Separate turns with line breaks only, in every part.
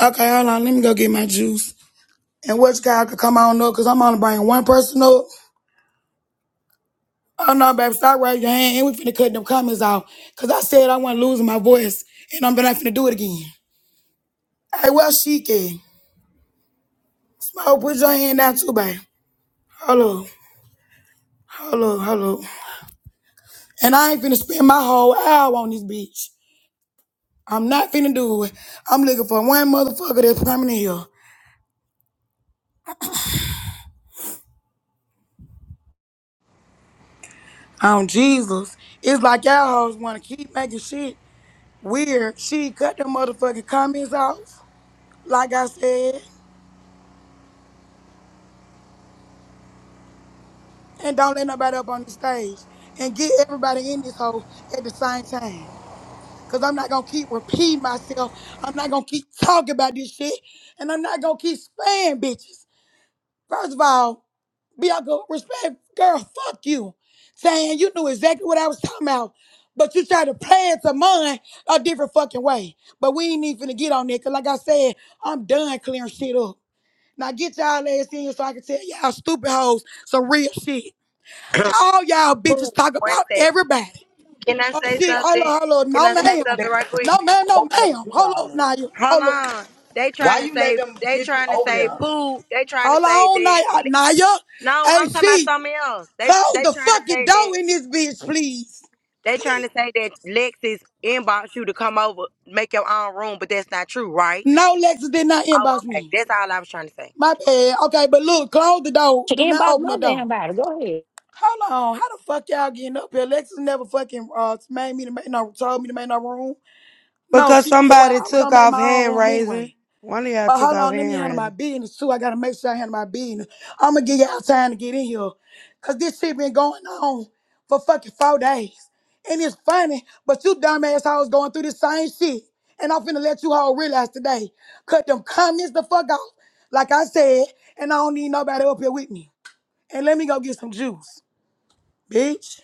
Okay, hold on. Let me go get my juice. And which guy I could come on up? Cause I'm only bringing one person up. Oh no, baby. stop raising your hand. And we finna cut them comments out. Cause I said I wasn't losing my voice. And I'm not finna do it again. Hey, well, she can. Smoke, put your hand down too, baby. Hello, hello, hello. And I ain't finna spend my whole hour on this bitch. I'm not finna do it. I'm looking for one motherfucker that's permanent here. On Jesus. It's like y'all hoes wanna keep making shit weird. She cut them motherfucking comments off. like I said, and don't let nobody up on the stage. And get everybody in this hole at the same time. Cause I'm not gonna keep repeating myself. I'm not gonna keep talking about this shit. And I'm not gonna keep spamming bitches. First of all, Bianca, respect, girl, fuck you. Saying you knew exactly what I was talking about. But you tried to play it to mine a different fucking way. But we ain't even finna get on that. Cause like I said, I'm done clearing shit up. Now get y'all ass in here so I can tell y'all stupid hoes some real shit. All y'all
Ooh,
bitches talk
one
about
second.
everybody.
Can I
Oh
say
shit, hold
something?
on, hold on.
Can
No
I say
let
ma'am.
them
something right quick?
No ma'am,
go
no
over there to
ma'am.
do
Hold
all
on,
this?
Naya.
Hold
Hold on.
on. They
Why
trying to
you let
say
them
they
get you
trying to
over
say
there?
poo. They trying to
Hold
say
on,
that.
Naya. Uh, Naya.
No,
Hey,
I'm talking about
she,
something else. They
close
they
the
trying to
fucking
say that
door in this bitch, please.
they trying to say that Lexus inbox you to come over, make your own room, but that's not true, right?
No, Lexus did not
Oh,
inbox
okay.
me.
That's all I was trying to say.
My bad. Okay, but look, close the door.
She
Do not
inboxed
open
no
the door.
damn body. Go ahead.
Hold on. How the fuck y'all getting up here? Lexus never fucking uh made me to make no told me to make no room. No,
Because
she not the one.
somebody
I was
took
gonna make
off
my own
hand
room
raising.
anyway.
One of y'all
But
took
hold
off
on, let me
hand
handle my
raising.
business too. I gotta make sure I handle my business. I'ma give y'all time to get in here. Cause this shit been going on for fucking four days. And it's funny, but you dumbass hoes going through the same shit. And I'm finna let you all realize today. Cut them comments the fuck off. Like I said, and I don't need nobody up here with me. And let me go get some juice, bitch.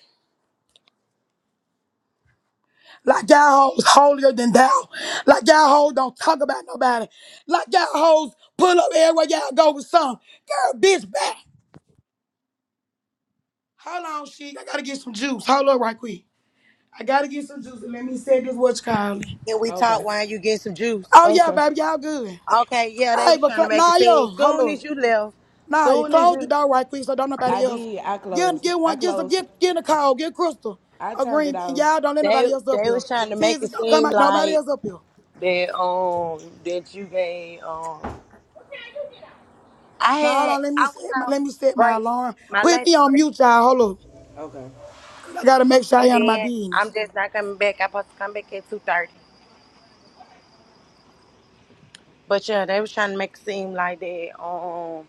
Like y'all hoes holier than thou. Like y'all hoes don't talk about nobody. Like y'all hoes pull up everywhere y'all go with some. Girl, bitch, back. Hold on, she. I gotta get some juice. Hold up right quick. I gotta get some juice and let me say this what's called.
Can we talk
Okay.
while you get some juice?
Oh yeah,
Okay.
baby, y'all good.
Okay, yeah,
All
they
right,
was
but
trying to
cl-
make a
nah,
scene.
yo, hold
Soon as
up.
you left,
Nah, you
soon as
close the
you
door right quick so don't
I
nobody else.
did. I
Get,
closed it.
get
I
one, get some,
closed
get,
it.
get in the car, get Crystal,
I
a
turned
green
it
bean.
off.
Y'all don't let
they
nobody else up
they
here.
was trying to make
Teaser,
it
don't come
seem
out, nobody
like
else up here.
that um that you gave um I
Now hold
had
on, let me
I went
set my,
on
let me set my
break,
alarm.
my
Put
lunch
me on
break,
mute, y'all. Hold up,
Okay.
'cause I gotta make sure I
and
handle my
then
business.
I'm just not coming back. I'm supposed to come back at two thirty. But yeah, they was trying to make it seem like they um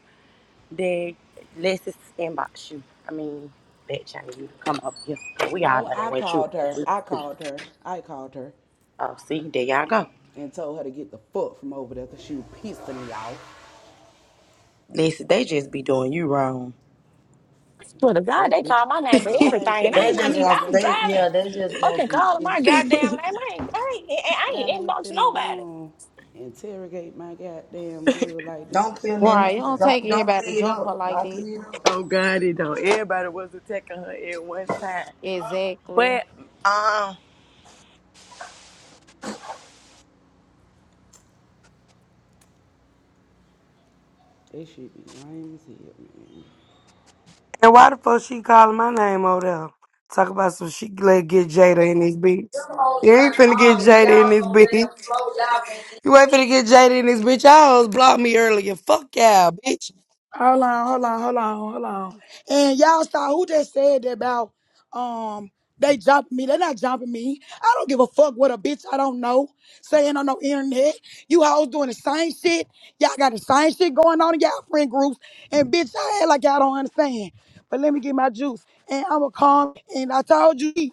they let's just inbox you. I mean that trying to come up here. We all
No,
know that
I
way true.
called her. I called her. I called her
Oh, see, there y'all go.
and told her to get the fuck from over there because she was pissing me off.
Listen, they just be doing you wrong.
I
The
Swear to God,
fuck,
they
bitch.
call my name for
Y'all ain't
everything, and I
finna
They
wasn't
just
even. I
want
was
interrogate.
they
driving.
yeah, they just want
Fucking
some
calling
shit
my
stuff.
goddamn name. I ain't. I ain't. I
Y'all
ain't
ain't
inboxed
finna
nobody.
um, interrogate my goddamn good like that.
Don't clear
Fuck
nothing
Right.
wrong,
You
up.
don't
child.
Don't
take
don't
everybody to
clear it
jump her
up.
like
Don't
that.
clear it up.
Oh God, it don't. Everybody was attacking her at one time.
Exactly.
But um,
That shit be lame as hell, man.
And why the fuck she calling my name over there? Talk about some she let get Jada in this bitch. You ain't
Trying to
finna get Jada in
y'all
this
so
bitch.
damn slow, y'all can't-
You ain't finna get Jada in this bitch. Y'all hoes blocked me earlier. Fuck y'all, bitch.
Hold on, hold on, hold on, hold on. And y'all saw who just said that about um they jumping me. They're not jumping me. I don't give a fuck what a bitch I don't know saying on no internet. You hoes doing the same shit. Y'all got the same shit going on in y'all friend groups. And bitch, I act like y'all don't understand. But let me get my juice. And I'm a calm. And I told you.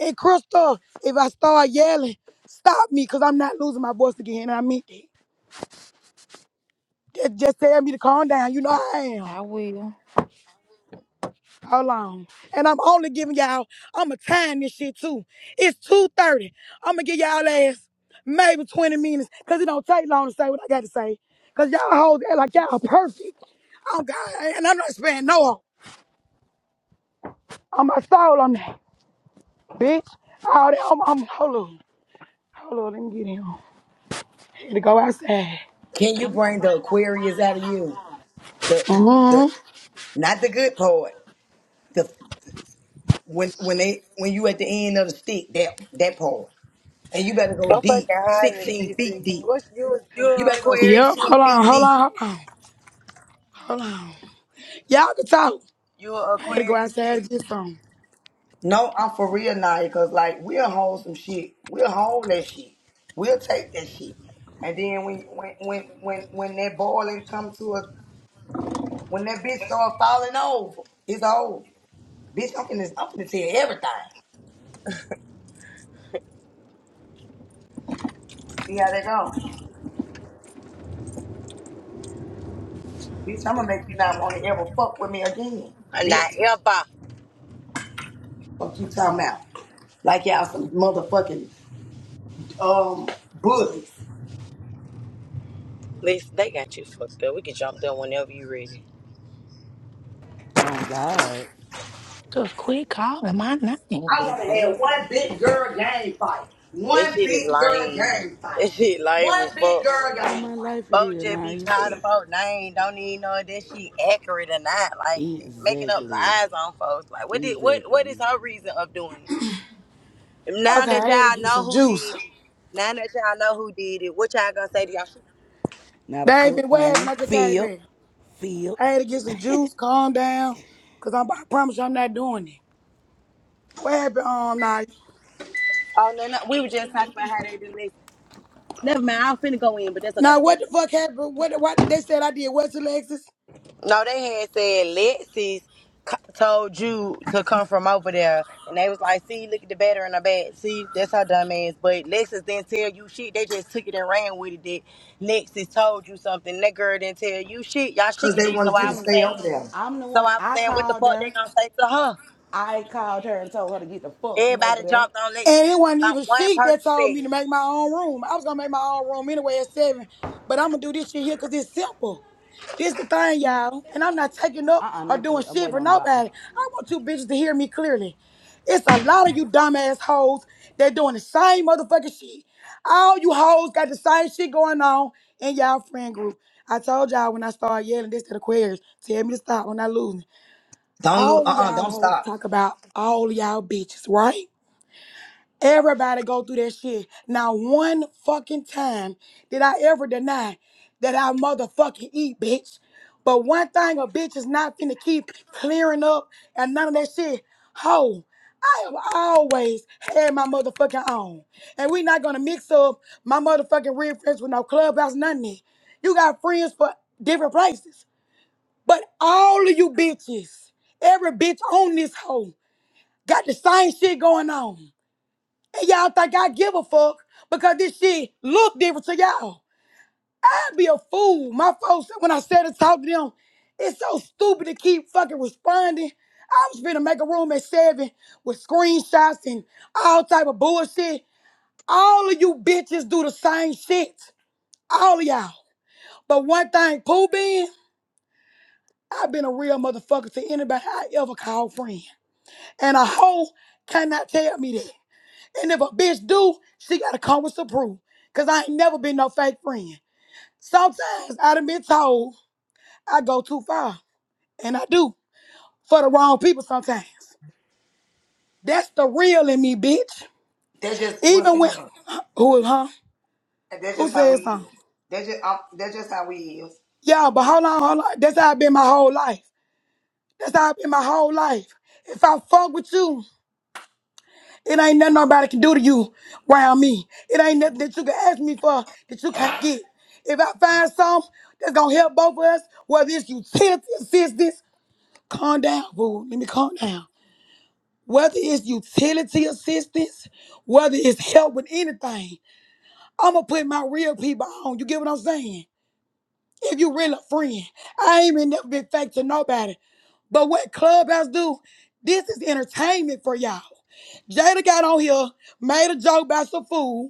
And Crystal, if I start yelling, stop me, cause I'm not losing my voice again. I meant that. Just, just tell me to calm down. You know I am.
I will.
Hold on. And I'm only giving y'all, I'ma time this shit too. It's 2.30. I'ma give y'all ass maybe 20 minutes. Cause it don't take long to say what I gotta say. Cause y'all hoes act like y'all perfect. Oh God, and I'm not sparing no one. I'm my soul on that, bitch. All that, I'm, I'm, hold on. Hold on, let me get in. Here to go outside.
Can you bring the Aquarius out of you? The the
Mhm.
not the good part. The when when they when you at the end of the stick, that that part. And you better go
I'm fucking
deep,
hiding,
sixteen feet
CC.
deep.
What's you?
You
You're
better go
Aquarius.
Yep.
sixteen
Hold
feet
on. Hold
deep.
on. Hold on. Hold on. Y'all can talk.
You're
I had to go
Aquarius, CC.
outside to get some.
No, I'm for real now because like we'll hold some shit. We'll hold that shit. We'll take that shit. And then when when when when when that boiling come to us, when that bitch start falling over, it's over. Bitch, I'm finna I'm finna tell you everything. See how that go. Bitch, I'm gonna make you not wanna ever fuck with me again.
I'm not
Bitch,
ever.
what you talking about? Like y'all some motherfucking um bullies.
Listen, they got you fucked up. We can jump there whenever you ready.
Oh, God.
Just quit calling my name.
I
The
want to have
fuck?
one big girl gang fight.
That
One
shit is
big girl
lame.
gang fight.
That shit lame as
One big
fuck,
girl
man.
All
gang
my life
fight.
it
Folk
is,
just be
Naya.
calling folk name. Don't even know if that shit accurate or not. Like making up
Exactly.
lies on folks. Like what did what what is
Exactly.
her reason of doing it? Now
Okay,
that
I had to
y'all
get
know
some
who
juice.
did it. Now that y'all know who did it, what y'all gonna say to y'all? She
Not a fuck
David, what happened?
thing.
I just came
Feel.
back.
Feel.
I had to get some juice. Calm down, cause I'm, I promise you, I'm not doing it. What happened? Um, now,
Oh no, no, we were just talking about how they do this. Never mind. I'm finna go in, but that's okay.
now, what the fuck happened? What? What they said I did? What's Alexis?
No, they had said Lexi's co- told you to come from over there, and they was like, "See, look at the batter in her bag. See, that's how dumb ass." But Lexus didn't tell you shit. They just took it and ran with it. That Lexus told you something. That girl didn't tell you shit. Y'all shit
Because
could
they
do. So
wanted you
I
to
was
stay over
saying,
there.
I'm the
so
one.
I was
I
saying, what the
called
fuck they
her.
gonna say to her?
I called her and told her to get the fuck from over
Everybody
there.
jumped on Lexus
And
when
it wasn't
not
even
one
she
person
that told
said
me to
it.
make my own room. I was gonna make my own room anyway at seven, but I'm gonna do this shit here because it's simple. This the thing, y'all, and I'm not taking up
Uh-uh,
or
not
doing
you. I'm
shit
waiting
for
on the doctor.
nobody. I want you bitches to hear me clearly. It's a lot of you dumbass hoes that doing the same motherfucking shit. All you hoes got the same shit going on in y'all friend group. I told y'all when I started yelling this to the queers, tell me to stop when I lose. me.
Don't look,
All of
uh-uh,
y'all
don't
hoes
stop.
talk about all of y'all bitches, right? Everybody go through that shit. Not one fucking time did I ever deny that I motherfucking eat, bitch. But one thing a bitch is not finna keep clearing up and none of that shit. Ho, I have always had my motherfucking own. And we not gonna mix up my motherfucking real friends with no clubhouse, nothing. You got friends for different places. But all of you bitches, every bitch on this hoe, got the same shit going on. And y'all think I give a fuck because this shit look different to y'all. I'd be a fool. My folks, when I said to talk to them, it's so stupid to keep fucking responding. I was finna make a room at seven with screenshots and all type of bullshit. All of you bitches do the same shit. All of y'all. But one thing, Pooh being, I've been a real motherfucker to anybody I ever call friend. And a hoe cannot tell me that. And if a bitch do, she gotta come with some proof. Cause I ain't never been no fake friend. Sometimes I done been told I go too far. And I do. For the wrong people sometimes. That's the real in me, bitch.
That's just what's
Even
in
when
us.
who huh?
And That's
Who
just how we
said something?
is. That's just, uh, that's just how we is.
Yeah, but hold on, hold on. That's how I been my whole life. That's how I been my whole life. If I fuck with you, It ain't nothing nobody can do to you around me. It ain't nothing that you can ask me for that you can't get. If I find something that's gonna help both of us, whether it's utility assistance, calm down, boo. Let me calm down. Whether it's utility assistance, whether it's help with anything, I'ma put my real people on. You get what I'm saying? If you really a friend, I ain't even never been fake to nobody. But what Clubhouse do, this is entertainment for y'all. Jada got on here, made a joke about some food.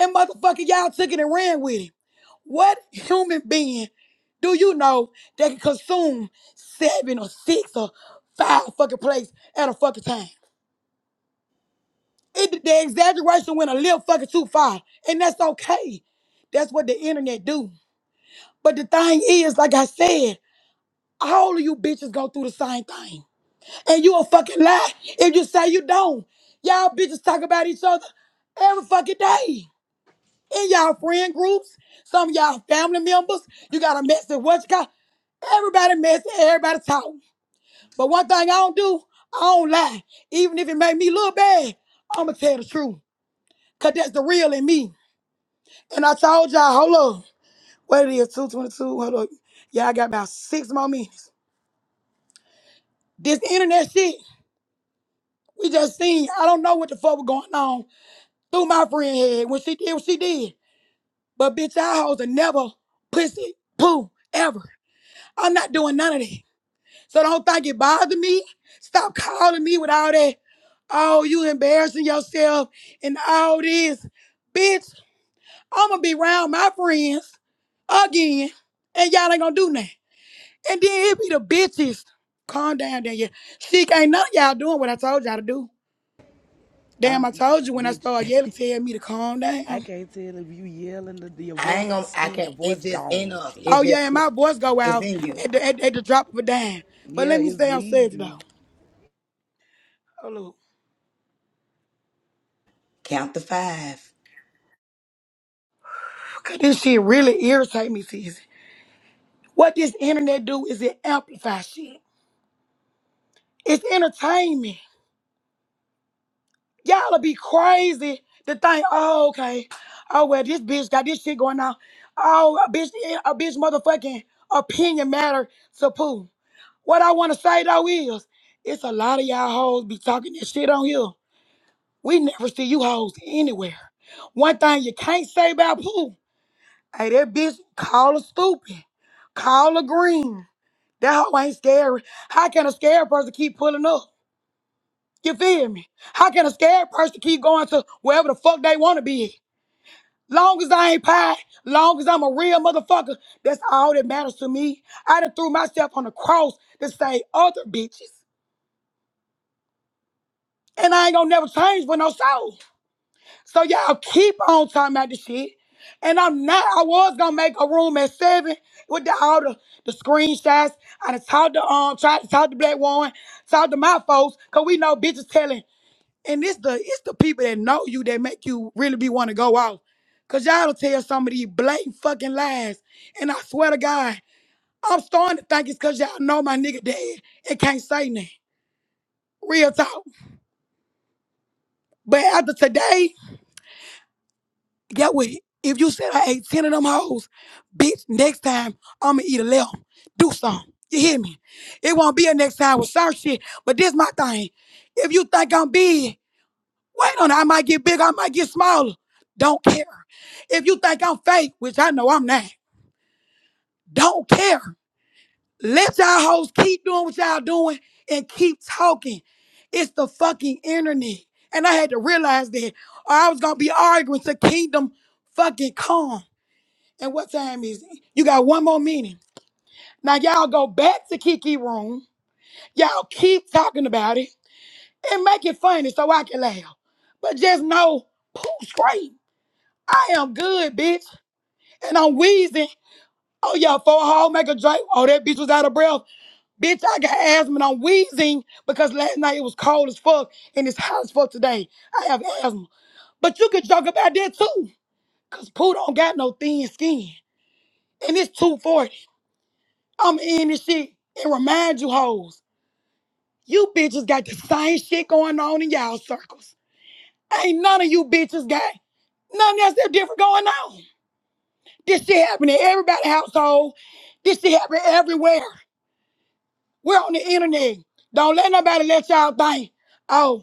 And motherfucker, y'all took it and ran with it. What human being do you know that can consume seven or six or five fucking plates at a fucking time? It, the exaggeration went a little fucking too far, and that's okay. That's what the internet do. But the thing is, like I said, all of you bitches go through the same thing, and you a fucking lie if you say you don't. Y'all bitches talk about each other every fucking day. in y'all friend groups, some of y'all family members. You got a message, what you got? Everybody messy, everybody talking. But one thing I don't do, I don't lie. Even if it make me look bad, I'ma tell the truth. Cause that's the real in me. And I told y'all, hold up, what it is, 222, hold up. Y'all got about six more minutes. This internet shit, we just seen, I don't know what the fuck was going on through my friend head when she did what she did. But bitch, y'all hoes are never pussy, poo, ever. I'm not doing none of that. So don't think it bother me. Stop calling me with all that. Oh, you embarrassing yourself and all this. Bitch, I'm gonna be around my friends again, and y'all ain't gonna do nothing. And then it be the bitches. Calm down, Danielle. She ain't none of y'all doing what I told y'all to do. Damn, I
I'm,
told you when I
bitch.
started yelling, tell me to calm
I
down.
can't tell if you yelling. The, your
I ain't
voice is
gonna, I
still, your
can't,
voice
it's just in
gone.
us.
Shit.
It
Oh yeah, and
just,
my voice go
it's
out
in you.
at the, at, at the drop of a dime. But
Yeah,
let me
it's
stay on subject though.
leaving.
Oh, Lord.
Count the five.
'Cause This shit really irritate me, sis. What this internet do is it amplify shit. It's entertainment. Y'all'll be crazy to think, oh, okay. Oh well, this bitch got this shit going on. Oh, a bitch, a bitch motherfucking opinion matter to poo. What I wanna say though is, it's a lot of y'all hoes be talking this shit on here. We never see you hoes anywhere. One thing you can't say about poo, hey, that bitch call her stupid. Call her green. That hoe ain't scary. How can a scared person keep pulling up? You feel me? How can a scared person keep going to wherever the fuck they want to be? Long as I ain't pie, long as I'm a real motherfucker, that's all that matters to me. I done threw myself on the cross to save other bitches. And I ain't gonna never change for no soul. So y'all keep on talking about this shit. And I'm not, I was gonna make a room at seven with the, all the, the screenshots. I done talked to, um, tried to talk to Black Warren, talked to my folks, cause we know bitches telling And it's the it's the people that know you that make you really be want to go out. Cause y'all will tell some of these blatant fucking lies. And I swear to God, I'm starting to think it's cause y'all know my nigga dead and can't say nothing. Real talk. But after today, get with it. If you said I ate 10 of them hoes, bitch, next time I'ma eat 11. Do something. You hear me? It won't be a next time with certain shit, but this my thing. If you think I'm big, Wait on it. I might get bigger. I might get smaller. Don't care. If you think I'm fake, which I know I'm not, don't care. Let y'all hoes keep doing what y'all doing and keep talking. It's the fucking internet. And I had to realize that or I was gonna be arguing to kingdom fucking calm. And what time is it? You got one more meeting. Now y'all go back to Kiki room. Y'all keep talking about it and make it funny so I can laugh. But just know, pooh straight. I am good, bitch. And I'm wheezing. Oh, yeah, for a hall make a drink. Oh, that bitch was out of breath. Bitch, I got asthma and I'm wheezing because last night it was cold as fuck and it's hot as fuck today. I have asthma. But you can joke about that too. Cause Pooh don't got no thin skin. And it's 240. I'm in this shit. And remind you hoes, you bitches got the same shit going on in y'all circles. Ain't none of you bitches got nothing else that different going on. This shit happen in everybody's household. This shit happen everywhere. We're on the internet. Don't let nobody let y'all think, oh,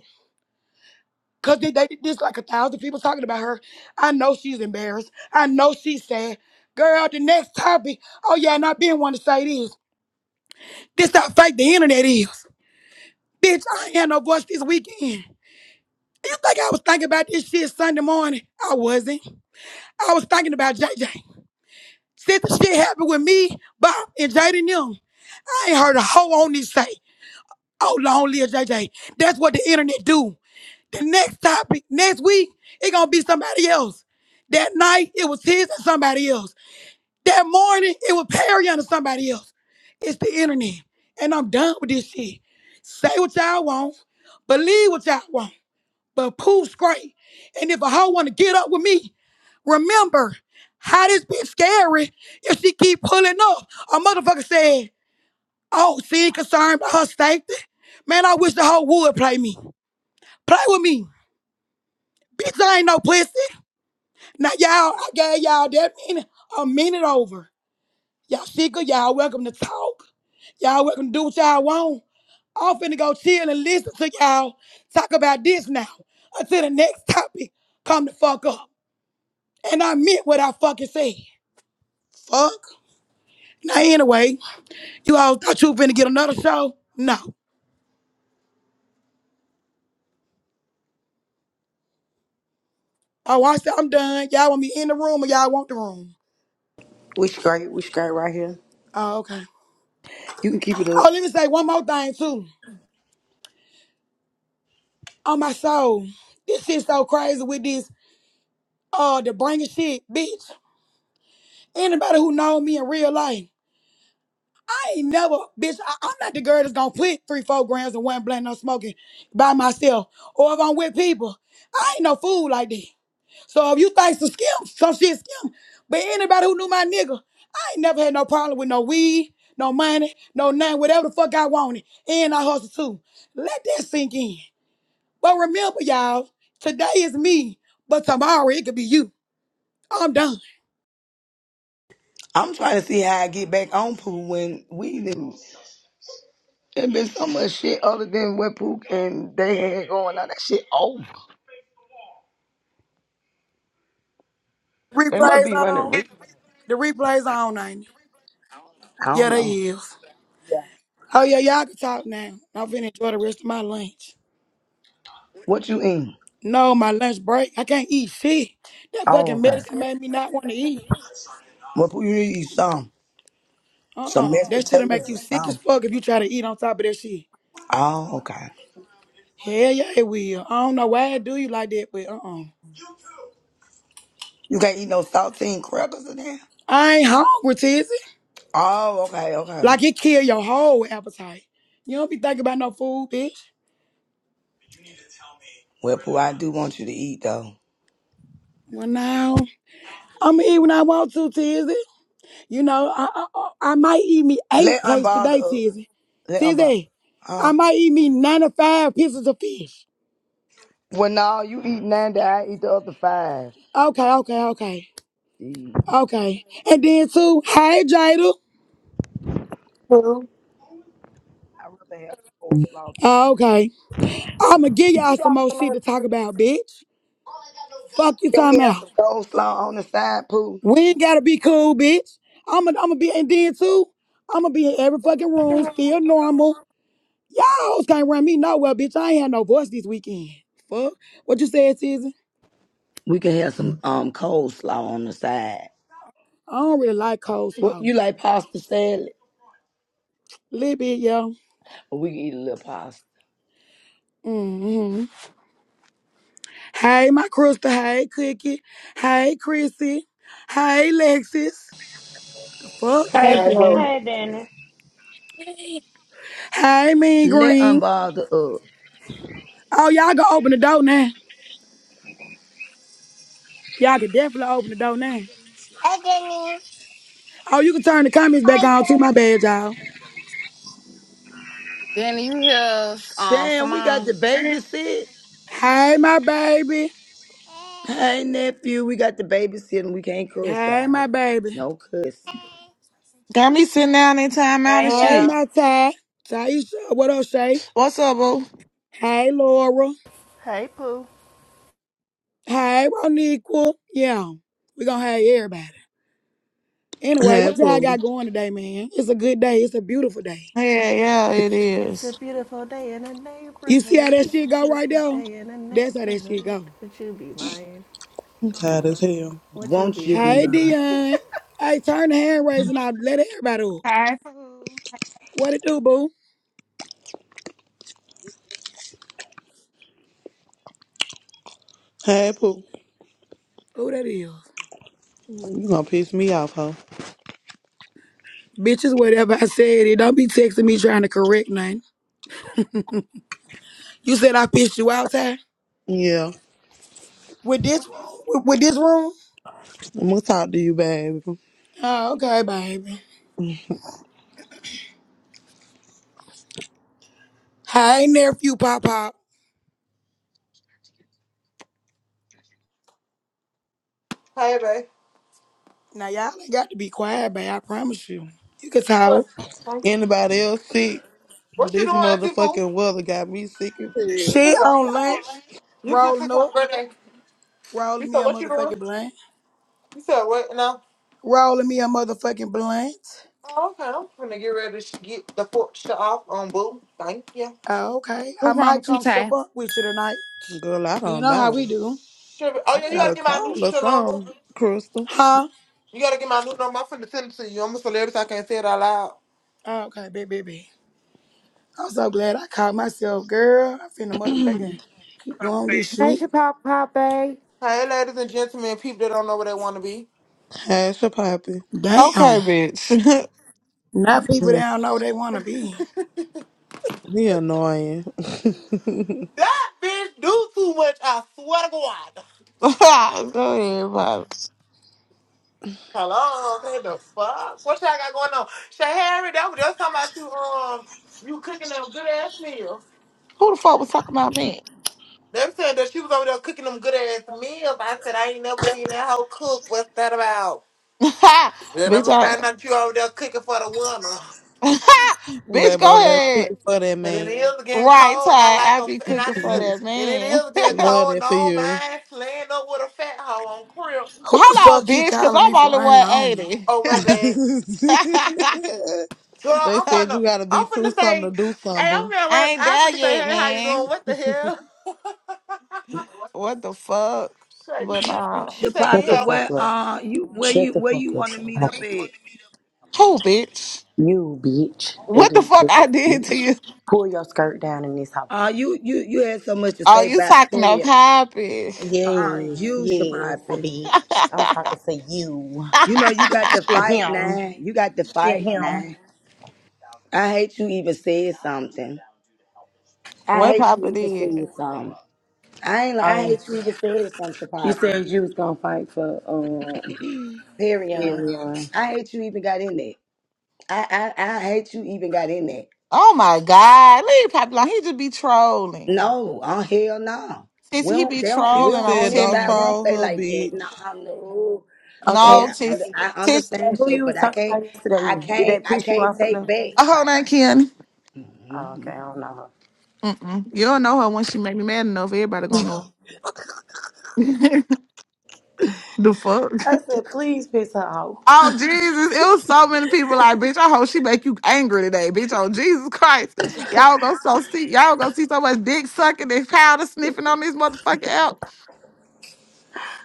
cause they, they, there's like a thousand people talking about her. I know she's embarrassed. I know she's sad. Girl, the next topic, oh yeah, and I've been wanting to say this. This how fake the internet is. Bitch, I ain't had no voice this weekend. You think I was thinking about this shit Sunday morning? I wasn't. I was thinking about J J. Since the shit happened with me, Bob, and Jaden them, I ain't heard a hoe on this stage. Oh, long live J. J. That's what the internet do. The next topic, next week, it gonna be somebody else. That night, it was his and somebody else. That morning, it was Perry and somebody else. It's the internet. And I'm done with this shit. Say what y'all want. Believe what y'all want. But poof's great. And if a hoe wanna get up with me, remember how this bitch scary if she keep pulling up. A motherfucker said, Oh, she ain't concerned about her safety. Man, I wish the whole would play me. Play with me. Bitch, I ain't no pussy. Now, y'all, I gave y'all that minute, a minute over. Y'all sicker, y'all welcome to talk. Y'all welcome to do what y'all want. I'm finna go chill and listen to y'all talk about this now until the next topic come the fuck up. And I meant what I fucking said. Fuck. Now, anyway, you all thought you finna get another show? No. Oh, I said I'm done. Y'all want me in the room or y'all want the room?
We straight. We straight right here.
Oh, okay.
You can keep it up.
Oh, let me say one more thing too. On my soul, this shit so crazy with this uh the bringing shit, bitch. Anybody who know me in real life, I ain't never, bitch. I, I'm not the girl that's gonna put three, four grams of one blend no smoking by myself, or if I'm with people, I ain't no fool like that. So if you think some skim, some shit skim, but anybody who knew my nigga, I ain't never had no problem with no weed, no money, no nothing, whatever the fuck I wanted, and I hustle too. Let that sink in. But remember, y'all, today is me, but tomorrow it could be you. I'm done.
I'm trying to see how I get back on pool when we lose. There been so much shit other than what Pook and they had going on. That shit over. They must
Replays
be running.
on.
Re-
The replays on, ain't it?
I
Yeah,
don't
they
know.
is. Oh yeah, y'all can talk now. I'm finna enjoy the rest of my lunch.
What you eating?
No, my lunch break. I can't eat shit. That
Oh,
fucking
okay.
medicine made me not want to eat.
Well, Pooh, you need to eat some. Some
Uh-uh.
mashed
That shit'll
potatoes
make you
or
sick as
something.
fuck if you try to eat on top of that shit.
Oh, okay.
Hell yeah, it will. I don't know why it do you like that, but uh-uh.
You can't eat no saltine crackers in there?
I ain't hungry, Tizzy.
Oh, okay, okay.
Like it kill your whole appetite. You don't be thinking about no food, bitch.
Well, Pooh, I do want you to eat, though.
Well, now I'm gonna eat when I want to, Tizzy. You know, I, I I I might eat me eight
Let
plates
Unbother
today,
up.
Tizzy.
Let Unbother up.
Tizzy, I
Huh?
might eat me ninety-five pieces of fish.
Well, no, you eat nine, That I eat the other five.
Okay, okay, okay,
Jeez.
okay. And then too, hey Jada.
Who?
I'd rather have some coleslaw. bitch.
Oh, okay, I'ma give y'all some more shit to talk about, bitch. Fuck you
Can
talking
we have
about.
some coleslaw on the side, Pooh?
We ain't gotta be cool, bitch. I'ma I'ma be and then too, I'ma be in every fucking room, still normal. Y'all can't run me nowhere, bitch. I ain't had no voice this weekend. Fuck. What you said, Susan?
We can have some um coleslaw on the side.
I don't really like
What you
coleslaw.
like pasta salad?
Little bit, yo.
we can eat a little pasta.
Mm-hmm. Hey, my crystal. Hey, Cookie. Hey, Chrissy. Hey, Lexus. Fuck.
Hey,
Ty,
I
Blue.
will.
Ty, then
It's
Hey, Mean
Let
Green.
unbother up.
Oh, y'all can open the door now. Y'all can definitely open the door now.
Hey, Danny.
Oh, you can turn the comments back
Hi,
on too, my bad, y'all.
Danny. Danny, you hear uh,
Damn, we got
Simone?
the
Hey.
babysit.
Hey, my baby.
Hey nephew, we got the babysitting. we can't cuss
Hey,
out.
my baby.
No cussing.
Got me sitting down in time out and
Hey,
Hey,
you
shit.
my Ty. Taisha. What up, Shay?
What's up, boo?
Hey, Laura.
Hey, Pooh.
Hey, Roniqua. Yeah, we gonna have everybody. Anyway,
Hey,
what y'all
Pooh.
got going today, man? It's a good day. It's a beautiful day.
Yeah, yeah, it
It's a
is.
beautiful day in the
You see how
neighborhood.
that
It's
shit
a
go right
beautiful
there?
day in the
That's how that shit
neighborhood.
go.
Would you be mine?
I'm tired as hell.
Would you
Won't
be
you be
Hey,
mine?
mine?
Dion. Hey, turn the hand raising off. Let everybody up.
Hi, Pooh.
What it do, boo?
Hey, Pooh.
Who that is?
You gonna piss me off, huh?
Bitches, whatever I said it. Don't be texting me trying to correct nothing. You said I pissed you out, Ty?
Yeah.
With this room? With, with this room?
I'm gonna talk to you, baby.
Oh, okay, baby. Hey, nephew, Pop Pop.
Hey, babe.
Now y'all ain't got to be quiet, babe. I promise you. You can talk.
What?
Anybody else sick?
What you
This
doing, Auntie Pooh?
motherfucking weather got me sick as hell.
She
Here you go.
on lunch,
You can
rolling
sit
up,
on birthday. You
rolling me
said,
a
what you
motherfucking
doing?
blunt,
You said, what? No.
rolling me a motherfucking blunt.
Oh, okay. I'm gonna get ready to sh- get the fork shut off on Boo. Thank you.
Oh, okay, I
What's wrong
might
with you,
come
Tay?
shop up with you tonight.
Girl, I
You
don't
know how we
know.
do,
Sure. Oh,
I
yeah, you
got
gotta
a
get my new
cold or
shit on,
something,
Boo.
Crystal.
huh?
You gotta get my new number. I'm finna send it to you. I'm a celebrity, so I can't say it out loud.
Oh, okay, baby, baby. I'm so glad I caught myself, girl. I finna motherfucking keep going this
Hey,
shit.
Chappelle Papa.
Hey, ladies and gentlemen, people that don't know where they wanna be.
How's your poppy?
Damn.
Okay, bitch.
Now people
Mm,
down know they wanna be.
He annoying.
That bitch do too much, I swear to God.
Go ahead, Pops.
Hello, what the fuck? What y'all got going on? Shahari, that was just talking about you um you cooking them good ass meals.
Who the fuck was talking about me?
They were saying that she was over there cooking them good ass meals. I said I ain't never seen that hoe cook. What's that about? Then let
bitch,
me
I
find out you over there cooking for the winter.
bitch,
baby
go
over there
ahead.
cooking for that
But it
man.
is getting
Right, Ty.
cold, and I like
I
a
be
and I
cooking
need
for
a
I
that
and it
man.
is getting
love
cold. And
that
I
for
don't
you.
mind laying up with a fat hoe on crib.
Who the
Hold
fuck
on,
he
bitch, cause
calling me
I'm
for
only
unknown?
180.
Oh my bad, girl.
they
I'm on
said you
the.
gotta be
I'm
two
finna
something
say,
to do
hey,
something,
I'm at
I
work.
ain't
I'm
there
finna say,
yet,
hey, how you
man.
doing? What the hell?
What the fuck?
Shit, you
But
tripping.
nah.
You say, can
Shut
you
the
Shapapi,
have
fuck
who?
where
up.
uh you where
Shut
you
the
where you
fuck
wanna meet up
up.
at?
Who, bitch?
You bitch,
What the
ugly
fuck
ass
I did to
bitch.
you?
Pull your skirt down in this house.
Uh you you you had so much to
Oh,
say
you
about
talking to
period.
Poppy?
Uh uh
Yes,
you
yes,
Shapapi.
bitch. I'm talking to you.
You know you got the
Shit
fight
him.
now. You got the
Shit
fight
him.
now. I hate you even said something. I
what
hate
Papa
you even
did?
said something. I ain't. li- I
Um,
hate you even said something,
you
Shapatrick.
said you was gonna fight for um
Perion.
Tyrion.
I hate you even got in that. I, I I hate you even got in that.
Oh my God, leave Poppy alone. He just be trolling.
No, oh hell no.
Since
We
he
don't.
be
They don't.
He
We
trolling.
don't
I'm
on
said,
this
"Don't
telling
side. We
you.
don't play
troll her,
like that. No,
bitch."
I know. Shay,
Okay,
No,
I, under,
sis,
Shay.
I
sis.
Shay,
understand
who
Shay,
you was
but I
talking
can't.
about
I
yesterday? Did
can't.
that
I
piss you
can't
off
take
enough?
back.
Oh Hold
Like,
on, Ken.
Oh, okay,
mm-mm.
I don't know her.
Mm-mm. You don't know her when she make me mad enough. Everybody gonna know. her. the fuck.
I said, please piss her off.
Oh Jesus! It was so many people like, bitch. I hope she make you angry today, bitch. Oh Jesus Christ! Y'all gonna so see y'all gonna see so much dick sucking and powder sniffing on this motherfucking app.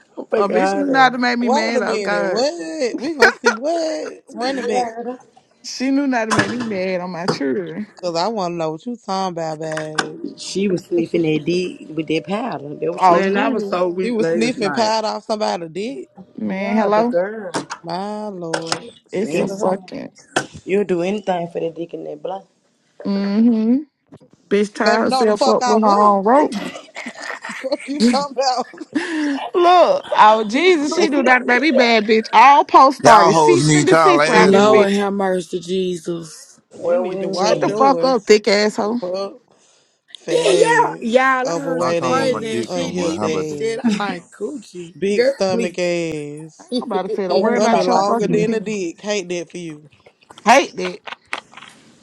I'm
A
fucking
bitch knew not to make
You
me
Wait
mad.
a
Oh
minute,
God,
what? We gonna see what run running back?
heard her.
she knew not to make me mad on my children.
Cause I wanna know what you talking about, babe.
She was sniffing that dick with that powder. That's what she
Oh
was
man, I
doing.
was
Jesus,
so
She
weak
was
last
sniffing
night.
powder off somebody's dick.
man,
Yeah, the
hello.
girl.
My lord,
It's
They
a
scared of her,
want
fucking
You'll do anything for the dick in that blood.
mm-hmm. Bitch tie
baby. No, the
herself
fuck
up
I
with her
went.
own rope.
Fuck you talking about,
Look, oh
bitch?
Jesus, she knew not to
Please,
make me bad, bitch. All posts
Y'all
started cease
hoes
and
need y'all
desist around
ass
this
whooped.
Lord
bitch.
have mercy, Jesus.
you
Well, we
need to
ain't
Shut
getting
wash
the
it.
fuck
yours.
up, thick
The
asshole.
Fuck, fat
Then y'all,
ass,
y'all, I heard
I'm
some
overweight
talking about my
crazy
ass,
ass
dick so
shit.
much.
These
How
bitches
about that?
unhealthy
said
ass,
I like coochie.
big
Girl,
stomach
please.
Ain't
ass,
nobody said a
Oh, let
word
me
stomach
about
stop
your
longer
talking to
fucking
than
you.
a
pen.
dick. Hate that for you
Hate that.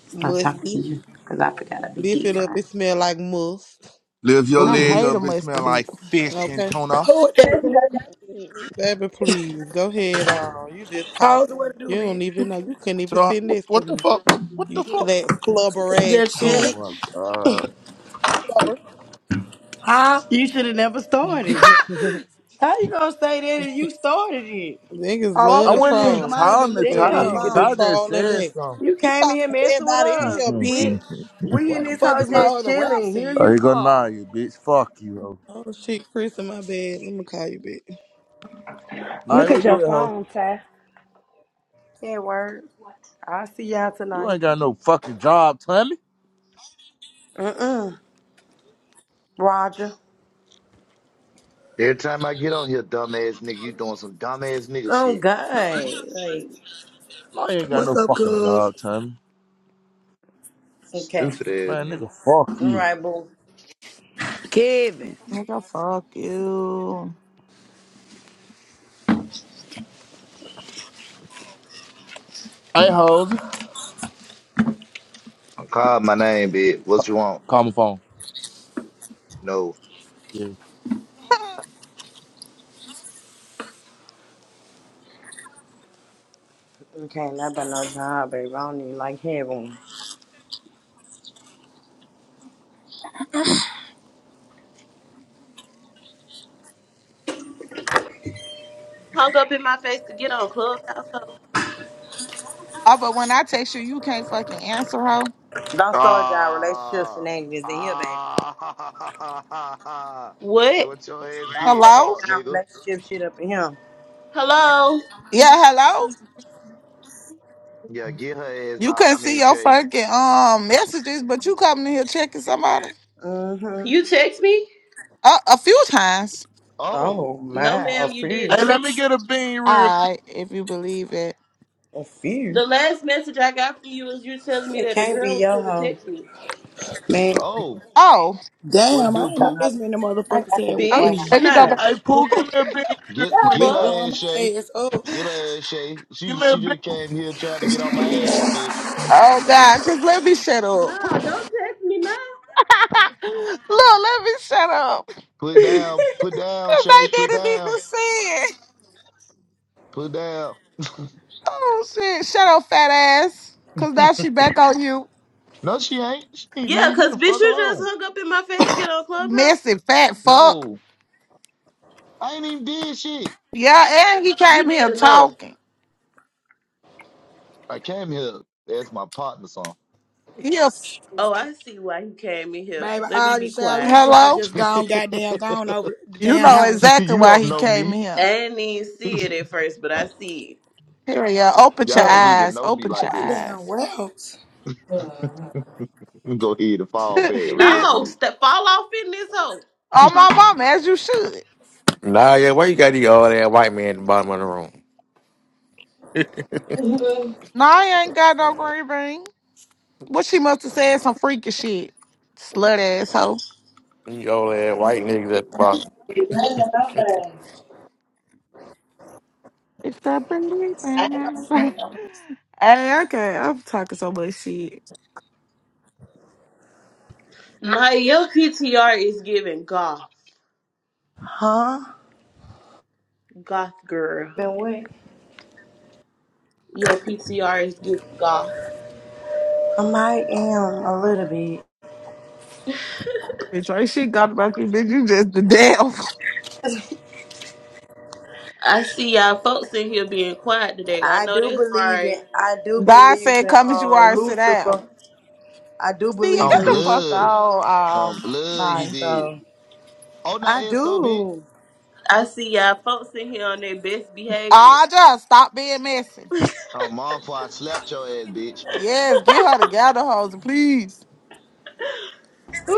Stop talking to
musty.
you. Because I forgot I be
Lift
deep,
it up.
right?
It smell like must.
Lift your
I
leg
hate
Ooh.
a
up, it smell
mustard
like
it.
fish and
Okay.
tuna.
Who would that?
Baby, please. Go ahead on. You just
How's
talking.
what to do,
You don't
bitch?
even know. You couldn't even
So
sit
what,
next to
what the
me.
fuck? man? What
You
the fuck?
flat flubber ass
Just
Oh,
chilling,
bitch.
my-
Flubber.
huh?
You should have never started. How you gonna say that if you started it?
Niggas
Oh, I'm
love
I
to
finna
wasn't
check
even
'em.
troll.
I ain't
trying
been
to
looking
But
at
then
my
tie.
you get the
Damn.
Ty
phone.
just
trolling
said
back.
something.
You
You
came in here
talking to
messing with
everybody in
us.
here,
Mhm.
We
bitch.
we
What
in
the
this
fuck
house
is my
just
other rap
chilling.
at?
Here
oh,
you
you gonna lie,
come.
you bitch. Fuck you, ho.
Oh shit, Chris in my bed. Let me call you bitch.
Nah,
look
where
at your
you at, ho?
phone, Ty.
Yeah, word. I'll see y'all
You
tonight.
ain't got no fucking job, Tommy.
Mm-mm. Roger.
Every time I get on here, dumbass nigga, you doing some dumbass nigga
Oh
shit.
God. Like,
No, you ain't got no
What's up,
fucking
Cuz?
job, Tommy.
okay.
Stupid ass
Man,
nigga.
nigga, fuck
All
you.
right, boo.
Kevin.
Nigga, fuck you.
Hey, hoes.
Call my name, bitch. What you want?
Call my phone.
No.
Yeah.
can not about no job, baby. I don't even like hearing one.
hung up in my face to get on Clubhouse. hoe.
Oh, but when I text you, you can't fucking answer her.
Don't start y'all relationship
Ah.
shenanigans in here, baby.
Ah. That
What?
what your ass
Don't
get,
start
Hello?
fuck,
y'all
nigga.
relationship shit up in here.
Hello?
Yeah, hello?
Yeah, get her ass
You
now.
couldn't
I mean,
see your
Shay.
fucking um messages, but you coming in here checking somebody?
Mm-hmm.
You text me?
Uh, a few times.
Oh.
Oh,
No,
my. A
ma'am, you
fear.
Hey,
didn't.
let me get a bean real
All right, if you believe it.
A fear.
The last message I got from you is you telling me
It
that the
can't be
girl was
your
finna
hoe.
text me.
Man,
Oh.
Oh,
What to
Damn, I
do,
fuck all
ain't know
Pooh?
this many
that. I
motherfuckers
got to
had
be
with
fun. out
Bitch,
me.
okay.
here.
nah.
Hey, Pooh, give me a bean real
Get
Y'all
quick.
get
been
Fuck.
her
blowing
ass,
my
Shay.
ass up.
Get her ass, Shay.
Give
She
me a
she
bean.
just came here trying to get on my ass, bitch.
Oh, God, just let me shut up.
No, don't text me now.
Look, let me shut up.
Put down, put down,
Because
Shay.
they
Put
didn't
down,
even see it.
put down.
Oh, shit. Shut up, fat ass. Because now she back on you.
No, she ain't. She need to
yeah,
leave me
cause
the
bitch,
fuck
you just
alone.
hung up in my face to get on Clubhouse.
Messy fat fuck.
No, I ain't even did shit.
Yeah, and he
You
came
did
here
enough.
talking.
I came here. That's my partner song.
Yeah.
Oh, I see why you came in here.
Baby,
Let me
I
be
just say I
quiet.
wish y'all had
Hello?
just
you
gone goddamn gone over the
You
damn
know
house.
exactly why
don't
he
know
came
me.
I
here.
didn't even see it at first, but I see it.
Here we are. Open your
Y'all
Hmm.
don't even
eyes.
know me
Open
like
your
My
that.
damn
eyes.
raps.
You Go ahead and fall back real
oh,
No,
quick.
step fall off in this hole.
my mama, as you should.
Nah, yeah, why you got these old ass white man at the bottom of the room?
No, I ain't got no green ring. What she must have said some freaky shit. Slut asshole.
These old ass white niggas at the bottom.
You ain't got
the
nobody.
It's the
I ain't no
belief.
friend.
Hey, okay, I'm talking so much shit.
Now your PTR is giving goth,
Huh?
goth girl.
Been with?
Your PTR is giving goth.
I might am a little bit.
Bitch, right shit got about you, bitch. You just the devil.
I see y'all folks in here being quiet today. I
I
know
do
that's
believe
right.
in I do
God
believe
said,
in
Come as you
uh,
are, sit
Lucifer.
down.
I do
See, you
believe
got
on
in
I,
the fuck
blood.
Lucifer.
out.
On
Um,
blood he
nine.
did.
So
Oh not
I
Esco bitch.
do.
I see y'all folks in here on their best behavior.
I just stop being messy.
On mom before I slapped your ass, bitch.
Yes, get her together, hoes, please.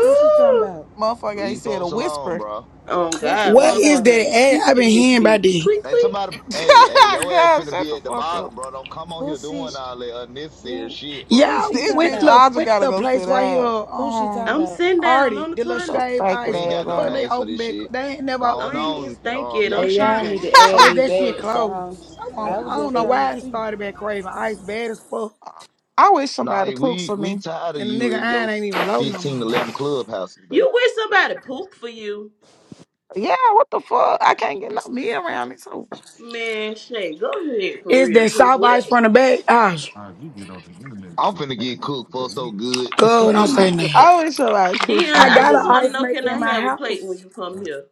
Who she talking about?
Motherfucker ain't
Leave
said a
folks alone,
whisper.
bro.
Oh
Who she
God,
What
talking
is
about?
motherfucker
that
ain't
ad?
peeped
I've been
in this
hearing about
bitch.
this.
Tweet
Hey,
tweet.
somebody hey, hey, your ass
God,
finna
shut
be
the
at the
fuck up.
bottom, bro. Don't come on
Who
here
she?
doing all that unnecessary
Who?
shit,
Who
bro.
Yeah,
she
This
talking
when
bitch
the
about?
little
Audra
when the
gotta
little
go sit
place right here,
down.
Who she
um,
talking
I'm
about?
sitting down
Artie,
on the
the little
Get your
toilet.
shave
stinking
We
ice.
ain't
When
ass
the
got no
fuck
out.
they
names for
open
this
back?
shit.
They ain't never
Going
I
opened it.
ain't even
on,
stank
on, um,
yet. I'm
Hey, y'all
Yashika.
trying.
need to
Oh,
add
is
me
that shit
back so I can get
closed? I
my
want.
I
friend
was
I
list
don't
just
know
back
trying to
why it
up.
see.
started back craving ice bad as fuck,
I wish somebody
Nah,
cooked
we
for
we
me.
tired of
and the
you
nigga
in your
iron ain't even low no more.
15 to 11 clubhouses, baby.
You wish somebody poop for you,
Yeah, what the fuck? I can't get no meal around me, so
man. Shay, go ahead for
It's
real.
that
Cause
soft
what?
ice from the back. Ah,
I'm finna get cooked for so good.
good. Don't say nothing.
I wish somebody cooked
Dion,
for
I
I
got an
just
me.
want to
ice
know can
maker
I
in my
have a plate when
house.
you come here?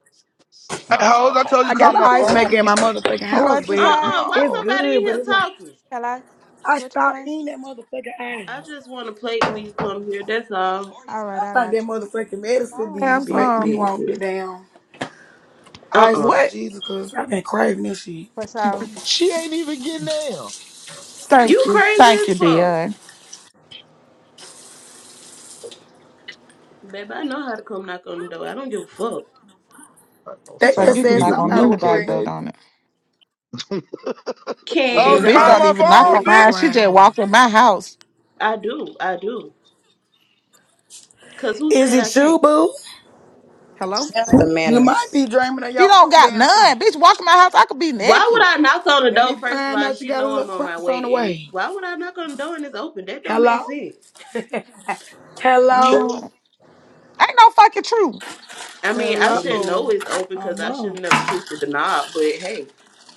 Hey, hoes,
no,
I told you
I
to call
got
What
an
the
my
ice
fuck?
phone,
maker in
bitch.
my motherfucking house,
What you
Uh
but
uh
say?
why
it's
no.
somebody
good.
in
But
here
it's like
talking?
Shall I?
I
What you
stopped
say?
eating that motherfucking ice.
I just want a plate when you come here, that's all.
All right,
I
I
think
got
that
you.
motherfucking medicine
I
be
have
Big,
making me
some.
big,
want
big.
the damn
Uh
ice
uh.
on
What?
Jesus because I've been craving this shit.
For sure.
She ain't even getting down.
Thank
You
you.
crazy
Thank
as
you,
fuck.
Dion.
Baby, I know how to come knock on the door. I don't give a fuck.
It's
They
Like
time
just
you
for
can
said
me to
knock on
somebody was
anybody
relocate,
pregnant.
baby.
though,
Can.
Is
Hoes,
it
Bitch
call
I?
don't
my
Mm-hmm.
even knock
Let
phone,
on
me be
Mm-hmm.
mine.
bitch.
She
quiet,
just
boo.
walk in my house.
I do, I do. Cause who
Is
said I
it you,
can't?
boo?
Hello?
That's the
You might
manners.
be dreaming of your
She don't
own
got
damn
none.
fish.
Bitch walk in my house. I could be
Why would
naked.
I knock on the
Let me
door first of
find
all?
out you
She
got a
know I'm
little
on my
cross on the
way, and
way.
why would I knock on the door and it's open? That don't make
Hello?
sense.
You
Hello?
know
True.
what? Ain't no fucking true.
I mean, I
Hello?
should
Oh,
know it's open because I should
mom.
have never twisted the knob. But hey,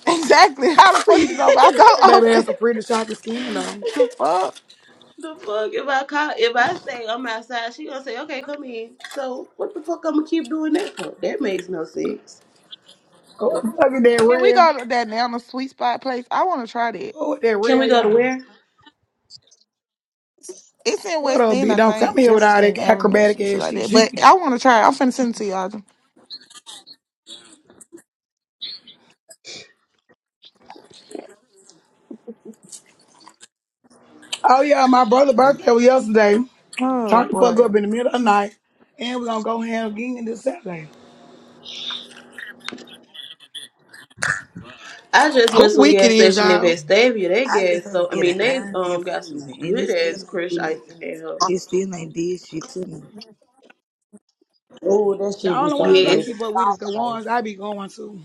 Exactly. How the fuck you
the
know my door
That baby
open?
has a pretty chocolate skin, though.
The fuck?
fuck? If I call, if I say I'm outside, she gonna say, "Okay, come in." So what the fuck? I'm gonna keep doing that for? That makes no sense.
Oh, look at that
Can we
rail.
go to that Nana sweet spot place? I want to try that.
Oh, that
Can we
rail,
go to
y'all.
where?
It's in
What
West
up,
End,
bitch?
I
Don't come
think.
here with all that
Jefferson Avenue,
acrobatic
some shit
ass
like that.
shit.
But I want to try it. I'm finna send it to y'all.
Oh yeah, my brother's birthday was yesterday.
Oh
Turned the fuck
boy.
up in the middle of the night, and we're gonna go ham again this Saturday.
I just went
Who
to a
week it
gas
is,
station in
y'all?
Vestavia. They
I
gas
just had to
so I
get an
mean they
iron
um got some
infusion, and it
good
still
ass
ain't
crush
do
ice
nothing.
in there. Huh?
It still ain't did shit to me.
Ooh, that
The
shit be
only
so
ones I
good.
Yes,
It's
keep up with is the
always.
ones I be going to.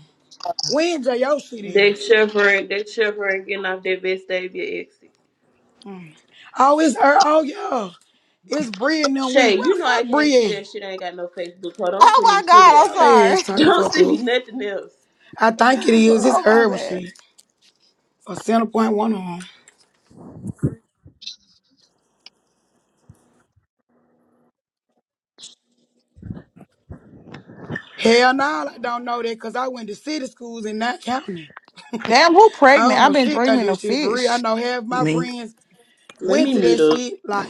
When J.O. shit
they
is.
chevron, they chevron getting off that Vestavia exit.
Oh, it's her. Oh yeah, it's Bree and them week.
Shay,
Where the
you know I
fuck
can't
Bree
see
at?
that shit. I ain't got no Facebook. Hold on, don't send me
Oh my
shit
god,
I
else.
I'm
know they ass
sorry.
turned the
Don't
fuck
send me
up.
nothing else.
I think it is.
Fuck.
It's
Oh my
Irvin
bad.
shit. Or Center Point one on. Hell no, I don't know that because I went to city schools in that county.
Damn, who
I
pregnant?
don't
I've
know
been
shit about
dreaming
this
of
shit for real. I
fish.
know half
I
my
mean,
friends
Let
went
me
to
mute
that
up.
shit like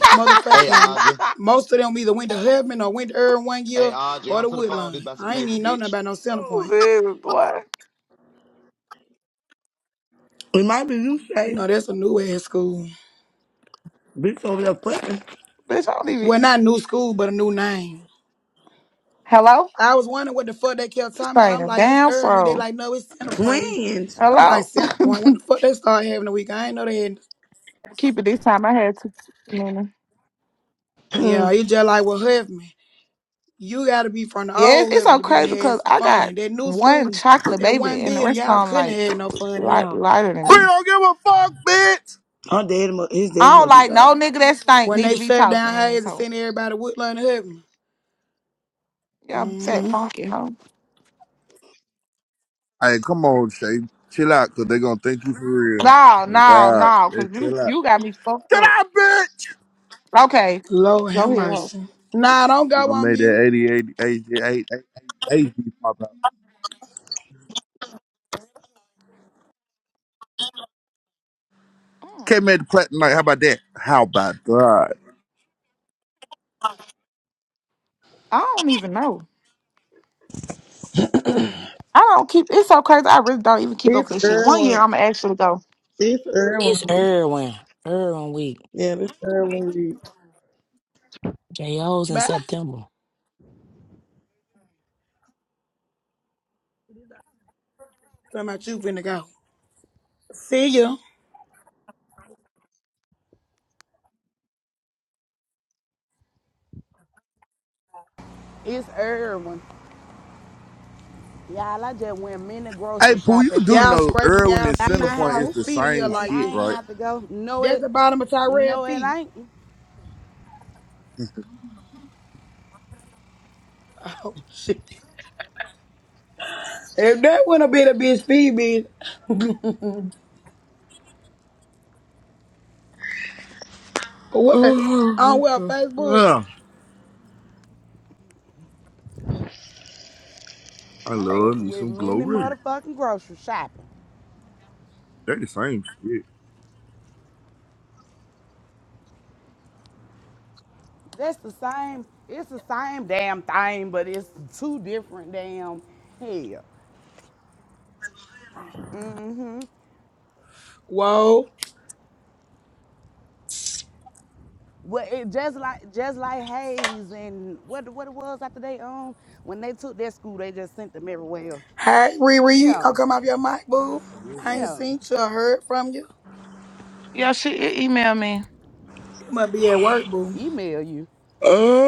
Hey,
motherfucking
Audra.
most of them either went to Hubman or went to Irvin one
Hey,
year
Audra,
or the
answer the phone. This
Woodline.
about some
I ain't
paper,
even know nothing
bitch.
about no center
Oh,
point.
baby boy.
it might be you,
You
Shay.
know, that's a new ass school.
Bitch over there fucking
Bitch, I don't even.
Well, not new school, but a new name.
Hello?
I was wondering what the fuck they kept
This
talking about.
thing
I'm
a
like, it's
damn
Irvin. We they
fro.
like, no, it's center point. We
twins.
I'm like,
Hello?
center point. When the fuck they start having a week? I ain't know they had
Keep it this time. I had to. Mhm.
Hmm.
Yeah, it's just like with Hubman. You gotta be from the
Yes,
old
it's so
Hubman to be to
crazy
have
because
some
I got
fun. That new
one
school,
chocolate
that
baby
one
and the
building,
rest of
y'all
them
couldn't have
like
had no fun in that
light,
hole.
lighter than
We
me.
don't give a fuck, bitch.
Her dad, mu- his
I
dad
don't
must be
like no
dog.
nigga that stink
When
need
they
to be
shut down
talking in this
Hayes and
hole.
sent everybody to Woodland to Heaven.
Y'all fat
Mm-hmm.
funky hoe.
Hey, come on, Shay. Chill out, because they going to think you for real.
No,
Oh,
no,
God.
no, because
Just
you,
chill out.
you got me fucked
Chill
up.
out, bitch.
Okay,
Lord
go
have
ahead, hoe.
mercy. Nah, don't
You
go
going to
on
make
mute.
that 88, 88, 88 eighty pop out.
Mm,
not make the platinum night. How about that? How about that?
I don't even know. I don't keep. It's so crazy. I really don't even keep up
It's
with this shit. One year,
Erwin.
I'm gonna actually go.
It's Erwin.
Erwin. Erwin week.
Yeah, this Erwin.
JO's in
Bye.
September.
Talking about you finna go. See ya.
It's Irwin. Y'all, I just went mini
Hey,
grocery
Pooh, you
shopping
do
Y'all
know
scraping
Irwin
y'all
and
at
feet or
my
Centerpoint
something.
house,
is
Who
the
feeding here
same
and
like
shit,
I
that?
ain't
right?
have to go. No,
That's
it,
the bottom of Tyrell
no, it
feet.
ain't.
Oh, shit. If that wouldn't have been a bitch feed, bitch, what? On well, Facebook.
yeah. I
I
love
just
me
went
some
mini
glory.
motherfucking grocery shopping.
They the same shit.
That's the same. It's the same damn thing, but it's two different damn hell. Mhm.
Whoa.
Well, it just like just like Hayes and what what it was after they um when they took their school, they just sent them everywhere. else.
Hey, Riri, you ain't
Yeah,
gonna come off your mic, boo. I ain't
yeah.
seen you or heard from you.
Yeah, she e- emailed me.
You must be at work, boo.
Email you.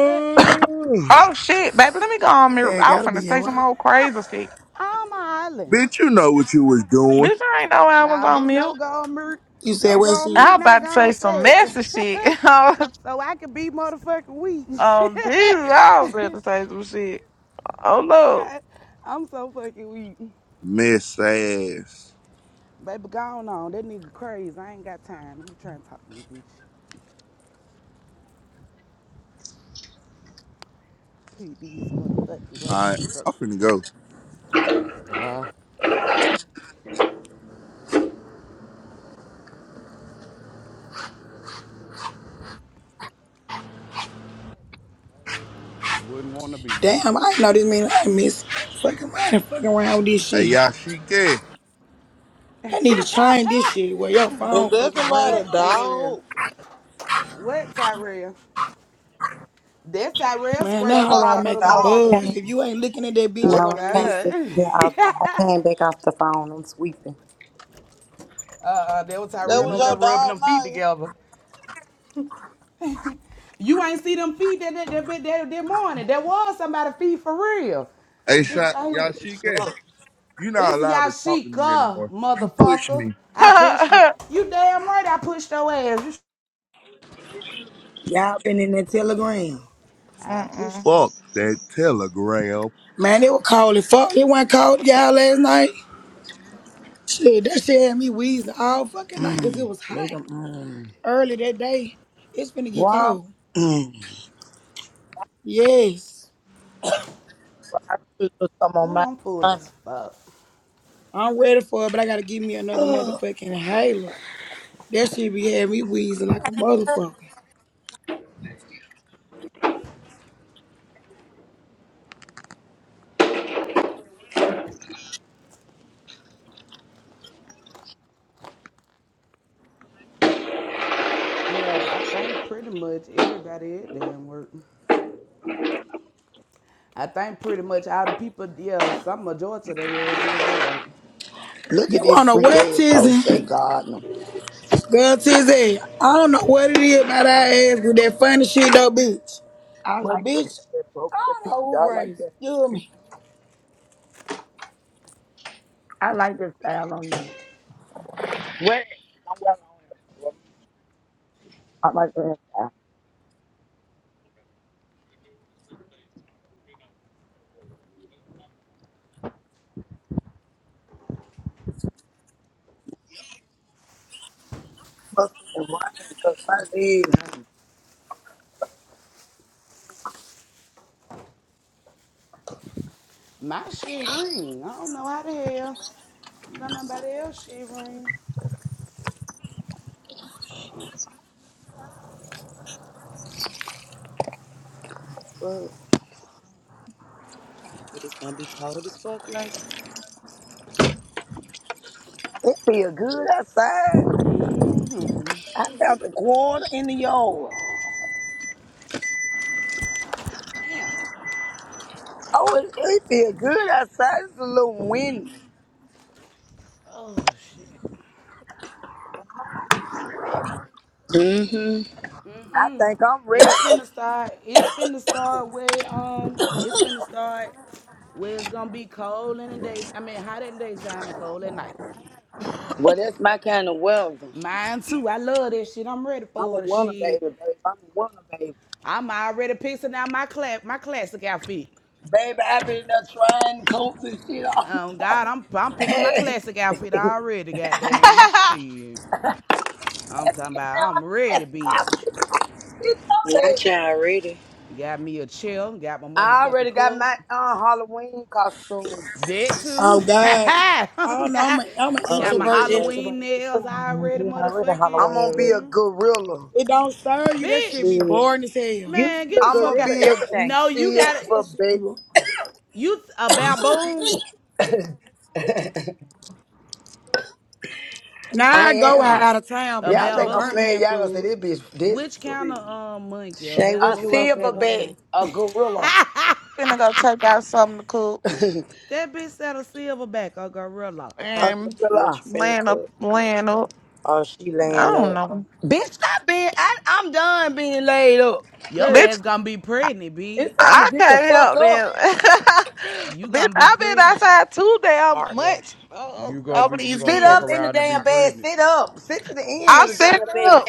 But
Oh shit, baby, let me go on mute.
Hey,
I was
gotta
finna
be at
say some
work.
old crazy shit.
I'm hollering.
bitch, you know what you was doing.
Bitch, I ain't know I was
Nah,
on
bitch,
mute.
don't go on mute.
You said
Don't go
where
on
she?
I
mute,
was
not
about
go
to say
on
some
say
messy shit. I was-
so I can be motherfucking weak.
oh Jesus, I was ready to say some shit. Oh look.
I'm so fucking weak.
Miss ass.
Baby, go on on. That nigga crazy. I ain't got time. Let me try and talk to you, bitch. Put these motherfucking
Alright,
groceries up.
I'm finna go.
Bye. Yeah.
Damn, I ain't know this mean I miss fucking around and fucking around with this
Hey,
shit.
Yashike.
They need to change this shit where your
Is
phone
there
fucking
somebody
ring
a
What,
on this hoe.
Tyrell?
dog?
What, Tyrell? That Tyrell
Man, that
scraping
Sound
the
hoe
like
don't
bottom of
a
the
make a
Oh,
dog.
I
motherfucking
buzz.
can't.
If
feet.
you ain't looking at that bitch, you
What?
Oh,
No,
gonna
I can't.
miss
Get,
it.
God.
yeah, I,
uh,
I came back off the phone. I'm sweeping.
uh, that was
That
Tyrell
was
Mhm.
over there
your
rubbing
dog,
them feet together. You ain't see them feet that that that, that, that, morning. There was somebody feet for real.
Hey,
Bitch,
shot.
I hear-
now.
Yashike. You not
it's
allowed to talk to me
Yashika,
anymore. You push
motherfucker.
me.
I pushed you. You damn right I pushed your ass. You sh-
Y'all been in that telegram.
I pushed
Mm-mm.
Fuck that telegram.
Man, it was cold as fuck. It wasn't cold, y'all, last night. Shit, that shit had me wheezing all fucking night because
Mm.
it was hot.
Make them. mm.
Early that day, it's finna get
Womp.
cold.
Mm.
Yes.
I should put some on
Ooh,
my
I'm full
tongue.
as fuck.
I'm ready for it, but I gotta give me another motherfucking inhaler. That shit be having me wheezing like a motherfucker.
Yeah, but I think pretty much everybody at damn work. I think pretty much all the people, yeah, some majority of their ass is at work.
Look at
You
this
wanna
freak
what,
ass hoe,
Tizzy?
Shay Gardner.
Girl, Tizzy, I don't know what it is about our ass with that funny shit though, bitch.
I
But
like that.
bitch,
That broke
I
that
don't know
picture.
who
I like
Grace.
that.
You hear
Shay.
me?
I like that style on you. I like that. must have been rain, 'cause my legs, hurt.
My shit ring. I don't know how the hell. Don't nobody else shit ring.
Oh shit. Hot as fuck. But it's gonna be cold as fuck later.
it feel good outside. I found the quarter in the yard.
Damn.
Oh, it, it feel good outside. It's a little windy.
Oh shit.
Mm-hmm.
I think I'm
It's
ready.
finna start. It's finna start where um. It's finna start where it's gonna be cold in the day. I mean, hot in the daytime and cold at night.
Well, that's my kind of weather.
Mine too. I love this shit. I'm ready
I'm a
for the
woman, baby,
shit.
baby. I'm a woman, baby.
I'm already picking out my class, my classic outfit.
Baby, I've been there trying coats and shit all the
Um,
time.
God, I'm I'm picking my
I been
classic outfit already. Goddamn shit. I'm talking
there
about. I'm ready,
classy
bitch.
outfit. Bitch, go ahead.
Not y'all ready.
Got me a chair. Got my
I
motherfucking
already got
cup.
my uh, Halloween costume.
That
Oh
too.
God, I don't know. I'm, a, I'm an
I
Uh,
got
Some of
my
introvert,
these hoes ain't
extrovert.
Halloween
got the
nails
plan.
already,
They already
motherfucking.
I'm
Halloween
gonna
ready.
be a
hmm
gorilla.
It don't stir you. That shit
Bitch,
be
Shit.
boring as hell.
You
man,
see
get
a
the
I'm
fuck
gonna
out.
gorilla
be a
every day.
No, you got it.
That
silver
shit be
baby.
boring.
You a baboon?
Now I
I
go out,
am.
out of town, but
A
Y'all
not no
think I'm
baboon?
playing?
Birmingham
Y'all gonna say
clubs.
this bitch this
Which kind
free.
of um monkey? A
Shay,
A
what you up
baboon or
there
the
silverback,
doing?
um?
a gorilla,
finna go check out something to cook
a
that bitch said a silverback or gorilla.
Huh?
and
What you
gorilla.
finna
laying up,
cook?
laying up.
Oh, she
I
laying
don't
up.
know.
Bitch, stop being. I, I'm done being laid up.
Your
Hey,
Bitch,
ass gonna be pregnant, bitch.
it's time to
I
get the
can't
fuck
help
up.
it,
You
Bitch,
gonna be
I've been
pregnant.
outside too damn
Partner.
much uh,
You gonna
over
be you
these
gonna
Sit
fuck
up
years.
in the
around and be
damn bed.
pregnant.
Sit up. Sit to the end of
I'm
the
sitting
damn bed.
up.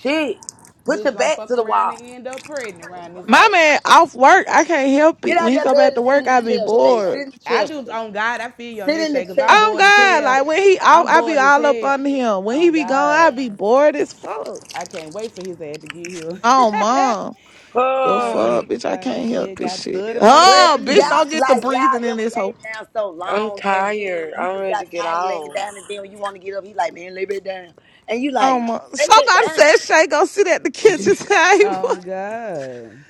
Shit. Put
Bitch
your
gonna
back to
fuck
the
around
wall.
and end up pregnant around this
My
hoe.
man off work, I can't help
Get
it. When
out
he
that
go
bed
back to
and sit in
work, I
the
be
chair, Shay. Sit
bored.
in the
I
chair,
do
Shay.
on God, I feel you on
Sit
this
in the
shit, cause
chair.
I'm
Oh
bored as
Sit in
God,
the
hell.
chair.
like when he off,
I'm
I be
bored as
all up
hell.
under him. When he
On
be gone, I
God.
be bored as fuck.
I can't wait for his ass to get here.
Oh mom. The
oh,
Oh,
fuck, bitch, I
everything. He
can't help
still
this
got
shit.
30
But
Oh,
motherfucking
bitch,
y'all,
don't
minutes.
get the
like
breathing
y'all,
in
ever
this
laid
hole.
down so
I'm
long, and then
tired.
you
I'm
just
ready
got
to get
tired of laying
off.
down, and then when you want to get up, he like, man, lay back down, and you
Oh
like,
my
lay back
somebody
down,
said Shay go sit at the kitchen table.
Oh God.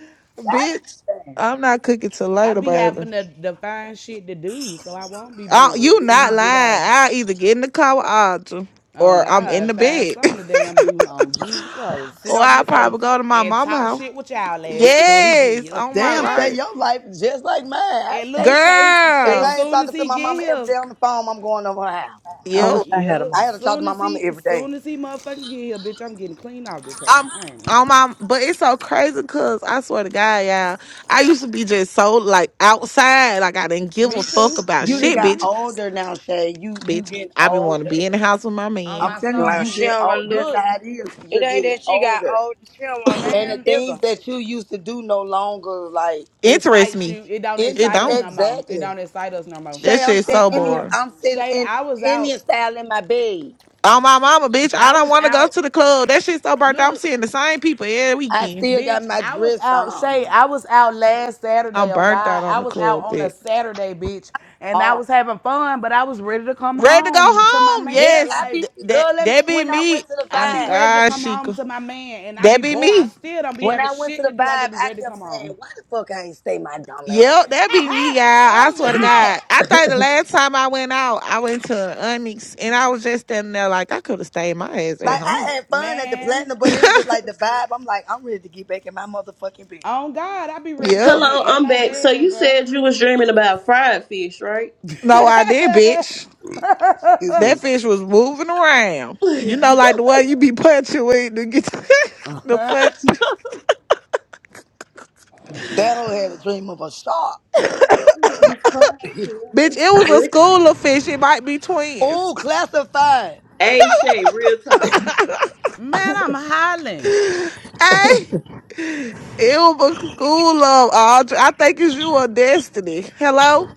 Bitch,
God damn.
I'm not cooking till
I
later,
be
baby.
having to, to find shit to do, so I won't be
I,
bored
you
till he
not
get
lying.
off.
I'll either get in the car with Audra
On
or I'm in
God,
the
find
bed.
something to damn do on Jesus Christ. Sit
or
on
I'll
this hoe
probably go to my
and
mama
talk
house.
shit with y'all ass till he get
Yes,
here.
on my
Damn, Shay,
life.
your life is just like mine. I
and little
stay.
Shay,
If
Shay,
Girl.
I ain't
soon as
talking to
he
my
get
mama every
here,
day on the phone, I'm going over her house.
Yep.
Come
yep,
I
on.
had to talk to
soon
my
as
mama
he,
every day.
soon as he motherfucking get here, bitch, I'm getting clean off this hoe.
I'm
I ain't lying.
on my but it's so crazy cause I swear to God, y'all. I used to be just so like outside. Like I didn't give a
Me
fuck
too.
about
You done
shit,
got
Mm-hmm.
bitch.
older now, Shay. You you
Bitch,
getting
I be wanna be
older.
in the house with my
On
man.
I'm
my
telling you,
Like,
you
she
soul.
get
don't wanna
old.
lose
That's
Look,
that.
how it is.
It
You're
ain't
getting
that she got
older,
old. She don't wanna lose
and the
man,
that nigga.
things that you used to do no longer like.
it
Interest
excites
me.
you. It don't
It
Inter-
excite us
don't.
no more. It
exactly.
don't excite us no more.
That
Shay, I'm
shit's
saying
On
so
Indian.
boring.
God,
I'm sitting
Shay,
in
I was out.
Indian style in my bed.
On my mama, bitch. I
I
don't
was
want to go
out.
to the club. That shit so burnt out. I'm
Look.
seeing the same people every
I
weekend.
still got
Bitch,
my
I was
dress
out, Shay.
on.
I was out last
I'm
Saturday on
burnt out
God. I
on the
was out
club,
on a
bitch.
Saturday, bitch, and I
Oh,
was having fun, but I was ready to come
Ready to go
home to my
home.
yeah.
man.
Yes.
I
Like,
be
Th- that
girl. Let me,
that be
when I
me.
went to the
I
Oh
be
vibe.
ready to
God,
come home
Sheikah.
to my man, and I
That
be
be
bored. I
me.
still don't be
When
having
I went to
shit
the
to do. I
vibe,
just be
I
ready to
kept
come
saying,
home.
"Why the fuck I ain't stay my dumb ass
Yep,
at
that be
home?"
me, y'all. I
oh,
swear to
God.
God. I think the last time I went out, I went to Onyx and I was just standing there like I could have stayed my ass at
Like
Fuck,
I
home.
fuck,
had
fuck,
fun at the
fuck,
Man,
platinum, but
fuck.
it was just like the vibe. I'm like, I'm ready to get back in my motherfucking bed.
on God, I be ready to go
Yep.
get
Hello,
in
I'm
my
back. So
bed,
you said
bro.
you was dreaming about fried fish, right?
No, I did, bitch.
Excuse
That
me.
fish was moving around. You know, like the way you be punching with to get the
Uh-huh.
punch.
That hoe had a dream of a shark.
It's fried, girl. What
Bitch, it
the
was a
frick?
school of fish. It might be
oh,
twins.
classified.
hey Shay, real talk.
hey,
Man, I'm hollering.
it was a school of. all I think it's you or Destiny. Hello.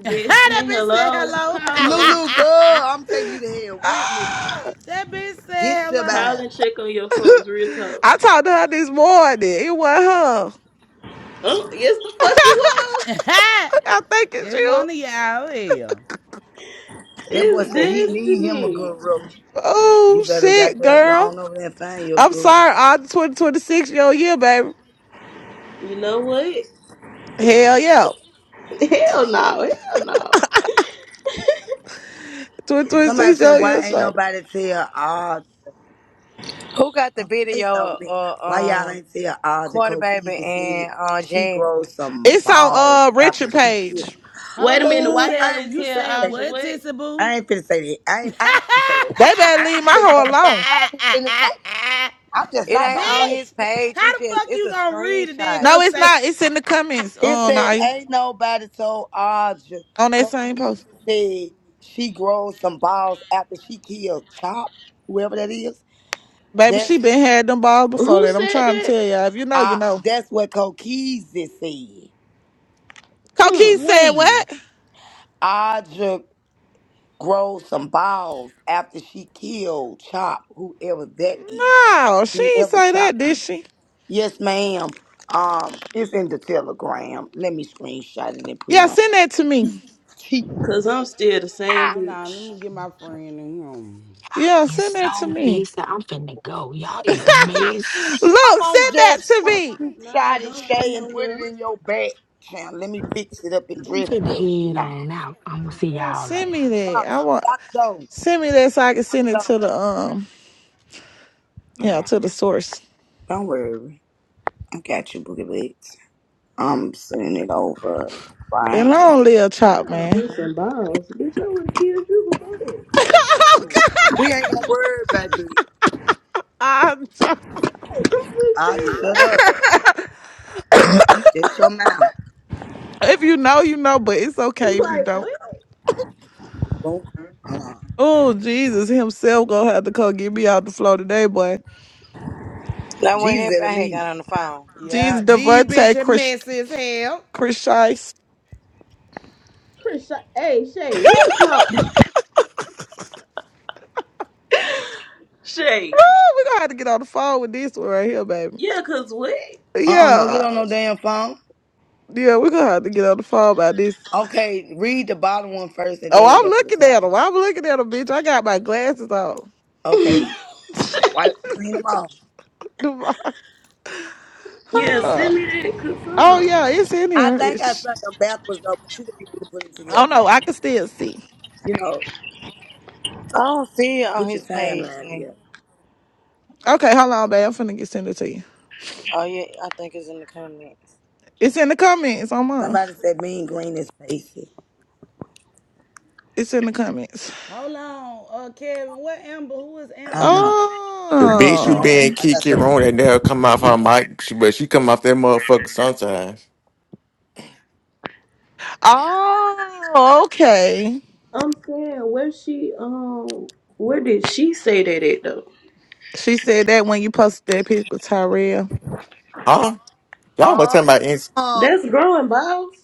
that
Destiny,
bitch said
hello.
hello.
Call her.
Lulu, girl, I'm taking you to hell with me.
Ah,
that bitch
Get
said hello.
Call
Shabab.
and check on your folks, real talk.
I talked to her this morning. It was her.
Oh, yes the fuck you was.
I think it's
it
you.
one of y'all here.
That boy
It's
said he need him a
Destiny.
guru. You
Oh
better
shit,
goddamn go
girl.
on over there and find your
I'm
guru.
sorry. I'm 2026 your year, baby.
You know what?
Hell yeah.
Hell no, hell no.
Somebody
2026
said,
your
why
ear
ain't
shot.
nobody tell all
Who got the
they
video
so
of
me. Why
uh,
y'all
um,
ain't tell all the
Quarter Baby
Cokeys and said
and uh,
she
Jasmine?
grows some
It's on
balls
uh
after
Richard
she
page.
killed.
Wait
Hold
a
up,
minute,
you
why
Oh,
y'all
I
said
ain't
didn't
you
even
tell
finna
said
say
Aja
what,
that.
what?
Tissy Boo?
I ain't finna say that. I ain't, I ain't finna say that.
They better
I
leave my
ain't finna
hoe
motherfucker.
alone.
I ain't finna say that. I'm just
It
not
ain't
gonna
on
say it.
his
Bitch,
page. He
how the
just
fuck
it's
you
a
gonna read it then
screenshot.
No,
gonna
it's
say
not. It's in the comments
It
on
said,
I
ain't nobody told Audra.
on that same
Coquise
post.
said she grown some balls after she killed Chop, whoever that is.
Baby,
That's
she been had them balls before
Who
that. I'm
said
trying to
that?
tell y'all. If you know, you
I.
know.
That's what Coquise said.
Coquise
Mm.
said
when?
what?
Audra grown some balls after she killed Chop, whoever that is.
No, she ain't
Whoever
say
Chop
that, did
is.
she?
Yes, ma'am. Um, it's in the telegram. Let me screenshot it and put it
Yeah, send that to me.
on.
Cause I'm still the same
Hold on, let
bitch.
me get my friend in home.
Yeah, send
It's
that
so
to me.
messy. I'm finna go. Y'all is messy.
I'm
Look,
gonna
send that
just
to me.
No,
shot it,
don't go
Shay, and put it
nowhere.
in your back. Now, let me fix it up and
I'm
dress it
finna
up.
head
Nah.
on out. I'ma see
Yeah,
y'all
send
later.
me that.
Uh,
I want
Lock the door.
send me that so I can
Lock the
send it
door.
to the um
All
yeah
right.
to the source.
Don't worry. I got you, Boogie Legs. I'm sending it over
And
right now.
long live Chop,
Nah,
man.
bricks and balls. Bitch, I would have killed you before
oh
that.
God!
We ain't gonna worry about this.
I'm so-
I'll just shut up. Shut your mouth.
if you know, you know, but it's
It's
okay if you
Like,
don't.
what?
Boom. Hold on.
Oh Jesus, himself gonna have to come get me out the floor today, boy.
Now what
Jesus
happened?
at
I
a
had got
meeting.
on the phone.
Jesus,
Yeah, these
Devontae,
bitches
Chris,
messy as hell.
Chris Shice.
Chris, Sha- hey, Shay, real talk. Shay.
Oh, we gonna have to get on the phone with this one right here, baby.
Yeah, cause what?
Uh-uh, don't get
Yeah,
on no damn phone.
yeah, we gonna have to get on the phone about this.
Okay, read the bottom one first and
Oh,
then
I'm
go to the
looking at
top.
him. I'm looking at him, bitch. I got my glasses on.
Okay, wipe, clean them off.
Devon-
Yeah,
huh.
send me that, cause hold
Oh
on.
yeah, it's in
I
here.
think I sent
It's,
them backwards though, but you could be able to put them
I don't
together.
know. I can still see.
You know,
I don't see it on
put your
his page.
timeline
Then.
together.
Okay, hold on, babe. I'm finna get send it to you.
Oh yeah, I think it's in the comments.
It's in the comments on mine.
Somebody said mean green is basic.
It's in the comments.
Hold on, uh Kevin, what Amber? Who is
I don't
Amber?
know. I got
bitch
some.
who
most.
been
Oh.
I got
Kiki Room
some.
that never come off her mic, she, but she come off that motherfucker sometimes.
Oh, okay.
I'm saying, where she, um, where did she say that at, though?
She said that when you posted that picture with Tyrell.
Huh? Y'all was
Oh,
talking about ins-
That's growing balls.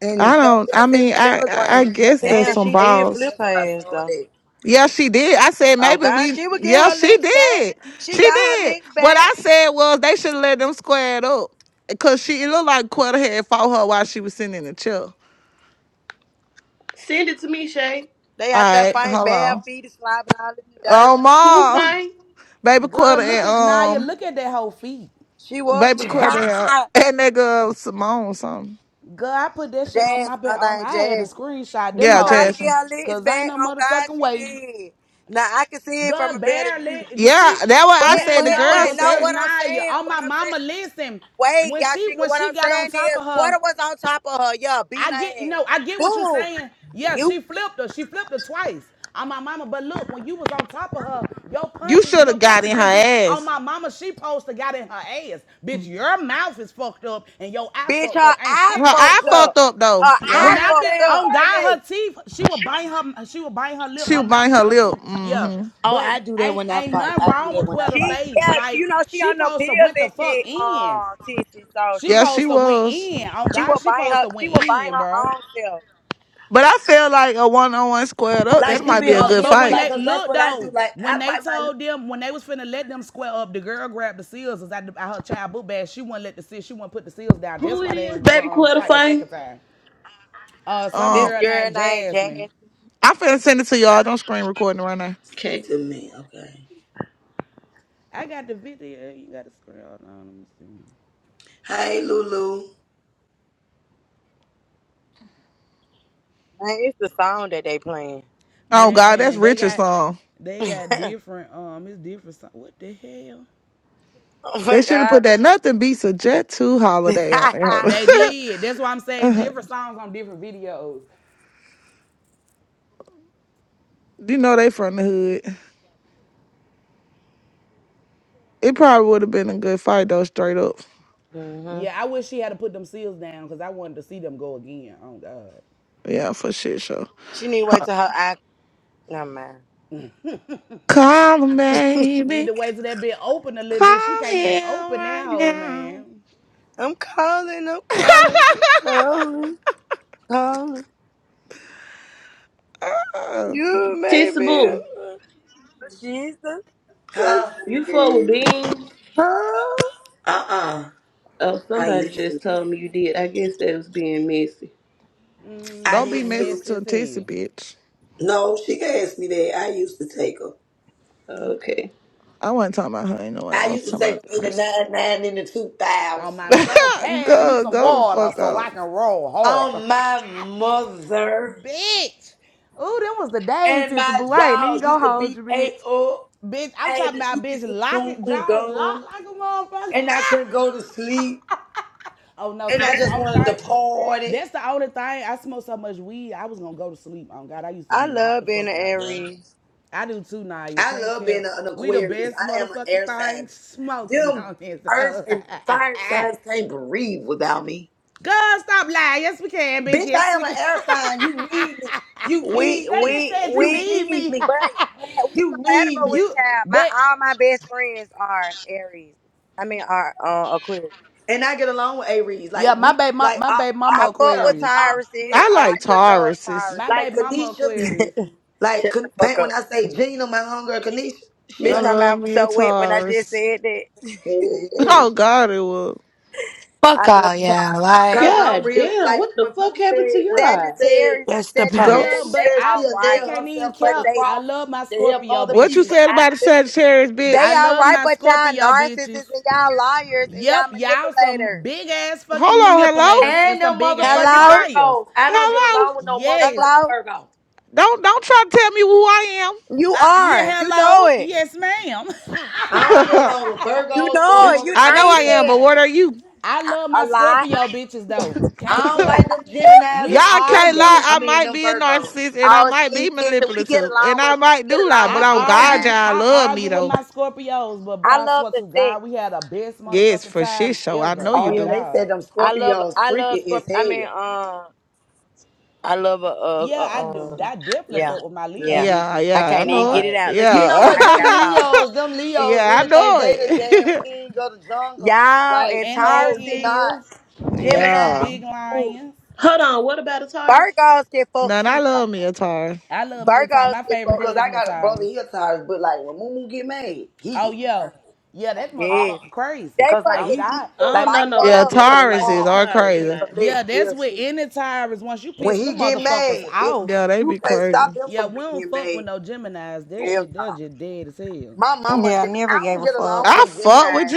and
I
oh,
don't I
that's in the
mean I I
telegram. That
guess
Mm.
picture
that's
Damn,
in
some
she
the
did
telegram.
flip
balls.
her
That's where I
ass
saw it.
though.
At.
Yeah, she did. I said
Oh
maybe
God,
we
she would get
yeah,
her
she
licks back.
did.
She
She
got her
did.
licks
What
back.
I said was they should let them square it up. Cause she it looked like Quetta had fought her while she was sitting in the chair.
Send it to me, Shay.
They
All
out there
right,
fighting
hold
bare
on.
feet and slobbing all in the dirt.
Oh
Who
ma.
fine?
Baby
Girl,
Quetta
look
and
at Naya,
um
look at that whole feet.
She was
Baby
Jazz,
Cordell. And nigga Simone something.
Girl, I put that shit on my bed.
her
Um,
name
I had to
Jazz.
screenshot them
She
Yeah,
tried to
hoes,
get
Jasmine.
her licks
cause ain't
back.
no
Oh God,
motherfucking
she
way.
did. Now I can see it from
Girl,
a better view.
barely. The
Yeah,
she,
that what I
But but
said.
man,
The
no,
girl
but no,
because
said
what I'm
Naya,
saying,
oh
what
my
I'm saying,
mama, listen.
wait,
When
y'all
she
chicken,
when
what
she
I'm
got on
saying
top
is
of her,
quarter was on top of her, yeah, beating
I get you
her ass.
know I get what you're
Boom.
saying. Yeah,
You
she flipped her. She flipped her twice on my mama. But look, when you was on top of her, your
you
punches
should
your
have got
punches
in her
didn't do. On
ass.
my mama, she posted got in her ass. Bitch,
Her
your mouth is fucked up and your eye
bitch,
fucked
her
up. Ain't
eye
shit wrong with
eye
fucked
Quetta.
up.
fucked up though.
Her
Her
Yeah.
eye
Where that
mouth it,
fucked
damn
up.
on
fight
God,
at?
her teeth. She would bite her. She would bite her lip.
She
Her
was
mouth
biting her
fucked up
lip.
too. Yeah,
hmm
Oh,
but
I do that
ain't
when I
ain't
fight.
nothing
I do
wrong
that
with
when I
Quetta
fight.
She
face.
yeah, she
Like
you know she
she
on the
supposed to
pills
went
and
the fuck
shit,
in.
um, tissy. So
She
she
Yeah, she
supposed
she
to went
was.
in. On
she
God,
will
she
buying
supposed
her
to
she
went
will buying
in,
her
bruh.
own self.
But I feel like a one on one squared up,
Like
that
And
she
might
be
be a
her
look,
good
but
lip,
when
fight.
like
they
'cause that's
look
what I do.
though,
Like
when
I
they
bite my lip.
told them when they was finna let them square up, the girl grabbed the seals out, the, out her child book bag. She wouldn't let the seal. She wouldn't put the seals down. That's
Who
why
it
they
is?
ain't
Baby
um,
Quarter
fight the
fine?
second time. Uh, some
This
Um,
girl
girl
named
named Jasmine.
Jasmine.
I'm finna send it to y'all. Don't screen recording right now.
Okay.
to me, okay?
I got the video. You got to scroll down. Let me see.
Hey, Lulu.
Man, it's the song that they playing.
Oh god, that's
Man, they
Richard's
got
song.
they got
oh
different. Um, it's different. Song. What the hell?
my
They should have put
god.
that nothing beats a jet two holiday on there.
They did. That's why I'm saying it's different songs on different videos.
you know they from the hood. It probably would have been a good fight though, straight up.
hmm
Yeah, I wish she had to put them seals down because I wanted to see them go again. Oh God.
Yeah, for shit show.
She need to wait till her eye never mind.
Call him,
Need
baby.
to wait till that bit open a little bit. She
Call
can't even
him
open that
right
hole,
now.
man.
I'm calling, I'm calling, I'm calling, calling.
Uh,
You may
Tissa
be
Boo,
a but Jesus to
Huh?
you fuck with
me.
beans?
Huh?
Uh uh
Oh,
I
somebody
used to.
just told me you did. I guess that was being messy.
I
Mm,
don't be
being
used to.
messy
messy
to a
as
tissy
hell.
bitch.
No, she asked me that. I used to take her.
Okay.
I wasn't talking about her in no way.
I
I was
used to
talking
take
about
her
the
in the
person.
nine nine in the two
On
thousand.
my soul, pass me
go,
some
go the
water
fuck
so I
off.
can roll harder.
On my mother
Bitch. Ooh, them was the days,
and
since the
my
I Then you
jaws
go
used to
hold
be
your
ate
bitch.
up.
Bitch,
I
I'm
had
talking
to chew
about
me
bitch
some
lock it,
chewing
jaws
gum,
locked like a motherfucker.
and I couldn't go to sleep,
oh no,
and
see
I
that's the
just
only
wanted to
thing.
party.
That's the only thing. I smoked so much weed, I was gonna go to sleep. Oh God, I used to
I
be knocked
love
the
being an
fuck out, boy.
Aries.
I do too now. You
I
can't
love being
kill.
an
We the
Aquarius.
best
I am an
motherfucking
air
thing
sign.
smoking
Them
on this.
earth and fire
hoe.
signs can't breathe without me.
Girl, stop lying. Yes, we can, bitch.
Bitch, I
Yes,
am
we
an
can.
air sign. You need me. You
We,
need
that
me.
bitch
we,
said you
You
we,
need
need
me.
me.
but, but we
You need
compatible
me.
with
you,
y'all. My,
but
all my best friends are Aries. I mean, are uh, Aquarius.
And I get along with A Reed.
Yeah,
Like
my
we
baby, my,
like
my
I
baby mama
I
all
fuck
yeah,
with
we
Aquarius.
all
Tyruses.
I
I
connect. Like
like
like, I
real shit.
love
Tauruses.
Tyruses.
My
Like
baby mama
Kanisha,
Aquarius.
like
Shut the
Kan-
fuck
Pat, when
up.
I say Gina, my homegirl Kanisha, she a
I
Bitch,
A
my
love
mouth
Reed.
was
me a
so wet when I just
Taurus.
said that.
Hey,
Oh
hey.
God, it will.
Fuck
I love
all
Taurus.
y'all. Like,
Cause
Shake.
I'm
God
real
damn, what
like
the
when
fuck
Pooh
happened
said
to
when
your
Pooh
eye?
said
Sagittarius,
that's the
I
when
Go.
Sagittarius,
Pooh
love,
post.
but
they
said
I
all
she'll
I
right,
nail
can't even
herself to
but
the
count.
they
I
cross
love my
to help
Scorpio
other
What you
bitches.
people,
said
I
about the
felt it.
Sagittarius,
they
I
bitch?
all
love
right,
my
but y'all
Scorpio
narcissists
bitches.
and y'all liars and
Yep,
y'all
y'all some
manipulators.
big ass
Hold
fucking
on, hello,
manipulators and
And them
some big ass
motherfucking
Hello,
liars.
Virgos. I don't get
hello.
along with no
Yes.
motherfucking
hello,
Virgos.
Don't don't try to tell me who I
you
Uh,
are,
yeah,
you know
hello.
it,
Yes, ma'am.
I don't
am.
get along with
you
Virgos or
know it.
Bitch,
You,
I
I
motherfucking
know I
ain't
am,
said
but
Gemini.
what are you?
I love
a, a
my
lot.
Scorpio bitches though.
I
Can't
don't
count.
like them Geminis
We
and them
Y'all can't lie.
Scorpios.
argue.
I
I
mean,
might
them
be a
Virgos.
narcissist and I
Oh,
might be
see, sister, we get
manipulative
along
and I
with we
might
get
do lie,
along
but
with
I
on God,
Gemini.
argue,
y'all
I
love me
argue with
though.
my Scorpios, but bro,
I
I
love
swear
the
to
six.
God, we had the best
Yes,
motherfucking
for shit
times
show. I know
ever.
Oh
you
On
yeah,
do.
they said
God,
them
I love
Scorpios
I love
freaky
Scorp.
as
I mean,
hell.
um, I love a, a,
yeah,
a
I do.
um,
I definitely
yeah,
fuck with my Leo
yeah.
Yeah,
bitches.
I
yeah,
On
I
can't even
know
get
it.
it
God,
out. Look
You
at
know
me,
Yeah.
I
what?
done
Them
got lost.
Leos, them Leos
yeah, I
really think
know
they the damn
it.
king of the jungle.
Y'all
Like,
and
and
no, you're
Tauruses,
they
not.
is they
Gemini,
some
yeah.
big
ooh,
lions.
Hold on, what about a Taurus?
Virgos get fucked
None, I
too
love
though.
me a Taurus.
I love me a time.
Virgos
My
get
favorite
fucked.
Because I
cousin of
got a brother
Tyrus.
here tired, but like when Moo get mad, he
Oh
get
yeah,
mad.
yeah, that
too. Yeah,
motherfucker crazy.
they
Cause like
On
fucking
he,
God,
I
evil
don't
like my
know
like
brother,
Yeah,
nobody that
real
don't
us.
like no
Tauruses
calm,
are
Taurus
cool and
crazy.
now.
yeah,
collect,
that's
real
with
shit.
any Tyrus. Once you
When
piss
he
them
get
motherfuckers
mad, it,
off,
Yeah, they
you
be
can't stop
crazy.
him
yeah,
from
we don't
being
fuck
mad.
with no Gemini's. That
Hell
shit,
no.
they're just dead as hell.
My mama,
Yeah, I
Gem-
never
I
gave
don't
a
get along
fuck.
with
I
them
fuck with
Geminis.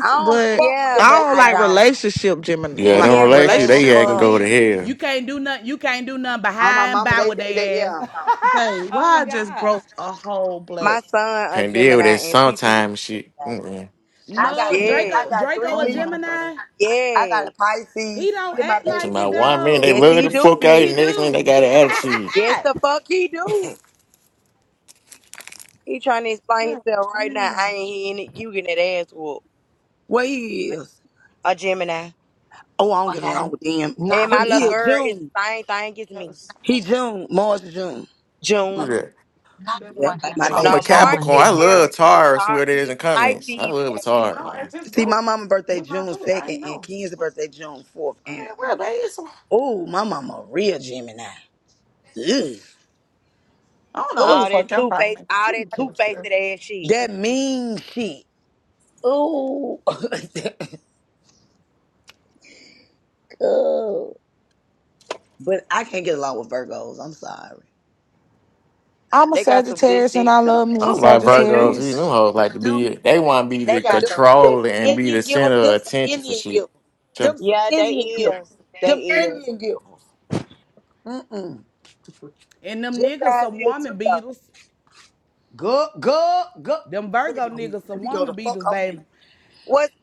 I don't
but
fuck with
Yeah,
them
I
but
don't
I
like
Geminis.
don't.
relationship Gemini
We
Yeah, don't
like
never
Yeah.
relax you.
gave a
They
relationships
act
with
and
fuck.
go
men.
to hell.
You can't do nothing. You can't do nothing
Oh, my
behind
mama,
by
they,
with
they, they,
they
yeah.
ass.
Dang,
oh
why I just
God.
broke a whole black.
My son a
Can't deal with
I
Gemini
that
and T T was
sometime shit.
that.
Mm-mm.
swear
I got
No,
three,
Draco
Yeah,
I got three
Draco a
Oh my
Libras.
god.
Gemini.
I got
yeah,
a
He
Pisces.
don't
Three of my
act
I'm talking
babies
like it
is
about one man,
Libras.
they
yes
though.
Look
love
at
he
the
this
do,
fuck
shit.
out,
He
bitch.
and next man, they
do.
got an
Look.
attitude.
Yes the fuck he do. He trying to explain
man,
himself right now. I ain't hearing it. You getting that ass whoop.
What he is?
A Gemini.
Oh, I don't
I
get
got
along
in
with them.
And
not
What-
my little
He
uh
is
girl is
June.
the same thing as me.
He June. Mars is June.
Who
June.
that?
not that boy
Yep,
got
like
in
my
trouble
I'm
baby,
a
No,
at
my
school
mama.
March
Capricorn.
is
I
again today.
love
Aries and
Taurus,
Pi-
whoever it is in
Pisces,
comments. I
Aries.
love a
no.
Taurus.
See, my mama birthday June 2nd and Ken's birthday June 4th. And, oh, my mama, a real Gemini. Ugh.
All
Oh,
that two face, all that two faced ass shit.
that mean shit. Oh, God. But I can't get along with Virgos. I'm sorry.
I'm a
They got some good
Sagittarius and
sex
I
though.
love me a
I'm like
They do.
Virgos, you know,
Sagittarius.
hoes
They
like to
do.
be, they want to be
They
the
But
got
them
some
some, them
real
control
some
good
and
ass.
be
Indian
the
givers.
center of
Them some
attention for
Indian
shit.
givers.
So
Them some
Yeah, they
Indian givers.
is.
Them
They is.
Indian givers. Mm-mm.
and them niggas
Gemini's
some
is too
woman
though.
beaters.
Go, go, go.
Them
Let me
Virgo
go. on mute.
niggas
Let
some
me go the
woman
fuck
beaters,
on you.
baby.
What's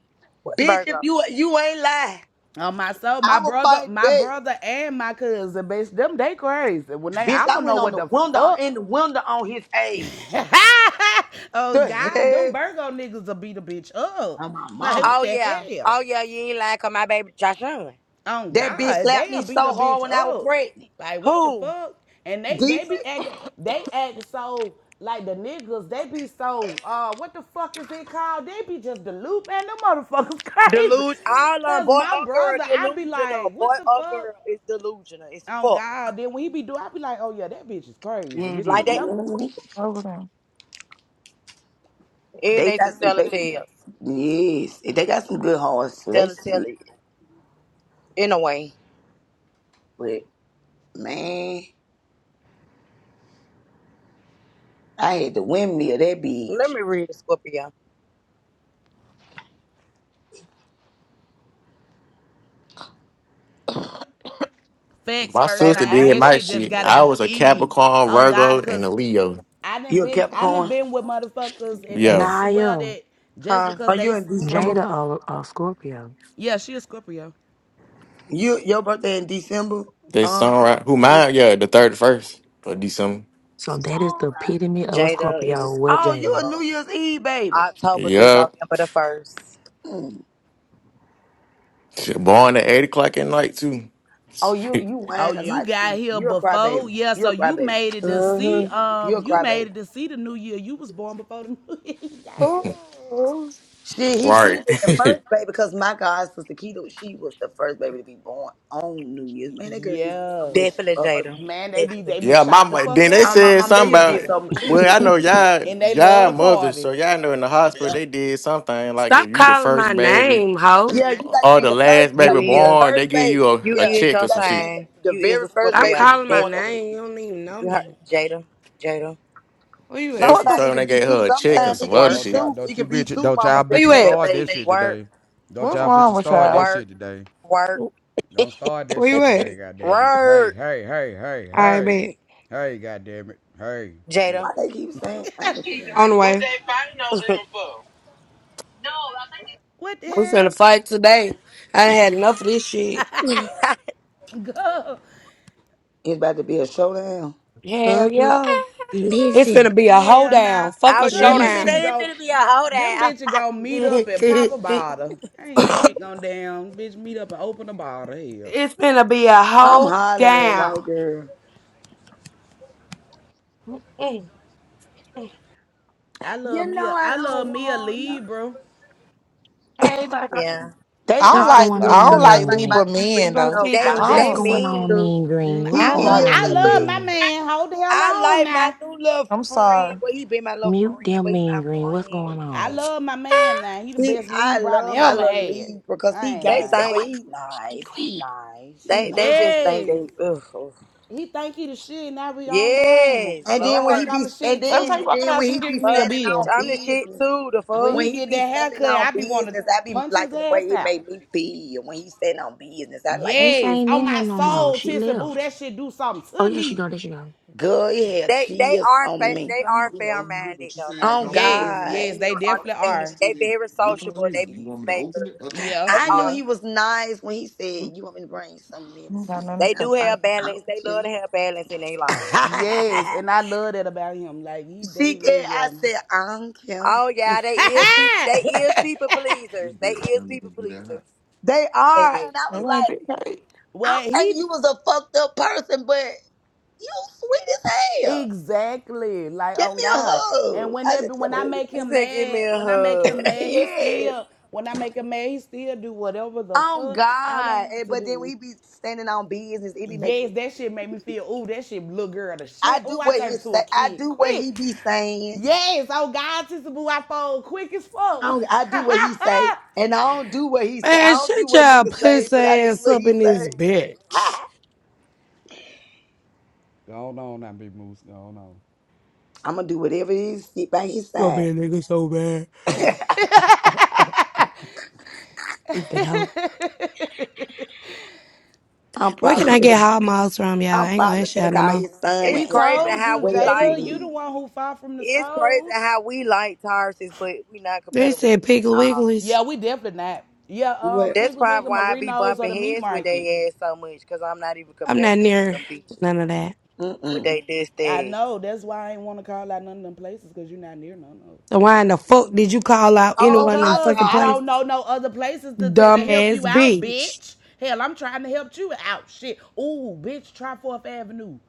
what's
Bitch, if
Virgo?
you you ain't lying,
On um, my soul,
I
my
will
brother,
fight
my
back.
brother and my cousin, bitch. Them they crazy. When they
Bitch,
I
I
don't know
went on
what
the
the
window
fuck.
in the window on his age.
oh
The
God,
hell?
them Virgo niggas will beat a bitch up.
I'm my
Like
mama.
what
Oh
the
yeah.
hell?
Oh yeah, you ain't lying 'cause my baby Joshua.
Oh
That bitch
God,
slapped me
they'll beat
so
a
hard
bitch
when I was
up.
pregnant.
Like what the
Who?
fuck? And they they
Decent.
be acting they act so like the niggas, they be so uh what the fuck is it called? They be just the loop and them motherfuckers crazy.
Deluge all on
Cause
boy or
my
girl
brother, I be
delusional.
like,
Boy
what the
or
fuck?
girl is delusional. It's
Oh God,
fuck.
then when he be doing, I be like, oh yeah, that bitch is crazy. Bitch,
Like
don't
that.
don't
Over there.
and
They
they to
got some.
tell a
They
tale.
yes, they got some good horses. So they
Tell a tale
sweet.
in a way.
But man, I had the windmill that
Let
bitch.
me read a Scorpio.
Facts
my
first
Baby,
sister
name.
I ain't
did
That
finna
my
shit
say
just
shit.
nothing.
gotta
I
be
was a
in you.
Capricorn,
On
Virgo,
God,
and
cause
a Leo.
I done
You a
been I done
Capricorn?
been with motherfuckers and they
Yeah,
swear
Naya.
that just
Huh?
because
Are
they
you in
s-
December?
Jada a, a Scorpio.
yeah, she a Scorpio.
You your birthday in December?
they
Um.
sunrise. Who
okay.
mine? Yeah, the thirty first of December.
So that is
All
the
right.
epitome of a
Jada is a
Scorpio What
Oh, you a
Jada. is.
New
Scorpio.
Year's Eve baby?
October through
Yup,
November the 1st.
Shit, born at eight o'clock at night too.
Oh, you you
Oh,
whine a
you
lot
got
too.
here
You a
before,
crybaby.
yeah.
You
So
a
you
crybaby.
made it to see
Mm-hmm.
You
um
a
you made
crybaby.
it to see the new year. You was born before the new year. You got here.
Shit, he should have
right.
been the first baby because my God, Sister Keto, she was the first baby to be born on New Year's. Man, that girl used to get so
Yeah.
much shit
Definitely,
for her.
Jada.
Man, they be
Definitely.
they be
yeah, my
shot the
mo-
fuck
then they
Oh,
out.
my
said
mom, they
something
used to
about.
get
Definitely.
so much. She used to
Well,
get
I
so
know
much shit.
And
y'all,
they love
y'all
the
mothers,
party.
so y'all know in the hospital they did something like if
Stop
you the
calling my
first baby
name, ho.
Yeah, you got to
Or
be
the
the first.
last
You
You
got
baby
to be the
is.
born, they
first
give
baby.
you a,
You
a
Yeah,
is
check
you
your
or some
got to be
shit.
the,
sign.
the
You is
very
a
first
Stop
baby to
Scorpio.
be
calling my
born on
Definitely.
New
name. You
Year's.
don't even know
You heard
me.
Jada. Jada.
Where you at?
That's what
What
she
the
Sometimes
f-
told
it
me they
could be
gave
two.
her a check and
Sometimes
Hey,
it
some
could
other
be
Work.
don't
shit.
y'all,
two. It
don't you
could be
bitch,
two
don't
mamas
y'all
Where
been
you
bitches
had a
at?
start that
baby.
shit
Work.
today. Don't
what's
y'all
wrong
bitches
with
start that
y'all?
Work.
shit today.
Work.
Don't start that
Where you
shit today,
at?
goddamn it. Hey,
Work.
hey, hey, hey,
All right,
hey,
bet.
hey, goddamn it, hey.
Jada.
Why they keep saying I
Which
ain't
keys to
On the
ring?
forgetting?
What
way.
they fighting over him for? No, I think
What the
We
hell?
finna fight today. I done had enough of this shit.
Go.
It's about to be a showdown.
hmm
Hell yeah. It's
Listen,
finna be a
Hell nah.
hoedown. Fuck
I
a
was
God,
just
them
finna
showdown.
bitches
listen.
say it
go
finna be a whole day.
them bitches gonna meet up and pop a
it's
bottle. Ain't shit gonna down. Bitch meet up and open a bottle. Hell.
finna be a
I'm hollering at white
hoedown.
girl.
Mm.
I love
You
me
know
a
I
I
don't
love me a
want no.
Libra.
Hey, baby,
yeah.
They
I don't
What's
are
like
going
sweet
I
on,
don't
because I
like
Mean
like
Green?
my
Libra
Libra.
I'm
men
He's
gonna
though.
so
feed you
I
in
They
I
guy.
What's
just
they
a
that's
don't
going
second.
on,
mean.
too.
Mean
Mm,
Green?
I
What's
He
I
don't
going
love
like
is
on,
I
a
Mean
love
big.
my
Green?
man. Hold the hell
I
on
like my
now.
new little
I'm
friend.
sorry.
Well, he been my little
Mute
friend,
them,
but he
Mean
my
Green. What's
friend,
going
I
man.
on?
love my man now. He the
He,
best
I
lead I done
love my
ever
little
had.
Libra because he
I ain't
They
What's
gangster,
lying.
going
but
think.
he
on, Mean
nice. He
Green?
nice. He
They
nice.
they just think
Yes.
they. Ugh, ugh.
He think he the shit now we don't blame him.
Yes,
And
Cause I
then when he
think
Lord,
I'm
be
the
and
shit
Every
then
time
too.
you
and
walk in the
then when
house, you
he be
giving me a
but
standing
bitch,
bill.
on
I'm the shit
business,
too. The
When
fuck.
when
he
he
get
be
that
standing
haircut,
on
I be wanna
business, I be
punch his
liking the way
ass
it
out.
made me feel. When he standing on business, I like the
Ace
way
Yes.
it
ain't
made
On
in here
my
no
me feel.
more.
soul,
She
Tissa Boo,
left.
that shit do something
Oh,
to
yeah, she
me.
go. There she go.
Girl, he had
They they
cheers
are
on
fa-
me.
they are fair minded though. Like
Oh
they they
Yes,
God.
they
yes, they
very
definitely
understanding.
are.
They very sociable. They peacemakers.
Yeah,
They
I knew
are.
yeah.
he was nice when he said, You want me to bring some
I don't got
medicine?
nothing
And
They
I
to
was
do
like,
do.
have balance. They love to have balance in their life.
Yes,
I don't care.
and I love that about him. Like he, they
she did I
real.
said, I don't care.
Oh yeah, they is people. They is people pleasers. They is people pleasers.
They
You say
are.
it.
And
It
I was
It- it-
ain't
like,
been
it-
paid.
I'm
well,
thinking you
he
was a fucked up person, but you sweet as hell.
exactly like
Give
on
me a
God. And
hug. I
whenever
just kept
when I
hugging
make
He
him
him.
said, "Give me
mad,
a
when I make him
hug."
mad, he
yes.
still when I make him mad, he still do whatever the
Oh
fuck I want
God.
him
And,
to
but then
do.
we be standing on business. It be making
Yes,
me
that
feel
shit made me
good.
feel, ooh, that shit little girl the
I
shit.
do
Ooh, I
what he
turned to
say.
a
I
kid
do what he
quick.
be saying.
Yes, oh God, sister boo, I fold quick as
I
fuck.
don't, I do what he say, and I don't do what he say. I
Man,
don't do
shut
what
y'all
niggas say,
pussy
but I do
ass
what
up
he
in this
say.
bitch.
Go on now, Big Moose. Go on.
I'm gonna do whatever it is. Sit by his
Gonna
side.
be a nigga so bad.
I'm
Stupid hoe. Where can
probably
I
finna.
get hot miles from, y'all? I
I'm
ain't gonna
probably
ask y'all
finna
no
call
more.
his son
It's
and
we
ask
crazy
him
told
how
you,
what
we
else he
like.
Jada, you the
needs.
one who fought from the
It's crazy
stoves.
how we like Tauruses, but we not
They
compatible
said
with them
Piggly
at all.
Wigglies.
Yeah, we definitely not. Yeah, um,
What?
That's
Piggly
probably
Wiggly,
why I be
Marino's, or
bumping
the meat
heads with
market.
they ass so much, cause I'm not even
I'm not
compatible with
near
them bitches.
none of that.
With
Mm-mm.
they this
I
thing.
know. That's why I ain't want to call out none of them places because you're not near none of them.
So why in the fuck did you call out any
Oh
one of them
my
Because
fucking
I
God.
places?
don't know no other places to, to, to help
Dumbass
you out,
bitch.
bitch. Hell, I'm trying to help you out. Shit. Ooh, bitch, try 4th Avenue.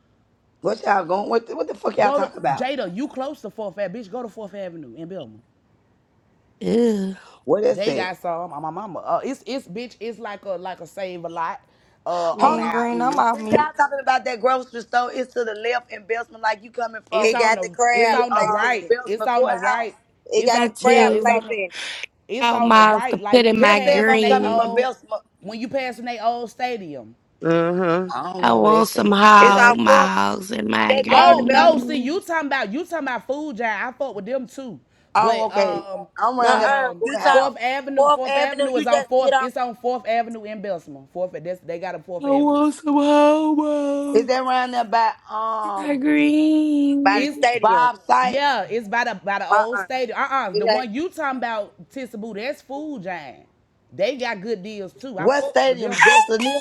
What y'all going? What? the- What the fuck y'all
Go to,
talk about?
Jada, you close to 4th Avenue. Bitch, go to 4th Avenue in Belmont.
Ew.
What is
They
it?
got some. uh, My mama. Uh, it's, it's, bitch, it's like a, like a save a lot uh, on
Me
Hold
and
our
on.
Green, I'm
end.
off
Is
mute.
y'all talking about that grocery store? It's to the left in Belsman, like you coming
It's
It
from
on
got the
the it's
crab
the
on the
place
um
in
right.
it.
It's
Belsman
on the
courthouse.
right.
It
It's
got the
Trying
on yeah,
crab
it's
to
place
on the
in it.
it's
out
on the
miles
right.
to
Like
put
when
in
you
my
Just say if
passing
I'm
they
coming from
green.
old
Belsman.
when you passing they old stadium.
Mm-hmm.
I don't
I
know what they
want some
said.
It's
whole
our
Yeah.
fourth
miles in my
that girl the
Oh
best.
no, see
green.
you talking about you talking about food giant. I fuck with them too.
Oh,
But
okay.
um
I'm around there by
Uh-uh.
the
um
You talk
courthouse.
Fourth Avenue,
Fourth
Fourth
Avenue,
Avenue
you
is on
just get
Fourth.
off
It's on Fourth Avenue in Bessemer. Fourth, that's, they got a
I
Fourth Avenue.
want some whole
Is
miles
that around there by
in my
um
by the
green.
It's
stadium.
Bob site?
Yeah, it's by the by the old
Uh-uh.
stadium. Uh-uh.
It
The
ain't
one you talking about, Tissaboo, that's Food Giant. They got good deals too. I
What
fucks with
stadium?
them.
Just near?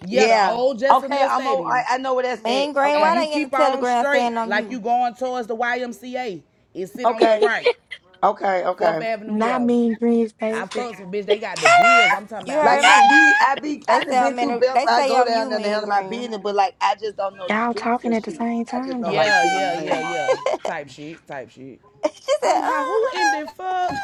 Yeah, the
yeah.
old Jesselyn
Okay,
Neal
I'm o-
Stadium.
I, I know what that
Me
said.
and Green,
And
why
Okay.
you
they in the
keep on
telegram
straight
saying I'm
like you
you?
going towards the YMCA. It sit on your
Okay.
right.
Okay.
Fourth
Okay.
Avenue,
Not
yeah.
mean green
I
Stacy.
fucks with bitch. They got the deals. I'm talking
You
about
Like
heard
I
me.
bitch.
be, I be,
They
I
say
done been
I'm in.
through
A, they
Belfast. I
say
go
I'm
down
you,
there to
Me and
handle my
Green.
business, but like I just don't know the
Y'all
streets
talking
and
at the
shit.
same
I just
time
know like
though.
Yeah,
shit on the
yeah, yeah,
landmark.
yeah.
she
Type shit. Type shit. I'm
said,
high. Who in the
uh-huh.
fuck?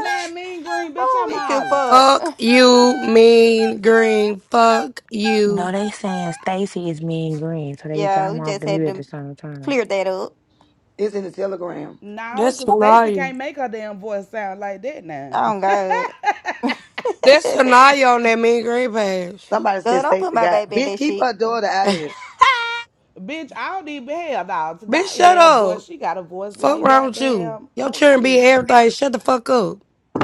mean green, bitch,
oh,
I'm
we could
hollering.
fuck.
Fuck you, mean green. Fuck you.
No, they saying
it's
Stacy is mean green, so they got
Yeah,
him
we
off
just
the
had
mute at the
to
same time.
clear that up.
It's in the telegram.
No,
That's
cause Stacy
Sanaya.
can't make her damn voice sound like that now.
Oh God,
That's Sanaya on that mean green page.
Somebody
girl,
said
don't put
Stacey
my
got
baby in
bitch.
that
Keep
shit,
her daughter out of it.
Bitch, I don't even hell now.
Bitch,
Today
shut
damn voice,
up.
she got a voice
Fuck
like
around with you.
goddamn
Your
oh
children be
shit.
everything. Shut the fuck up.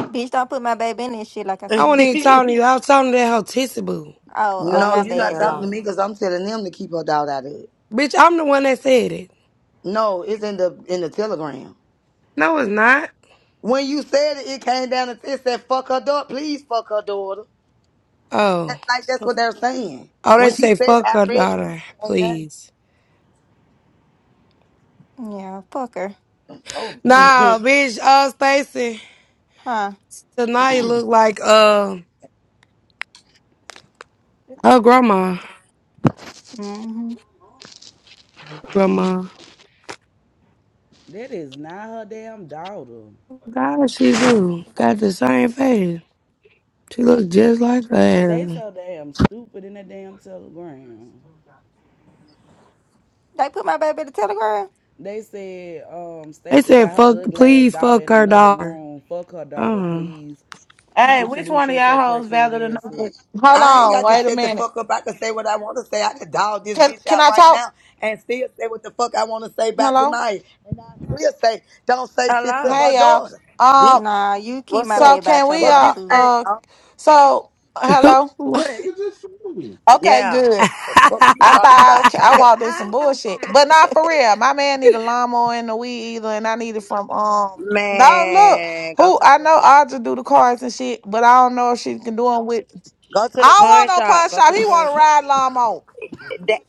bitch. Don't put my baby in that shit, like I
I wasn't
said.
even
the
talking to you. I was talking to that hotissy boo.
Oh, oh,
No,
my
you're
sister
not
bad
in
talking
law.
to
then.
me because I'm telling them to keep her daughter out of it.
Bitch, I'm the one that said it.
No, it's in the in the telegram.
No, it's not.
When you said it, it came down and it said fuck her daughter. Please fuck her daughter.
Oh.
That's like that's what they're saying.
Oh, they
When you
say
said, it,
fuck
I
her
read it
daughter,
when it came down.
please.
Yeah, fuck her,
So weird.
Nah, bitch, uh Stacy.
huh?
Tonight look like uh her grandma.
Mm-hmm.
Grandma.
That is not her damn daughter.
God she do. Got the same face. She look just like
They
her.
so damn stupid in that damn telegram.
They put my baby in the telegram?
They said um
They
Stacey
said
got
fuck
her ugly ass
please
daughter
fuck
in
her
another
daughter.
room. Fuck her daughter,
Uh
please.
Hey,
Uh-huh.
Tissa
which
Boo,
one of
shut your
y'all hoes valid
crackhead ass
enough? to-
up.
Hold
I ain't
on,
got to
wait a
shut the
minute.
fuck up. I can say what I want to say. I can dog this
Can
bitch
can
out
I
right
talk?
now and still say what the fuck I want to say about
Hello?
tonight. And I still say, don't say shit to
Hello.
Hey
her
y'all.
daughter. Bitch,
Um.
Nah, you keep
What's
my
up?
So
baby
can
out your
we?
fuck
mouth
Uh.
you
too.
saying,
Uh.
huh?
So hello.
what?
Okay.
Yeah.
Good.
The fuck you
I
talking about?
thought I walked in some bullshit, but not for real. My man need a lawnmower and a weed eater, and I need it from um. No, look,
Man, go
who
to the
I
pawn
know
shop.
Audra do the cars and shit, but I don't know if she can do them with.
Go to
I
the
don't want
pawn
no
shop.
pawn
Go to
shop.
the
He want
pawn
to
shop.
ride lawnmower.
That,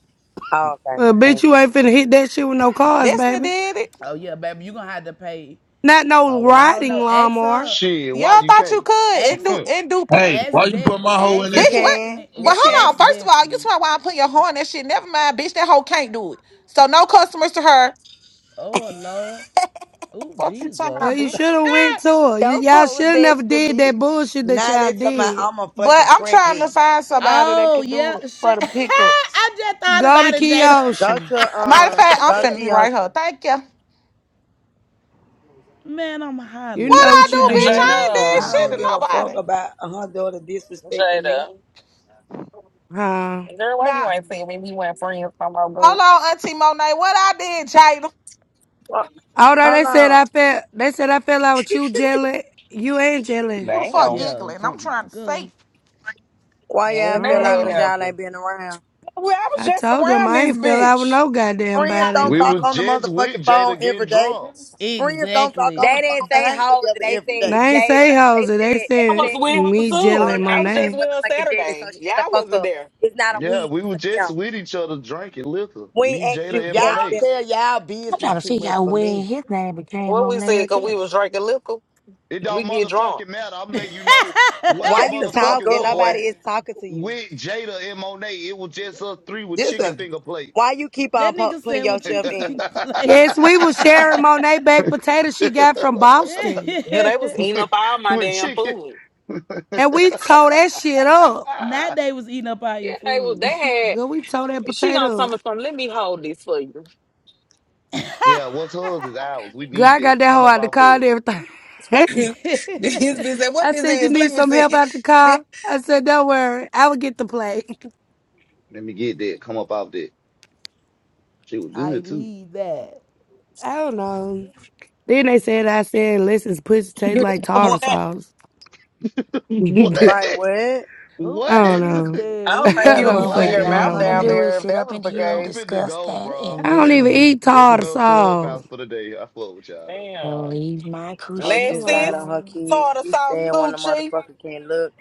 oh, okay.
well bitch
Dang.
you ain't finna hit that shit with no cars,
Destiny
baby.
did it.
Oh yeah, baby, you gonna have to pay.
Not no
Oh well, I don't
riding
know. Ask
lawnmower.
her
Shit, why
Y'all
you
thought you
can't?
could. It
Ex
do. It do.
Hey,
ex
why you
de
put my hoe in
ex
You
that
Bitch, what?
can.
destiny.
But
You
Well,
can.
hold
ex
on. First of all, you
destiny.
talking about why I'm putting your horn and shit. Never mind, bitch. That hoe can't do it. So no customers to her.
Oh Lord. Oh
Fuck you talking
Well,
about,
Jesus.
you
bitch.
should have went to her. You,
Don't
y'all
fuck
should
with
have never
Destiny,
did that
bitch.
bullshit that
Now
y'all
they talking about
did.
I'm a
But
fucking
I'm trying to
crackhead.
find somebody that
oh
can do
yeah.
it
Sh-
for the pickups.
I just thought
Go to
about it,
Key
Jada.
Go to
Matter of
um.
fact, I'm
Go to
finna write her.
Kiosha.
Thank you.
Man, I'm
You
What
hollering.
know
I
Man,
what you
do,
y'all
bitch?
crazy
I
did,
as
ain't did
I
hell,
Jada,
shit
don't
to
bro.
give a fuck
nobody.
about her daughter disrespecting me.
Jada,
huh?
girl, why
Nah.
you ain't seen me? We went friends from my
Hold
group.
on, Auntie Monet. What I did, Jada?
Well,
Although they
hold
said
on.
I felt, they said I fell out with you, Jelly. You ain't Jelly.
Who the fuck
Damn,
Yeah,
giggling? I'm
some
trying to
girl.
say.
Why
I
y'all
ain't
feel
don't
like
that
you
know.
y'all ain't
happen?
been around?
Well, I was
I
just
told them
around
I
this
ain't fell out with
bitch.
no goddamn
Friends
body.
don't
we
talk
was
on the
just with
motherfucking phone
Jada
every
getting
day.
drunk.
Friends don't talk
Exactly.
on
They
the
didn't
phone and
say
hang
hoes.
together
They
every
They
day.
said
ain't say
Jada.
hoes.
They
They
said
I
they
was
said
said
with her
me, Jelly,
too.
and
I
Monet
was just
and
Monet.
with her
motherfucking Jada. So
Saturday.
shut
Yeah,
the
I
fuck
wasn't
up.
there.
It's not a
Yeah,
we.
we
It's a
was just
them.
with each other drinking liquor.
We
Me,
ain't asked you.
Jada, and
We
Y'all
ask
Monet.
them.
tell y'all
I'm
business
trying to
too
figure
much
out
for
when
me.
his name became
What
on
we said,
Nail
cause we
Jelly.
was drinking liquor.
It
We
don't
get drunk.
motherfucking matter. I'm letting you know where I
Why
that
Shut
you
the fuck
motherfucking
talking?
up, boy.
Nobody
was
is talking to you.
with Jada and Monet. It was just us three with
This
chicken
a
finger plates.
Why you keep on pu-
nigga
putting
said with
yourself
chicken
in it?
finger plates.
Yes, we was sharing Monet baked potato she got from Boston,
Yeah, they was eating up all my
with
damn
chicken.
food.
and we tore that shit up.
Not they was eating up all your
Yeah, they was.
food.
They
Girl, we tore that
had. She gonna
potato.
tell
up.
me something. Let me hold this for you.
yeah, what's hers is ours. We
Girl,
need
I
that.
got that
Come
hoe
up
out the
off of
car and
it.
everything.
his bitch said, What
I
this
said, you
is? Let
need
me
some
see.
help out the car? I said, don't worry. I will get the plate.
Let me get that. Come up off that. She was
I
good too.
need that.
I don't know. Then they said, I said, unless it's pussy tastes like
Boy,
tartar
I
sauce.
what?
I
Like what?
Who
don't
What?
is
know.
that?
don't
Who
think
I
But
you'll
is
don't
be
what
putting
we're
oh
What?
your
fucking
not
mouth
know,
gonna
please?
down
man.
do is
there if
sit
that
up
was
in
the
here
Yeah,
and
I'm
case.
finna
discuss
go,
that
bro.
in
I
this
don't
That's
even
too.
room.
eat
There's
tartar
another
sauce.
clubhouse for the day. I flow with y'all though.
And
Damn.
leave my
I
coochie
just lied
Lexis,
on her
alone.
kids.
tartar
She
sauce
said when the
sushi.
motherfucker can look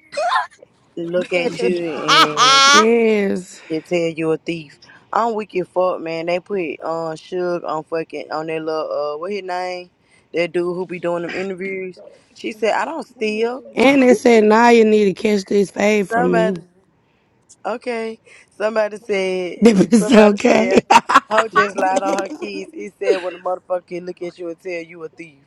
look at you and
that
Yes.
they tell you a thief. I'm weak as fuck, man. They put uh Suge on fucking on that little uh what his name? That dude who be doing them interviews. She said, I don't steal.
And they said, now you need to catch this fade from me.
Somebody okay. Somebody said
If it's
somebody
okay.
said Ho just lied on her kids. He said when the motherfucker can look at you and tell you a thief.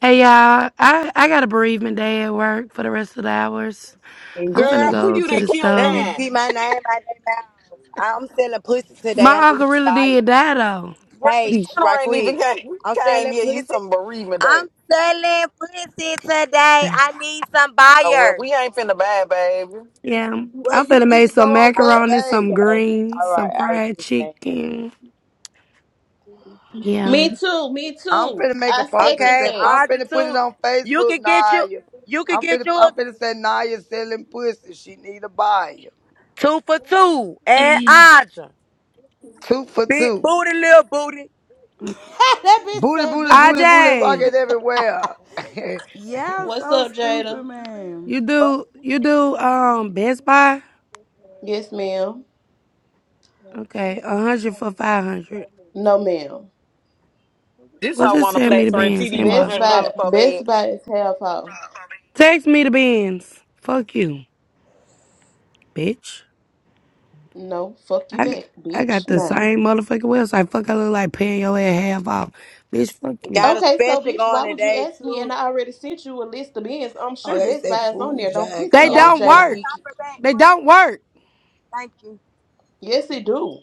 Hey y'all, I, I got a bereavement day at work for the rest of the hours. I'm
What?
finna
Girl, who
go
you
to
done
the
killed
They need
store.
to
now?
keep my name out of their mouth. I'm selling pussy today. I need
My uncle
some
really
buyers.
did die though.
Girl, the
Hey, sh-
funeral
right
ain't even
quick.
came,
I'm
came
selling
yet. You
pussy.
some bereavement day.
I'm selling pussy today. I need some
Oh, well,
buyers.
we ain't finna bad, baby.
yeah,
well,
I'm
you
finna
need
make
to go
some
on
Oh,
back
macaroni, some
page.
okay.
greens,
All right.
some
I was
fried
just saying.
chicken. Yeah.
Me too, me
I'm
too.
finna make a
I
post and
second
Okay,
say
that.
I'm
Audra
finna put it
two.
on
You
Facebook,
can get you.
Naya.
You can
I'm
get
finna
you a
I'm finna say Naya selling pussy. She need a buyer.
two for two and Audra.
Two for
Big
two.
booty, little booty.
bitch
Booty,
said
booty,
big
booty,
booty,
booty,
little
IJ,
rocket
booty.
everywhere.
Y'all
What's
so
up, Jada?
stupid, man.
you do you do um Best Buy?
Yes, ma'am.
Okay, a hundred for five hundred.
No, ma'am.
This
Well,
hoe
just
want a
send me
flat
the
screen
bands
TV for
Best
inbox.
Buy,
$100
Best
so
Buy is half off.
Text me the bands. Fuck you, bitch.
No, fuck you
I, g-
back,
I got
bitch.
the
Nah.
same motherfucking website. Fuck, I look like paying your ass half off. Bitch, fuck you.
Got a
Okay, so
special
bitch, why
going
would you
today
ask me?
too.
And I already sent you a list of bins. I'm
oh,
sure
they
Best
said
Buy is on
food
there. Don't
giant
piss
They
me
Stop,
off,
don't
closed
Jada
work.
down.
stop
Pinkett.
her back
They
for me.
don't work.
Thank you.
Yes, it do.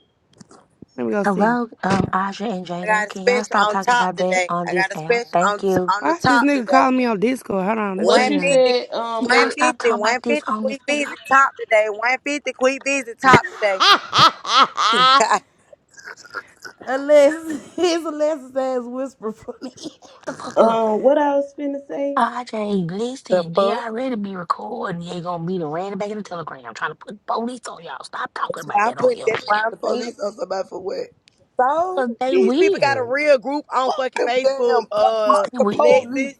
Let me go see.
Hello, um, Aja and
I got
Jada.
a
Can y'all
special
stop
on
talking
top
about that
today.
on
I
this
got a
app?
special
Thank
on
you.
on
Why
the
is this
top
nigga
today.
calling me on Discord? Hold on, let's
What
bring
One
it
you
on.
fifty,
said? Um,
one
Y'all
let
stop
fifty,
talking
one
about this
fifty. 150,
on this
quick busy
app.
top today. 150 quick busy top today.
Unless his Alexis ass whisper for me.
The fuck up.
Um, what I was finna say?
RJ,
the
listen, they
fuck?
already be recording. They gonna be the random back in the telegram I'm trying to put police on y'all. Stop talking
That's
about
why I'm
that on
putting
here.
that's why I'm
The
saying it.
police on somebody for what?
So
Cause they
these people got a
weird.
real group on
Fuck
fucking
them damn
Facebook,
fuck,
Cause
uh
fuck
they
the
weird.
police.
Lexus.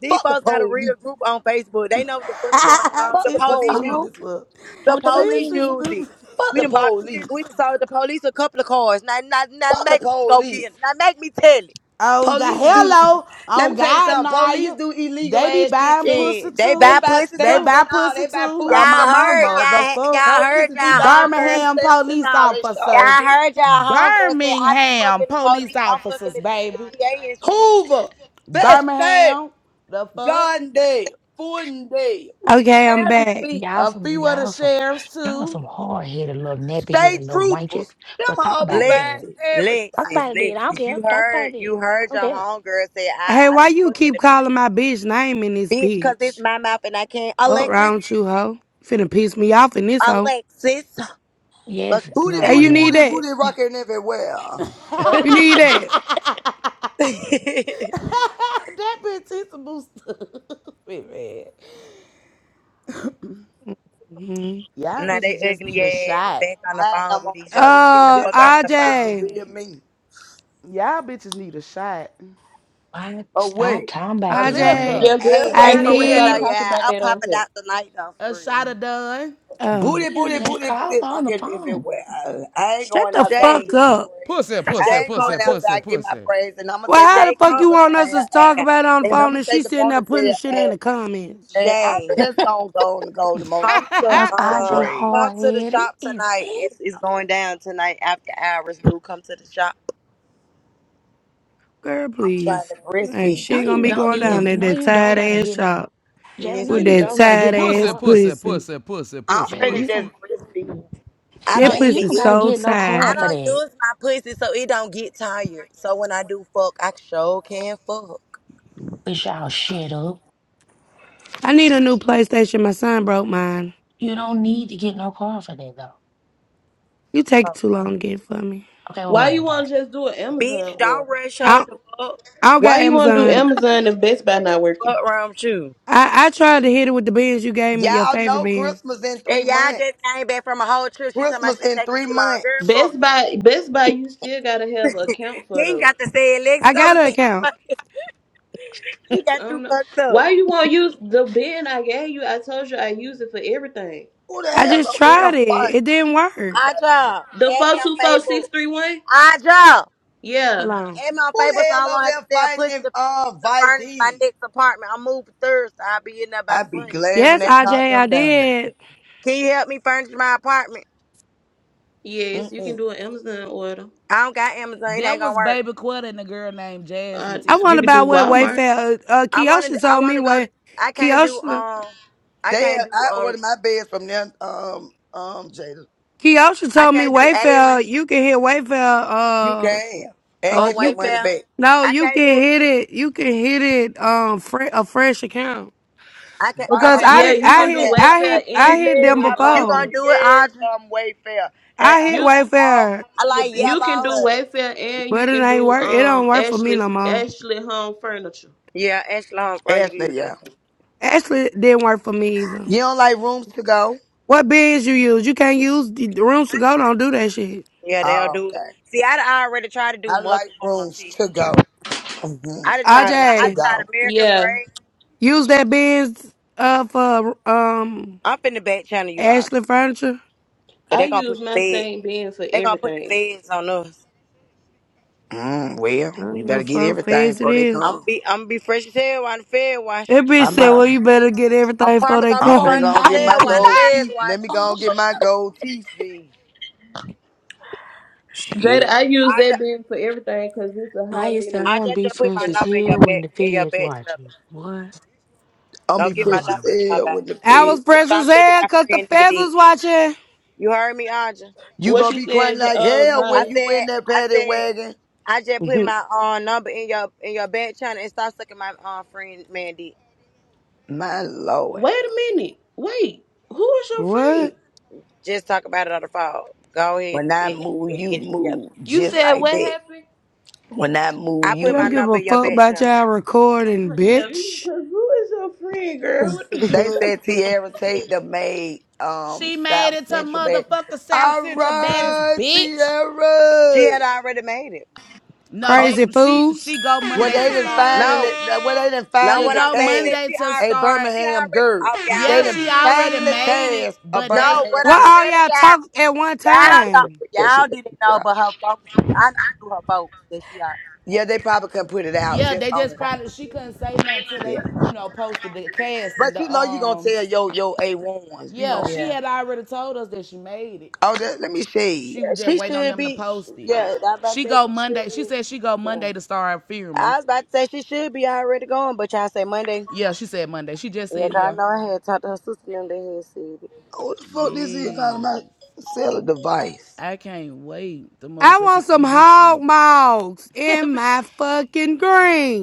These
Fuck the
folks got a
police.
real group on Facebook. They know what the fuck going on. The
Fuck the
Tis is
police
police.
stupid
Oh,
use
as
it.
fuck.
The
oh, that don't
Tis
police
is
mean
use it.
stupid.
Fuck
We
it.
the
done bought, we done, we
police.
done sold the police a couple of cars. Not, not, not
Fuck the
make them go
police.
get 'em. Not make me tell it.
On God,
Police do.
hello,
Let
on
me tell you
God,
something. Police
Naya.
do illegal
They be
ass shit
buying
too.
pussy
Shit, they
They
buy
too.
buy
pussy
They
stamps
too.
buy
and all.
pussy
They buy
too.
food
On my
Y'all
stamps and
heard,
mama, the
y'all,
fuck.
y'all
all.
heard
Police be
y'all
buying
homegirls.
food
Birmingham
stamps and
police
all. They sure
officers.
Y'all
do.
heard y'all homegirls say, I be
Birmingham
fucking the
police
police. I'm fucking
officers,
the,
baby.
the DA and shit.
Hoover, Best State,
Birmingham, the fuck.
Gardendale, Fordendale,
Okay, I'm back.
Adamsville,
Y'all
A
some
few of the
y'all some
sheriffs
y'all are
too.
some hard headed little nappy
State
headed little wenches.
Troopers. Them
But talk
all be
about it
buying
then.
Lexus,
everything.
Talk
Lexus,
about it then. I don't
Lexus.
care.
You
Talk about it
heard,
then.
you
I
heard
don't
your
care.
homegirl say, I,
Hey,
I
why
be
you
fucking
keep
the
calling
people.
my bitch name in this
Bitch, because it's
bitch?
my mouth and I can't.
Up
Alexis,
round you, hoe. Finna piss me off in this hoe.
Alexis. Fuck
Yes,
you
Booty,
Hey,
nah,
saying.
you
booty,
need
yeah.
booty,
that.
booty, rocking everywhere.
Fuck.
You need that.
that bitch is a booster. Wait, man.
hmm
Y'all
now they
bitches just
ugly
need a
They
ass
don't
shot.
say
back on
I'm
the
hiding,
phone
I'm
with
on
each other.
drugs,
Get
but
the
Uh,
just
fuck off
don't
the
know this the
phone.
RJ.
real me.
Y'all bitches need a shot.
Why stop
Away.
talking about
A
that on
RJ,
there?
liquor.
Your
Hey,
A
I
hey,
girlfriend
shot
for
of
said
real
stop
though,
need.
liquor.
talking
yeah.
about
I'm
that on
popping
here.
out tonight though,
A
for real.
shot of done.
Um,
Booty,
Yeah,
booty,
that
booty,
call
booty
on the
rocket
phone.
everywhere. I, I ain't
shut
going
the
outside to
Shay,
fuck
get my
up.
praise.
Pussy, pussy,
I
Shay,
ain't
come
going
pussy,
to,
pussy,
outside to get my
pussy.
praise. And I'm going to
Well,
take the little
how the
Shay,
fuck
come,
you
nickel
want us to
ass.
talk
God
about it on the
And
damn.
I'm
phone
going
and
to take
she
the
sitting
phone
there
and
putting the
say,
shit in
eh,
the comments?
and I'm
Shay,
just going to go and go to most
come to,
give
Cause
me some
RJ
um,
praise.
come
hard
to the
headed
shop
is
tonight.
it?
It's, it's going down tonight after hours, boo. Come to the shop.
Girl,
I'm trying
please.
to
Ain't
breastfeed
No,
this
shit gonna
you
be
nigga my
don't
going
need
down
it.
baby.
at
No,
that
you don't
tired
gotta
ass
get no
shop
Jada.
Yes,
No,
with
it
you
that
is.
don't gotta
tired
get no
ass
Pussy,
car.
pussy,
pussy.
pussy, pussy,
I'm
pussy,
Jada,
finna
you
pussy.
just
don't.
breastfeed.
I
That
don't
Jada, you
even
pussy
don't
use
gotta
so
get no
I
car for
tired.
don't
that.
use my pussy so it don't get tired. So when I do fuck, I sure can fuck.
Push y'all shit up.
I need a new PlayStation. My son broke mine.
You don't need to get no car for that though.
You take
Oh.
too long to get it for me.
Okay, well,
Why
whatever.
you
Bye.
wanna just do an Amazon
Bitch, don't
order?
rush her
I
to fuck.
I don't
Why
got
you wanna do
Amazon.
Amazon if Best Buy not working?
Fuck wrong with you.
I, I tried to hit it with the bins you gave me, your
Y'all
favorite
know
bin.
Christmas in
And
three
y'all
months.
just came back from a whole trip. She talking about
Christmas
she
in
taking
three
too long.
months.
Girl, fuck
Best
you.
Buy, Best Buy, you still gotta have an account
You
for
ain't
though.
got to say it,
I
Lexus. I
got
was
an
saying,
account.
she got
I
too
don't know.
fucked up.
Why you wanna use the bin I gave you? I told you I use it for everything.
Who the
I
hell
just
over here
tried it.
fighting?
It didn't work.
About it?
Aja,
The
add me
four
on
two four
Facebook.
six three one.
Aja,
Yeah,
Hold on.
add me on
Who the
Facebook so I
hell
won't
over
have to
there
sell
fighting
pussy
if
to,
uh
to
Vice
furnish my
is?
next apartment. I'm moving Thursday. I'll be in there by
I be
Sunday.
glad when
Yes,
they
I
knock
J. I
them down.
did.
Can you help me furnish my apartment?
yes, you can
Mm-mm.
do an Amazon order.
I don't got Amazon. It
That
ain't gonna
was
work.
Baby Quetta and a girl named Jazz
Uh,
I
Matisse
you
wonder
can
about
do
what
Walmart.
Wayfair. Uh, uh,
I wanna
Keosha
I
told me
wanna go
Way.
I can't do
Keosha.
um I
They
can't
have,
do
I
um
ordered my beds from them, um, um, Jada.
Keosha
I
told me
can't do
Wayfair.
Aaron's
You can hit Wayfair.
You
Uh,
can and
uh,
or
get your
you can.
money
Wayfair.
back.
No,
I
you
can't
can
do
hit it. You can hit it. Um, fre- a fresh account
I can't
Right,
because
I'm
okay,
I
Yeah,
Audrey,
saying
did.
this.
you
you
I
What
gonna
can
I'm
do
hit.
saying, I
I hit.
bought
Wayfair,
three
I
and you
hit
can
beds.
them
do
I bought
you
before.
gonna
um.
three
do it,
beds
Audrey.
from Wayfair, and
I
I
hit
you.
got all
Wayfair,
my
I
money
like
back
You
three
can do
yellow.
Wayfair and you
but it
can
ain't
do
work. It don't
um
work for me
Ashley
no more.
Ashley Home Furniture.
Yeah, Ashley Home Front, you
times.
can do
Ashley, yeah.
that.
Actually, it didn't work for me either.
You don't like rooms to go?
What bids you use? You can't use the the rooms to go. Don't do that shit.
Yeah, they'll
Oh,
do it.
okay.
See, I done already tried to do
I like
multiple on
rooms
TV.
to go. hmm
I done tried a lot.
Rooms
I
to
done
RJ.
tried
go.
American
Yeah,
Freight.
Use that Benz uh for um
I'm finna back channel you, Audrey.
Ashland furniture.
Cause
I
they gonna put
use
the
my
fed
same bin for
they gonna put the
everything.
feds on us.
Mm, well,
I
we
don't give a
better get
fuck
everything
feds it
before they
is.
I'm
come.
be I'm be fresh as hell while the fed wash.
That
My
bitch
I'm
said,
apartment.
out.
"Well, you better get
My
everything before
apartment
they
gonna
I'm
be
come."
Oh,
finna
furnished
go and
as
get
Naya
my
hell. Why the
does
gold
shit.
feds
teeth.
watch?
Let me go
Oh,
and get my gold teeth then.
Jada,
Shit.
I use
I
that
just,
bin for everything because it's a high
Naya said I'm
limit
I
gonna
just,
be
just
business
put my
fresh
trip.
as
number in your
hell when
bed,
the
in your
feds
bed chubby.
watching. What?
I'm
Don't
be
give my
fresh
Lord.
number
as
to
hell
nobody.
when the
I
fed.
was
And
precious
stop sucking
hell
my
cause the
friend nigga
feds
dick.
was
You heard me, Aja?
You
What
gonna
you
be crying
said, J-
like
uh,
hell
I
when
Naya?
you
said,
in that
I
paddy
said,
wagon.
I just put
watching.
my uh, number in your in your bed channel and stop sucking my uh, friend man dick.
My lord.
Wait a minute. Wait, who is your
what?
friend?
Just talk about it on the phone. Go ahead
When I
and,
move,
and
you
get it together.
move
You
just
said
like
what
that.
happened?
When I move,
I
We
put
you
my
don't
move.
give
number
a
in your
fuck
bed
about
channel.
y'all recording,
Uh, Yeah,
bitch.
because who is your friend, girl? What the-
They said Tierra Tate the made um
She made
South
it to
Central bad.
motherfucker South
All
Central baddest
right,
bitch.
she
Tierra.
had already made it.
No,
Oh,
they
Crazy
she
fools.
she go
Well,
Monday
they
to
didn't
start.
finally,
No,
well, they didn't
No,
She
what
finally
I'm
go
saying is
cast
Monday
she
to
already,
a
start.
she
Birmingham
already.
girl.
Oh, y'all
They
Yeah,
didn't
didn't
she already
finally
made it,
cast a
but
know.
they
No, what
Birmingham
Why
I'm
girl.
all y'all
telling
talk at one
They
y'all,
not
y'all
finna
don't,
time?
record That
y'all
shit they
didn't
couldn't put
know,
out.
but her folks knew. I knew through her folks that she already
Yeah, they
made
probably couldn't put it out
Yeah,
just
they
on
just
it.
it.
probably she couldn't say nothing till
Yeah,
they, you know, posted the cast and
but you
the
know you gonna
um
tell your your A ones. You
Yeah,
yeah,
know.
she
Yeah.
had already told us that she made it.
Oh, that, let me shade.
She
yeah,
was just
she
waiting on
should
them to
be.
post it.
Yeah, I was about
She
to
go
say she should
Monday. She
be.
said she go
Yeah.
Monday to start filming.
I was about to say she should be already going, but y'all say Monday.
Yeah, she said Monday. She just
Yeah,
said
y'all
yeah.
know I had talked to her sister and them. They had said it.
Oh, the fuck this is talking
Yes.
about? Sell a device,
I can't wait to
I
motherfucker
want some
see this
hog
shit.
mogs in my fucking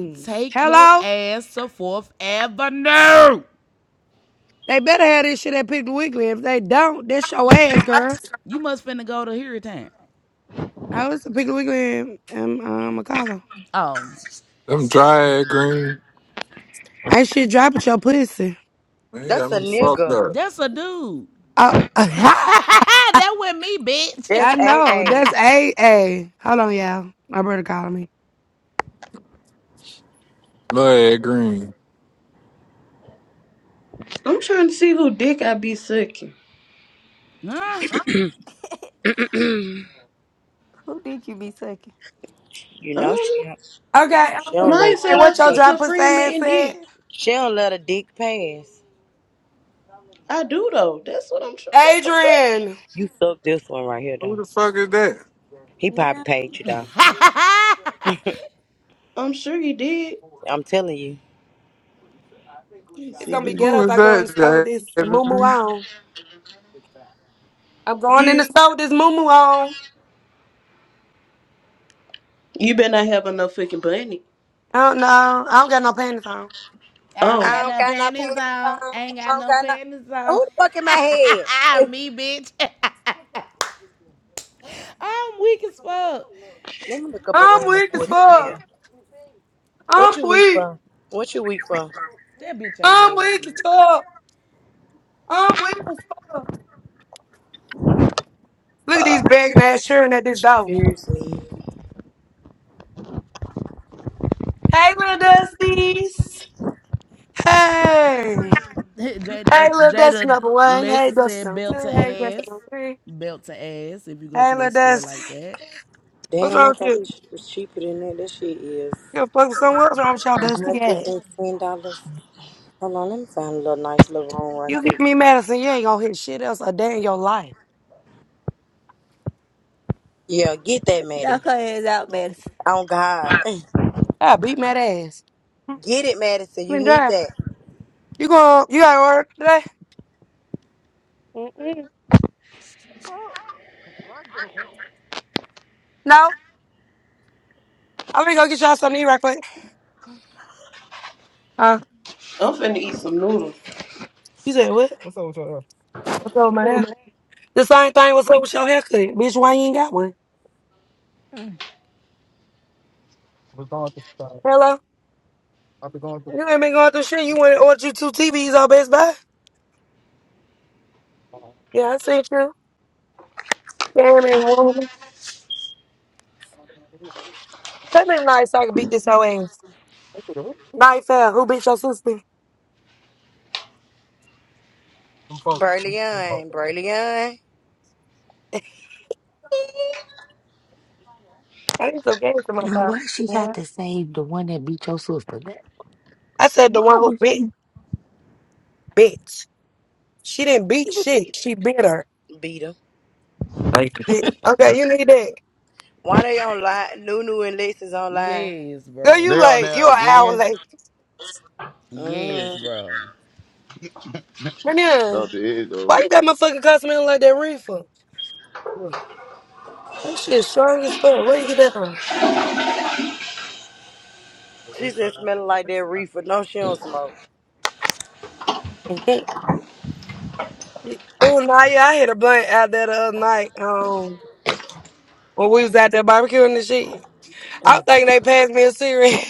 Take your
Hello?
ass to Fourth Avenue.
They better have this shit at Piggly Wiggly. If they don't, that's your ass, girl.
You must finna go to Hurricane.
I was a Piggly Wiggly and, and um, McCalla.
Um,
Them dry ass green.
Ain't shit dropping your pussy.
Man, you
That's
got
a
me fucked
nigga.
up.
that's a dude.
Uh, I
that wasn't me, bitch.
That's a
know.
a.
That's a a. Hold on, y'all. My brother calling me.
Blood ass green.
I'm trying to see who dick I be sucking.
huh?
Who did you be sucking?
You know
Um,
she don't-
Okay,
she
okay.
don't let a
Naya
Hey,
said
dick
I
what your
sucked
pass.
dry
her
pussy
friend
ass
man dick.
said?
She don't let a dick pass.
I do though. That's what I'm sure. What the fuck? He-
Adrian.
You suck this one right here,
Who
though.
the fuck is that?
He probably
Yeah.
paid you, though.
I'm sure he did.
I'm telling you.
Let me
It's
see
gonna
who
be
you
ghetto
Who
got.
if
is
I go in the store with
that,
this moo moo
Jaden?
on. I'm going in the
You.
store with this moo moo on.
You better not have enough fucking bunny.
I don't know. I don't got no panties on.
I don't
Oh,
I
got
don't
no
got no
panties
pants
on.
on.
Ain't
I
got
don't
no
got no.
panties
Who the fuck in my head? Eh,
on. me, bitch. I'm weak as fuck.
Let me look up a
I'm
room and
weak as
forth
fuck.
again. What
I'm
you weak
weak.
for? What you weak for?
That bitch ain't
I'm
damn
with the
weak.
tub. I'm with the tub. Look at these begging ass children at this door.
Seriously.
Hey, little Dusties. Hey. Hey,
Jada,
little Dusty
Jada
number one. Hey,
Lesson
Dusty
said
number
belt to
two. Hey, Dusty
ass.
number three.
Belt to ass if you go
Hey,
to
little
this store
Dusty.
like that.
What's
Damn,
wrong
I
with you?
thought
You
this shit was cheaper than that. This shit is
gonna fuck with someone? else? What's wrong with y'all, Dusty? Yeah.
$110. Hold on, let me find a little nice little room right
You hit
quick.
me, Madison. You ain't gonna hit shit else a day in your life.
Yeah, get that, Maddie.
Knock her ass out,
Oh, God.
I beat my ass. Mm,
Get it, Madison. You
Been
need
dry.
that.
You going? You got to work today? Mm-mm. No. I'm gonna go get y'all something to eat right quick. Huh?
I'm finna eat some noodles.
You said what? What's up with your hair? What's up with my hair?
Madison.
The same thing. What's up with your haircut, bitch? Why you ain't got one? Hello. I've been going through. You ain't been going through shit. You went and ordered you two TVs on Best Buy. Yeah, I seen you. Damn it. woman. That been nice. so I can beat this whole ass. Night fair. Who beat your sister? Them folk. Them, them folk.
Burleon. Burleon.
I need some games in my
Now,
car.
why she got
Yeah.
to save the one that beat your sister? That's
I said the one who
wrong
beat bitch. She didn't beat
with.
shit. She bit her.
beat
Bitch. Okay, you need that.
Why they online? Nunu and Lex online.
Yes,
Girl,
bro.
you
They on
late.
there
You an hour
again?
late.
Yes,
Mm.
bro.
Come here.
Oh, there you go.
Why you got my fucking car smelling like that reefer? for? That shit strong as fuck. Where you get that from?
She just smelling like that reefer. No, she don't smoke.
oh, Naya, I had a blunt out there the other night um, when we was out there barbecuing and shit. I was thinking they passed me a cigarette.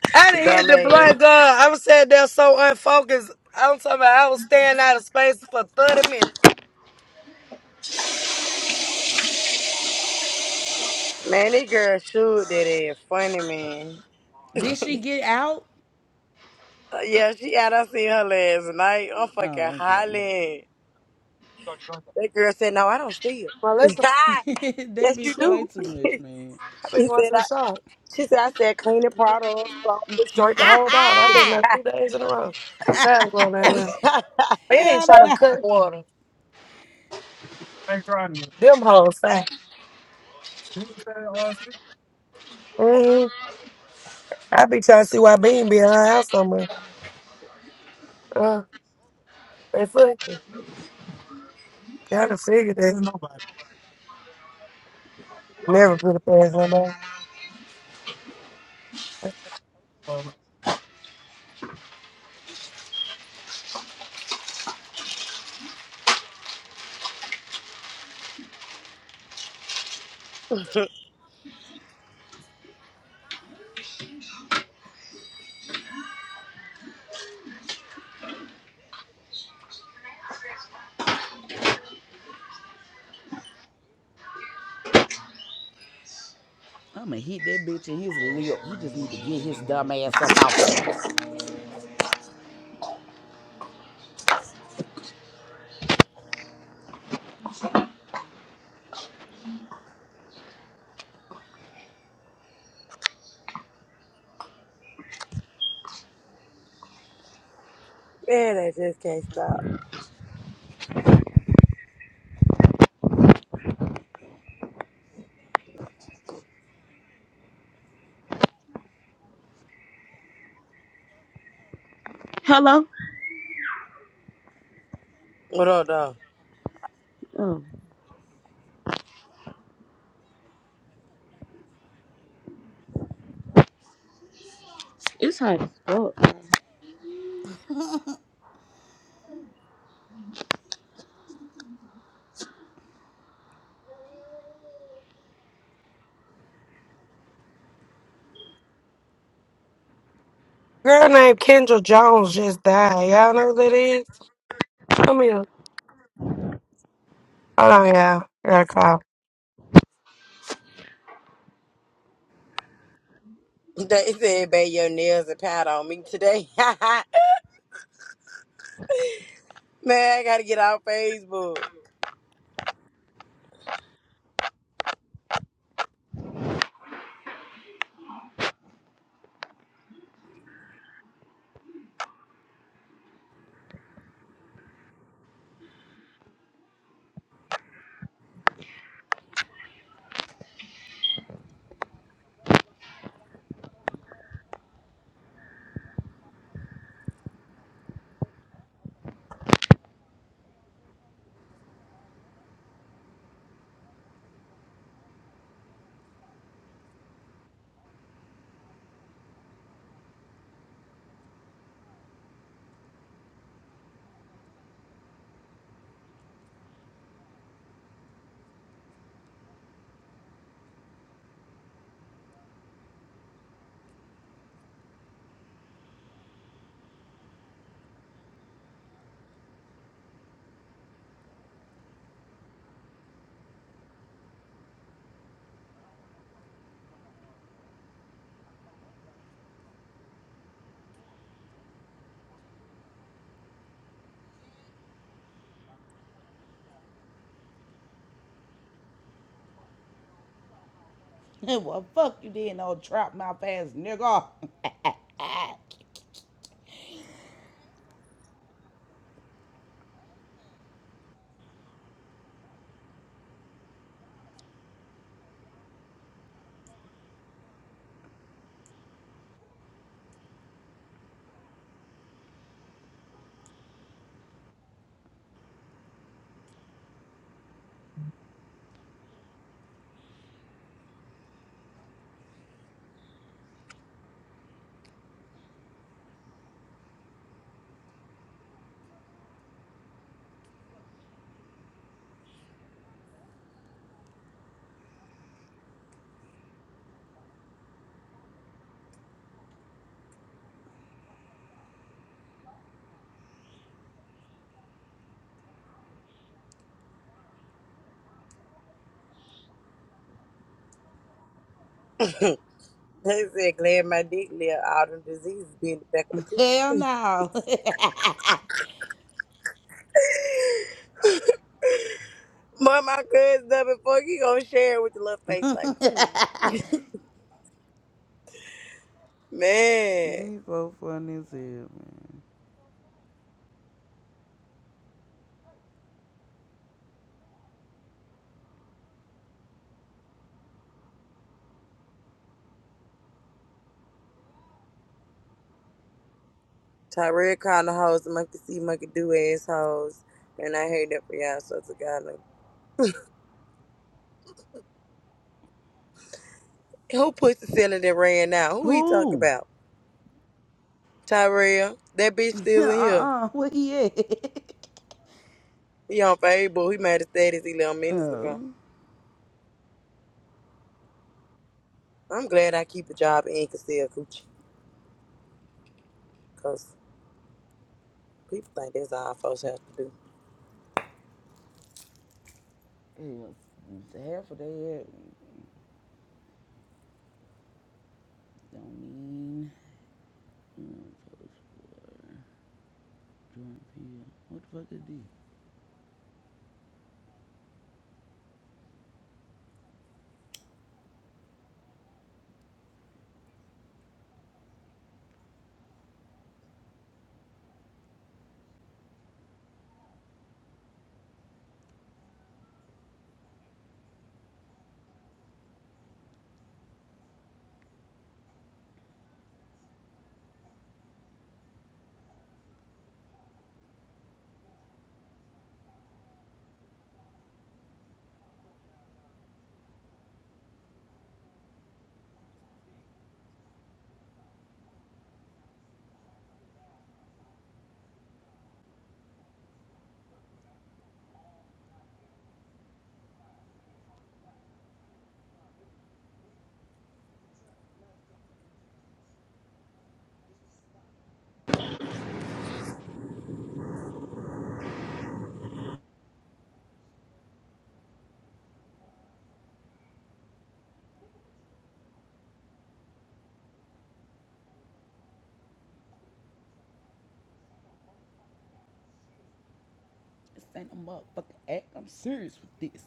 I didn't hit the
Dumbass.
blunt, girl. I was sitting there so unfocused. I'm talking about I was staying out of space for 30 minutes.
Man, this girl shoot that ass. Funny, man.
Did she get out?
yeah, she out. I seen her last night. I'm fucking
Oh, okay.
hollering. That girl said, no, I don't steal.
My leg was
that
yes, you
bitch
shit.
play
do.
too much, man.
I've been
she
going
said,
to the
I.
shop.
She said, I said, cleaning products, clothes, shoes.
Drank the whole bottle. I've been there two days in a row. Bad going down there. They didn't
Hell
try to
no.
cut water. They tried to. Them hoes. Mm-hmm. I be trying to see why Bean be in her house so much. Uh, they fucking. Gotta figure that. Never put a past nobody. Girl
I'ma hit that bitch in his lip. He just need to get his dumb ass up off of there.
Man, I just can't stop.
Hello.
What up, though?
Oh, it's hot as fuck.
named Kendra Jones just died. Y'all know who that is? Show me. a- Hold on, y'all. I gotta call.
They said, babe, your nails are powder on me today. Man, I gotta get off Facebook.
well, fuck you then, old trap mouth ass nigga.
They said glad my dick live all them diseases be in the back of the
Hell
coochie.
no.
But my cousin done before you gonna share it with your little face like, hmm. Man.
These folk funny as hell, man.
Tyrell called the hoes the monkey see monkey do assholes. And I heard that for y'all so to God like, who puts the ceiling that ran now? Who he talk
Who?
about? Tyrell. That bitch still in here.
uh-uh, where he at?
He on Facebook. He made a status he little minutes ago.
oh.
I'm glad I keep a job and can sell coochie. Cause people think that's all folks have to do.
Yeah, half of that don't mean What the fuck is this? This ain't a motherfucking act. I'm serious with this.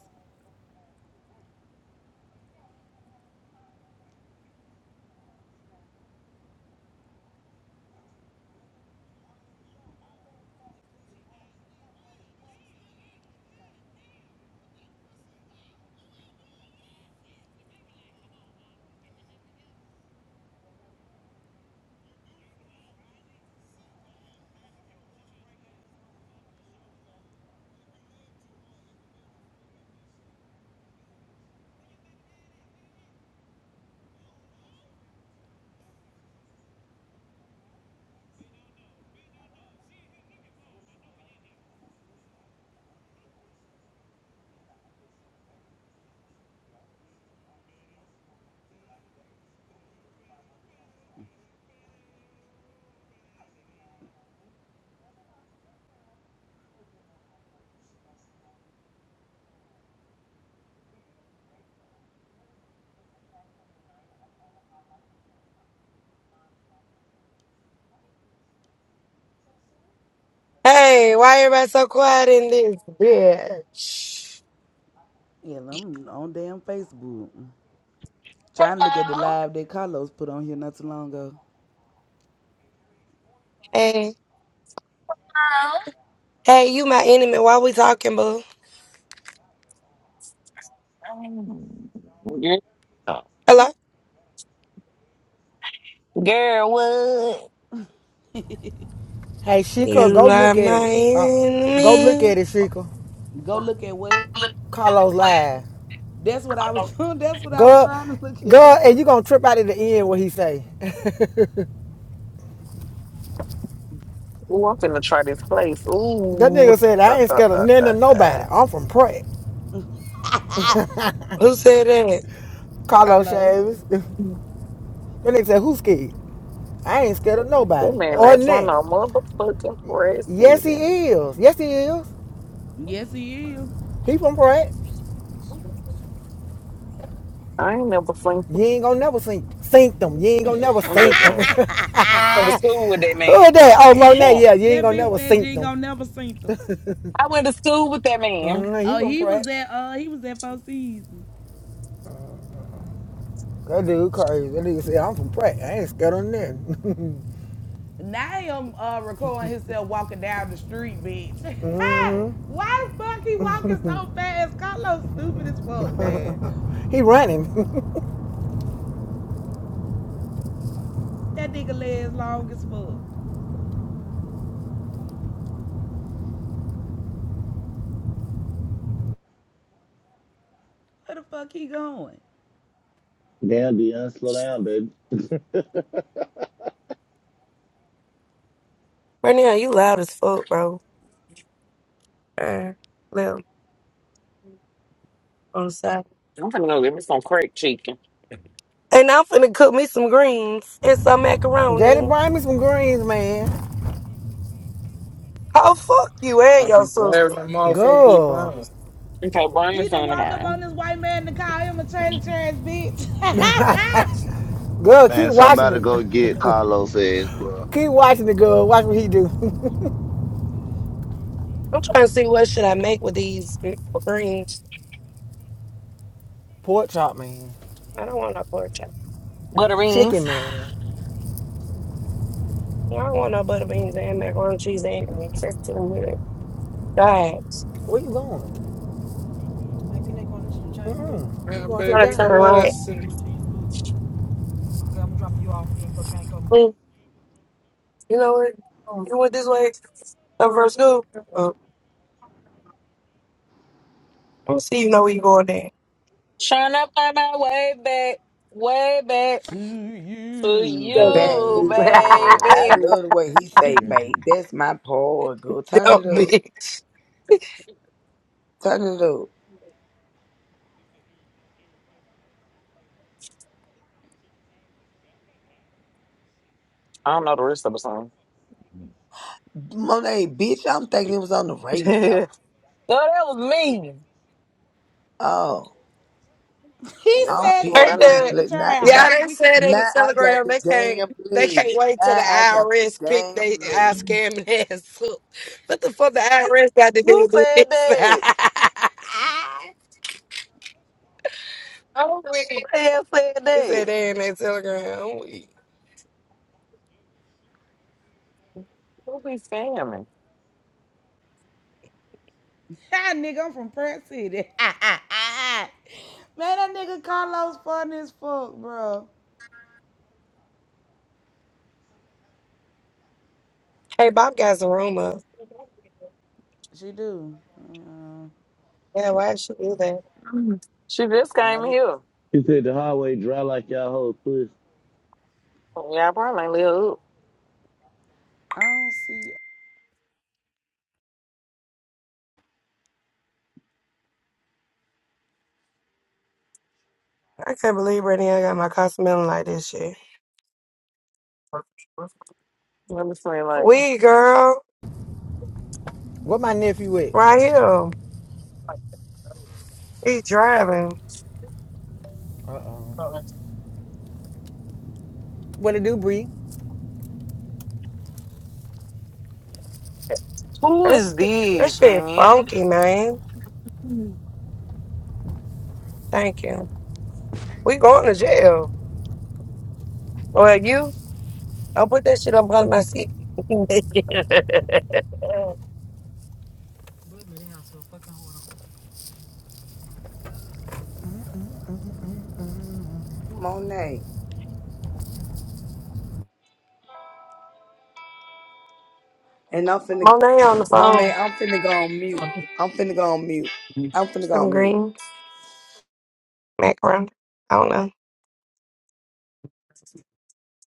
Hey, why everybody so quiet in this bitch?
Yeah, I'm on damn Facebook. Trying to look at the live that Carlos put on here not too long ago.
Hey, hey, you my enemy. Why we talking, boo?
bad. Yeah.
Hello?
Girl, what?
Hey, Sheikah,
You
go
are
look at
my
it. Uh, go look
enemy.
at it, Sheikah.
Go look at what?
Carlos live.
That's what I was doing. that's what I was
Go,
trying to look at.
go, and you gonna trip out at the end what he say.
Ooh, I'm finna try this place.
That
Ooh.
nigga said,
Uh,
I ain't
uh,
scared of
uh, uh,
none of nobody. I'm from Pratt.
Who said that?
uh.
Carlos
Carlos.
Shaves. that nigga said, who's scared? I ain't scared of
that
nobody.
man
Or
like for
nothing.
no motherfucking
Yes, he
president.
is. Yes, he is.
Yes he is.
He from Pratt.
I ain't never
You
flinching.
ain't gonna never sink, sink them. You ain't gonna never
I'm just
sink them. Who
playing. Went to
that?
school with that man.
Oh, Monet. Yeah, you ain't
That
gonna
bitch
never
said you
sink
ain't
them.
gonna never seen them.
I went to school with that man.
hmm he
Oh,
from
he
Pratt.
was at uh he was at Four Seasons.
That dude crazy. That nigga said, I'm from Pratt. I ain't scared of nothing.
Naam uh, recording himself walking down the street, bitch.
hmm
Why the fuck he walking so fast? Carlos stupid as fuck, man.
He running.
That nigga legs long as fuck. Where the fuck he going?
Damn, Dion, slow down, baby.
Right now, you loud as fuck, bro. Uh, on Saturday.
I'm finna go get me some crack chicken.
And I'm finna cook me some greens and some
Daddy,
macaroni.
bring me some greens, man.
Oh fuck you and
I
your
be glad
sister.
when the motherfucker get
Girl.
done.
Okay, bring me
He done
some
walked up
tomorrow.
on this white man to call him a trailer trash bitch.
Girl, keep
Man,
watching
somebody
it.
go get Carlos' ass, bro.
Keep watching it, girl. Watch what he do.
I'm trying to see what should I make with these greens.
Pork chop, man.
I don't want no pork chop.
Butter beans.
Chicken, man.
I don't want no butter beans and macaroni and cheese and greens. That's too weird. God,
Where you going? Mm-mm. You
Man,
going to the
I
baby,
turn
game.
right.
blessing.
Mm, You know what? You went this way over from school. Oh, I don't see you know where you going there.
Trying to find my way back, way back
to
to
you,
you,
babe. I
baby.
baby.
love the way he say,
Yeah.
babe. That's my poor girl. Turn
Dumb
it up.
bitch.
Turn it up.
I don't know the rest of the song. no,
Monet, bitch, I'm thinking it was on the radio.
that was me.
Oh,
He
That's
I'm
not
said,
the
pe-
part
They
I
take
I'm
this
finna
know.
said,
shit to
play. Now,
trial.
now,
yeah,
I'm
they
weak as
said in the
now
fuck.
I got
telegram
the
they can't
damn
they
play.
can't wait till the
Now I got the
IRS pick
damn
they eye
play.
scamming ass up. What the fuck the IRS got to
Who
do with
said
this?
that?
I'm weak.
Who the hell said
They said
that?
they in that telegram. I'm weak.
Who be scamming?
Ah, nigga, I'm from Pratt City. Man, that nigga Carlos funny as fuck, bro.
Hey, Bob got some rumors.
She do. Uh,
Yeah, why she do that?
She just came
at it,
here.
He said the highway dry like y'all whole pussy.
Yeah, I probably ain't live up.
I don't see.
I can't believe Brittany I got my car smelling like this shit.
Let me explain later.
We girl,
Where my nephew at?
right here. He driving.
Uh-oh.
That
What it do, Bree?
Who is
shit that
this,
shit
man?
funky, man.
Mhm.
Thank you. We going to jail. Or you? I'll put that shit up on my seat. Who
Monet, and I'm finna,
Monet on the
Monet,
phone.
I'm finna go on mute. I'm finna go on mute. I'm finna go
Some
on mute.
greens, macaroni. I don't know.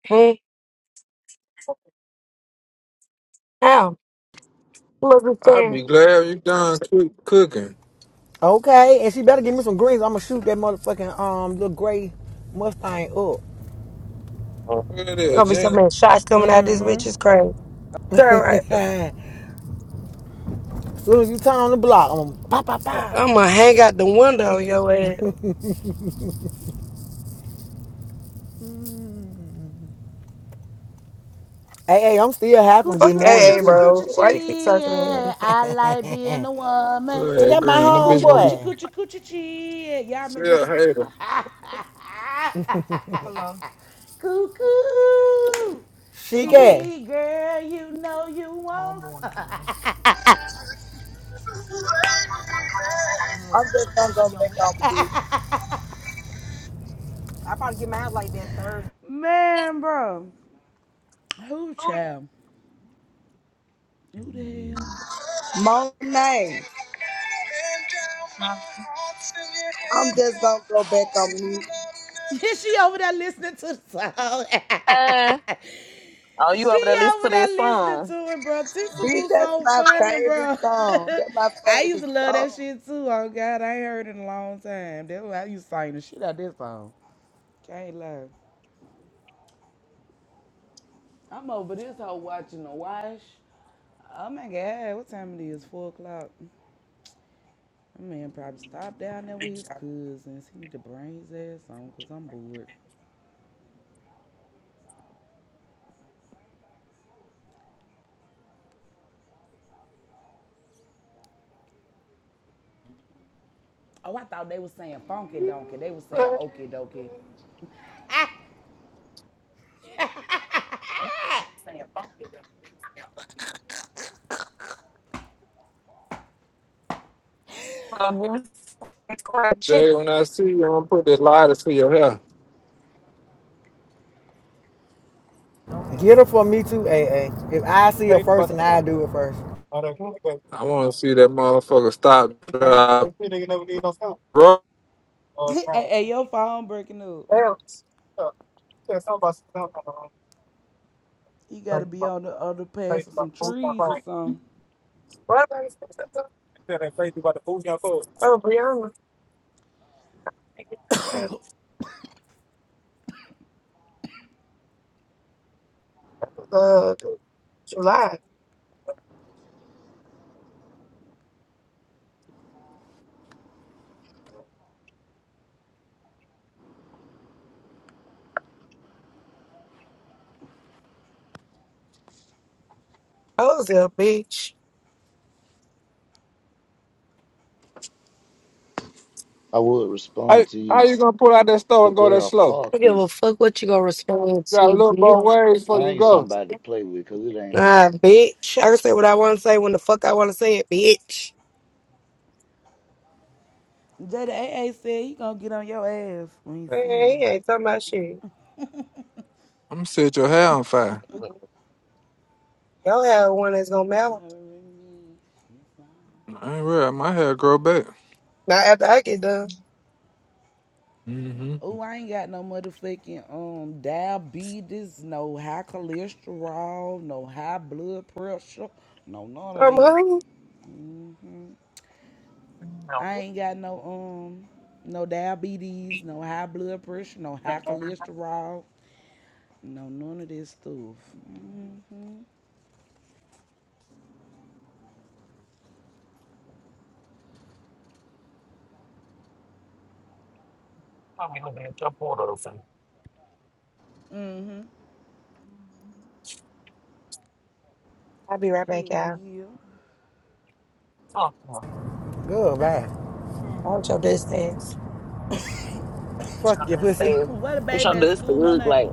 Hey, how? Who must be
I
saying?
be glad you done cook, cooking.
Okay, and she better give me some greens. I'ma shoot that motherfucking um little gray Mustang up.
Where it is,
Gonna be so
Jenny?
many shots coming out this bitch
Mm-hmm.
is crazy. So right,
As Soon as you turn on the block, I'm gonna pop, pop,
I'm
pop.
gonna hang out the window on your ass.
Hey, hey, I'm still happy from
Coochie,
this
Fuck
coochie,
morning
AA,
coochie,
too.
bro.
coochie,
Why you keep
chee.
talking
Yeah, I like being a woman.
Blood
Cause
ass
that my
green. That bitch
Coochie,
gonna be
coochie,
homeboy.
coochie, coochie, chee. Yeah, y'all remember
still
that?
a
song?
hater.
Cuckoo,
She can
chee, girl, you know you want. some.
I'm just gonna go back on mute.
Man, bro, who child? Who the hell?
Monet. I'm just gonna go back on mute.
she over there listening to the song.
Uh, oh, you over there
she
listening to
over there
that
listening
song?
to it, bro. Tissa
Bitch,
Boo
that's
so
my
funny,
Let
favorite
bro.
song. That's my
I used
favorite
to love
song.
that shit too. Oh God, I ain't heard it in a long time. That's why I used to sing the shit out of this song. Can't lie. I'm over this hoe watching the wash. Oh my God, what time it is? Four o'clock. My man probably stopped down there with his cousins. He need to bring his ass on because I'm bored. Oh, I thought they was saying funky donkey. They was saying okie dokie.
me uh, give me some fried chicken.
Jay, when I see you, I'm gonna put this lighter to your hair.
get her for me too, a a. If I see her first and I do it first.
I wanna see that motherfucker stop, drop, bro.
hey, hey, your phone breaking up. You
to
gotta
me?
be on the other pass of some trees or something.
What? Oh, Brianna. Uh, July. Oh, yeah, bitch.
I would
How,
respond to
how
you,
you gonna pull out that store and
but
go that
girl,
slow?
I
fuck
don't give
you.
a fuck what you gonna respond
You
to,
gotta look
bitch.
both ways before
I
you
ain't
go.
somebody to play with, cause it ain't me.
Nah, bitch. I can say what I want to say when the fuck I want to say it, bitch.
JDAA said he gonna get on your ass when he
Man,
see you.
he ain't talking about shit.
I'm gonna set your hair on fire.
Y'all have one that's gonna matter.
I ain't real. My hair grow back.
Not after I get done.
Mm-hmm.
Oh, I ain't got no motherfucking um diabetes, no high cholesterol, no high blood pressure, no none of
I'm
that.
hungry.
No,
I
I'm
ain't got no um no diabetes, no high blood pressure, no high cholesterol, No, none of this stuff. Mhm,
probably looking at your portal. or something.
mhm.
I'll be right back,
Hell
y'all.
yeah.
Fuck, no.
Good man.
Hold your distance.
What's
Fuck your
your
pussy.
dusty ass?
What a
What's your
baby at
dusty
school, my
look
name.
like?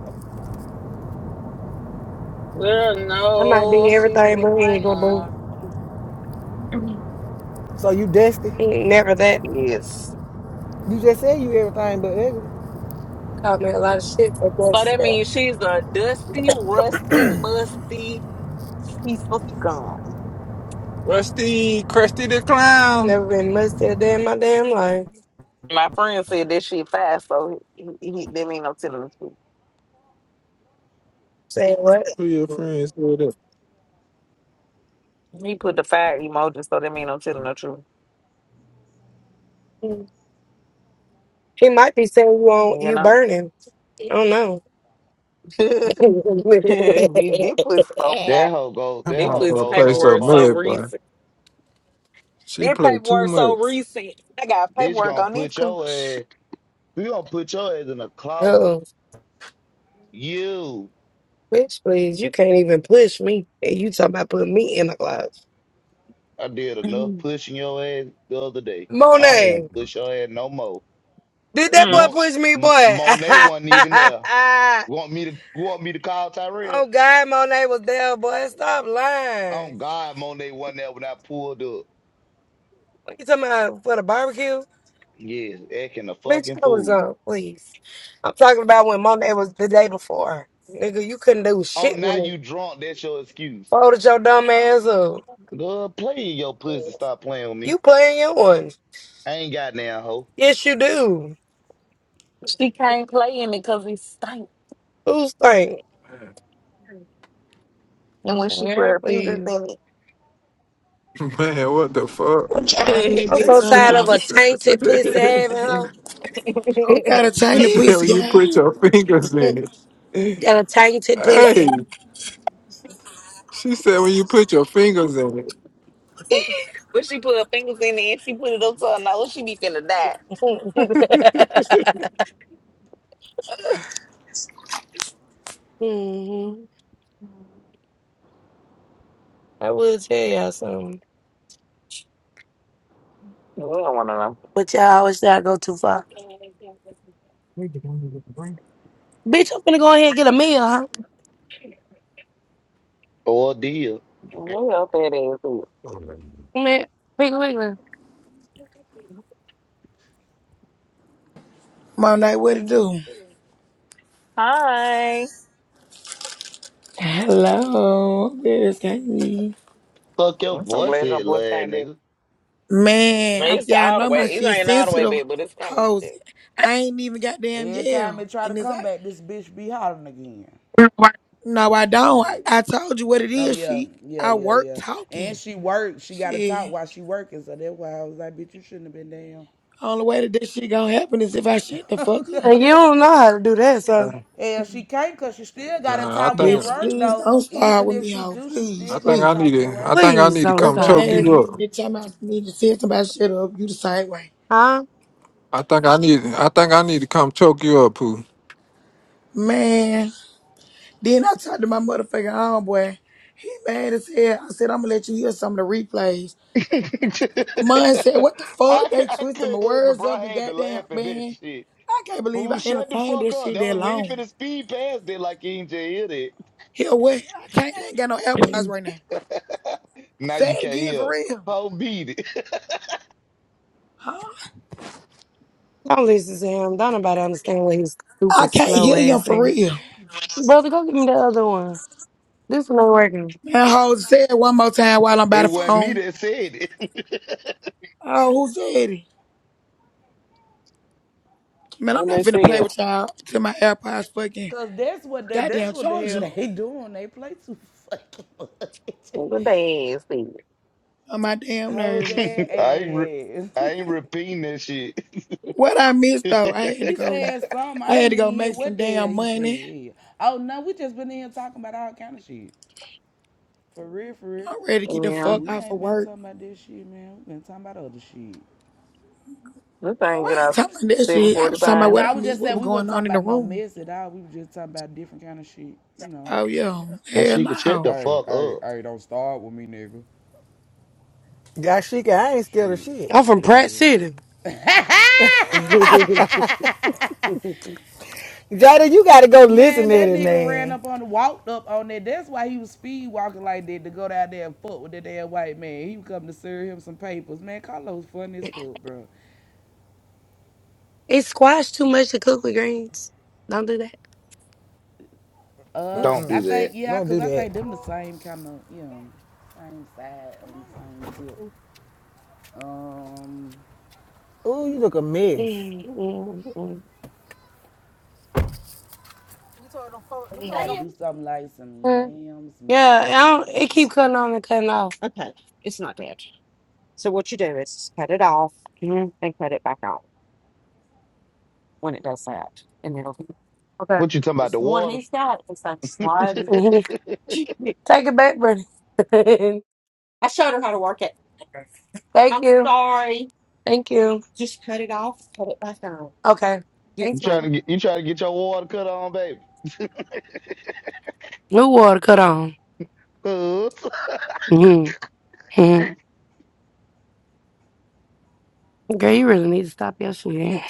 There are
I might be
no she's
everything,
with
but he
my
ain't gonna boo.
mom.
So you dusty?
He ain't never that.
Yes.
You just said you everything but ugly.
Called me a lot of shit for that
So that
stuff.
means she's a dusty, rusty, musty piece of scum.
Rusty, Krusty the Clown.
Never been much to a day in my damn life.
My friend said that she fast, so he, he, that mean I'm telling the truth.
Say what?
Who your friends with that?
He put the fire emoji, so that mean I'm telling the truth.
He might be saying you on
You
you
know?
burning. I don't know.
Be- this pussy so
That
fast.
hoe go.
That
That
This
hoe
pussy
motherfucker
go
play
so
so
paperwork so
far.
much, boy.
recent.
She
This
play too
paperwork so
much.
recent. I got
Bitch
paperwork
gonna
on this
put your
cooch.
ass. We gonna put your ass in a closet.
oh,
You.
bitch, please. You can't even push me. And you talking about putting me in the closet.
I did enough pushing your ass the other day. I don't want
Monet.
to push your ass no more.
Did that
Mm.
boy
Mo,
push me,
M-
boy?
Monet wasn't even there. Want me to want me to call Tyrell?
oh God, Monet was there, boy. Stop
Oh
lying.
God, Monet wasn't there when I pulled up.
What you talking about for the barbecue?
Yes, acting a
Bitch,
fucking
I was
fool.
on, please. I'm talking about when Monet was the day before. Nigga, you couldn't do
Oh,
shit with
now
me.
you drunk? That's your excuse.
Folded your dumb ass up.
Good, play in your pussy. Stop playing with
You
me.
playing yours.
I ain't got now hoe
Yes, you do.
She can't play in it because it stank.
Who's think?
And when she put
Yeah,
her fingers
please.
in
Man, what the fuck?
What y'all in
it.
this
I'm
bitch
so
talking
tired of
about?
a tainted pussy having her.
Who got a
she
chain to
said when
pussy
you
out?
put your fingers
Mm,
in it.
Got a tainted pussy.
Hey, she said when you put your fingers in it.
when she put her fingers in it and she put it up to her nose, she be finna die.
hmm I will tell y'all something.
I don't wanna know.
But y'all always gotta go too far. Bitch, I'm gonna go ahead and get a meal, huh?
or deal.
Where your that
Man, Piggly
is.
Monday, what it do?
Hi.
Hello, girl, it's Katie.
Fuck your
I'm so
voice,
glad your
head,
boy
lad,
came
nigga.
Man, I'm,
It's
y'all
all the
know my
way. It
shit
ain't all the way
sensitive
back, but it's kind of
hoes.
big.
I ain't even goddamn
Every time they
yell.
try to
And it's
come
like,
back, this bitch be hollering again.
Wiggly.
no, I don't.
Shit.
I, I told you what it
Oh
is,
yeah,
she.
yeah,
I
yeah,
work
yeah. And
talking.
she worked. She got to talk
Shit.
while she working. So that's why I was like, bitch, you shouldn't have been down.
Only way that this shit gonna happen is if I shut the fuck
Oh,
up.
And you
God.
don't know how to do that, so
Hell, she can't cause she still got to
Uh, I
talk
think
at
Bitch,
work
please
though.
don't start
Even
with
if
me,
she
hoe.
do, she
Please,
I
still got
think
to
I
please.
need
talk
to
at
I
work.
think I
please
need to
don't
That's
come
the
stop
choke you
last
me.
bitch
up.
that time I need to tell somebody shut up. You the same way.
Huh?
I think I need I think I need to come choke you up, Pooh.
Man. Then I talked to my motherfucking homeboy. He mad as hell. I said, I'm gonna let you hear some of the replays. Mine said, what the
I,
fuck?
cou-
They
I
twisted my
couldn't help it,
words
bro. I
up and
had to
goddamn,
laugh at that
man.
shit.
I can't believe
Fool,
I
shut the
entertained
fuck
this
up.
shit
That
that
was, we ain't
long.
finna speed past it like you ain't just hit it.
Hell, what? I can't, I ain't got no AirPods right now.
now
Say
you
it
can't
again for
hear.
real.
Ho beat it.
Huh?
Don't listen to him. Don't nobody understand what his
I
stupid,
can't
slow
hear you
ass
for
saying.
real.
Brother, go get me the other one. This one ain't working.
Man, hold say it one more time while I'm by
It
the
wasn't me
phone.
that said
Oh, who said it? Man, I'm
When
not
they
finna
see
play
it,
with y'all till my AirPods fucking
Cause that's what the, that's
goddamn
what the hell
charger
they doing. They play too fucking much.
when they ass see it.
on my damn nerves.
it. I ain't re-
Jose
I
ass.
ain't repeating that shit.
What I missed though, I had to
he
go.
said something.
I
I
had
ain't
to go
even hear
make some
what the hell
damn
he
money.
said. Oh no, we just been in here talking about all kind of shit. For real, for real.
I'm ready to get the
Yeah,
fuck
We
off of
ain't been
work.
talking about this shit, man. We been talking about other shit.
this thing
Oh,
get
I ain't
out
talking about that
seven
shit. I
forty
was talking about
five.
No,
what I
I was
missed,
just
what
saying
was
we wasn't
going
talking
on in the
about no
room.
mess at all. We was just talking about different kind of shit, you know.
Oh, yeah.
now
Hell
she can shut
no.
the
Hey,
fuck
hey,
up.
hey, don't start with me, nigga.
Yeah, she I ain't scared of
Shit.
shit.
I'm from Pratt City.
The hell?
Jada, you gotta go listen
Man,
to
that
it,
nigga ran
man.
up on, walked up on that. That's why he was speed walking like that to go down there and fuck with that damn white man. He was coming to serve him some papers. Man, Carlos funny as fuck, bro.
It squash too much to cook with greens. Don't do that.
Uh,
Don't do
I think
that.
yeah,
Don't
cause
do
I
that.
think them the same kind of you know, same side on the same tip. Um,
Ooh, you look a mess.
Mm, mm, mm.
you gotta do something like some
Huh?
yams,
Yeah, I
macaroni,
don't,
or
it
something
keep
like
cutting on and cutting off.
What you talking about?
It's
The
the One,
water?
he's got. It's like slide.
you
Mhm. Take it back, brother. Thank I'm you. Sorry. Thank you. Okay. Yes, Thank
trying
ma'am.
to get you trying to get your water cut on, baby?
you. New water cut on.
Huh?
Mm-hmm. Girl, you really need to stop your shit.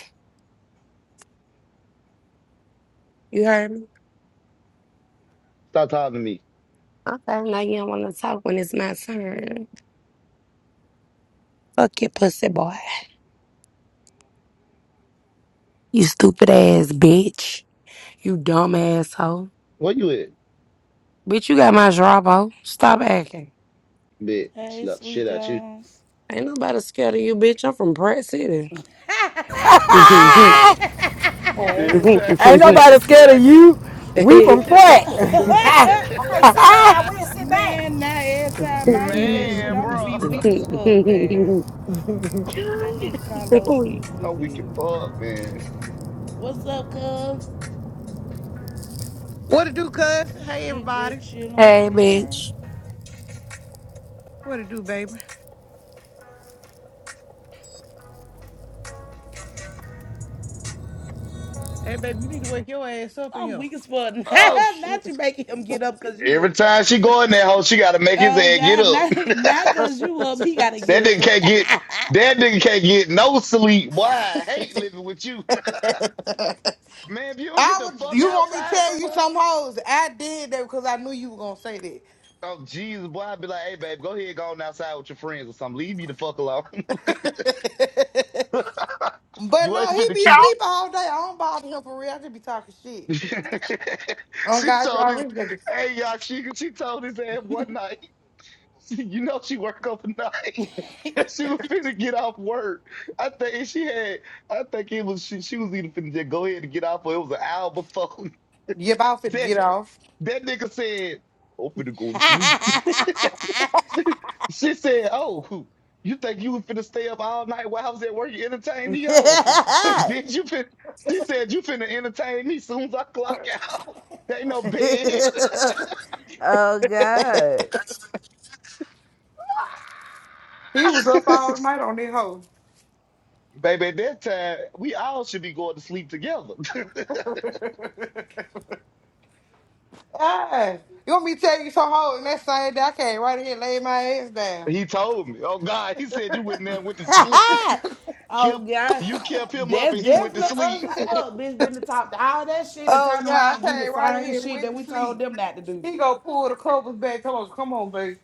You heard me?
Stop talking to me.
Okay, now you don't want to talk when it's my turn. Fuck your pussy boy. You stupid ass bitch. You dumb asshole.
Where you at?
Bitch, you got my drop off. Stop acting.
Bitch,
that. Hey,
slap the
Sweet
shit out you.
Jones.
Ain't nobody scared of you, bitch. I'm from Pratt City.
Every
Hey.
time she
Ain't
say
nobody
that shit,
scared of you.
I
We from
get.
Pratt.
man, now every time I hear that shit,
man,
I'm gonna
bro.
be weak as fuck, man. That nigga Carlos stupid as
I'm weak as
hell.
fuck, man.
What's up, cuz?
What it do, cuz? Hey,
Shit, just
everybody.
chilling. What you
hey,
doing?
bitch.
What it do, baby? Hey, baby, you need to wake your ass up in
I'm
here.
weak as fuck.
Oh, shit.
not you making him get up cause you
Every
up.
time she go in that hole, she gotta make his
Oh
ass get
God,
up.
not not cause you up. He gotta get
That nigga
up.
can't get that nigga can't get no sleep. Boy, I hate living with you. Man, if you don't get
I
the
would.
fuck
You want me to
outside
tell you
somewhere.
some hoes? I did that because I knew you were gonna say
Oh Jesus, boy, I'd be like, hey babe, go ahead, go on outside with your friends or something. Leave me the fuck alone.
that. but
you ain't
no, he
finna
be
keep
sleeping all day. I don't bother him for real. I just be talking shit. Oh
she
God, you
told his
already got this.
hey y'all, she she told his ass one night. You know she work overnight. She was finna get off work. I think she had. I think it was she. She was either finna just go ahead and get off, or it was an hour before
Yep, I was fit to
that.
get off.
That nigga said, "I'm finna go to sleep." she, she said, "Oh, you think you was finna stay up all night while I was at work? You entertain the hoes? Bitch, you fin." She said, "You finna entertain me soon as I clock out. There ain't no bed."
oh God.
he was up all night on that hoe.
Baby, at that time, we all should be going to sleep together.
Ah, you want me to tell you some hoes? And that same day, I came right here and laid my ass down.
He told me. Oh God, he said you went in there and went to sleep.
oh
Kept
God.
you kept him up
That's
and he went to
definitely
sleep.
us as fuck. Bitch been to talk to all that shit and
Oh
turn
yeah, I
around and do the
came right in
same
here
shit
with
that
the
we told
sleep.
them not to do.
He gonna pull the covers back. Come on, come on, baby.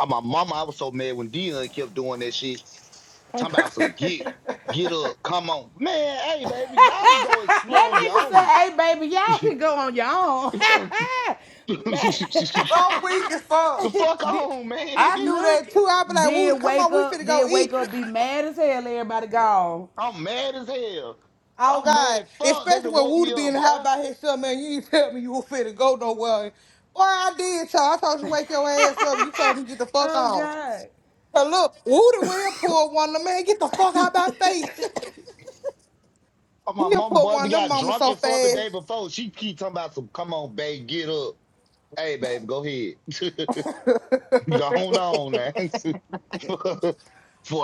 Oh, my mama, I was so mad when Dion kept doing that shit.
I'm
Talking about some get, get up, come on. Man, hey baby, y'all go explore
That
on your
nigga said,
own.
hey, baby, y'all can go on your own.
the
weak as fuck.
Man.
fuck
did,
on, man.
I do that
look,
too. I be like,
did
Wooter, come
wake
on, we finna
up, did
go
wake
eat.
up, be mad as hell, everybody gone.
I'm mad as hell.
Oh
I'm mad
God,
as fuck. They
especially
done
when
woke
Wooter
me
be in
up,
the house
boy.
by himself, man. You didn't tell me you were finna go nowhere. Boy, I did, y'all. I told you wake your ass up. You told me get the fuck
Oh,
off.
God.
So look, Wooter will pull one of them, man. Get the fuck out my face.
Oh, my
He'll
mama,
pull
boy,
one
we
of them
got
mama
drunk
so
and fuck the day
fast.
before. She keep talking about some, come on, babe, get up. Hey, babe, go ahead. Go on, on now. Before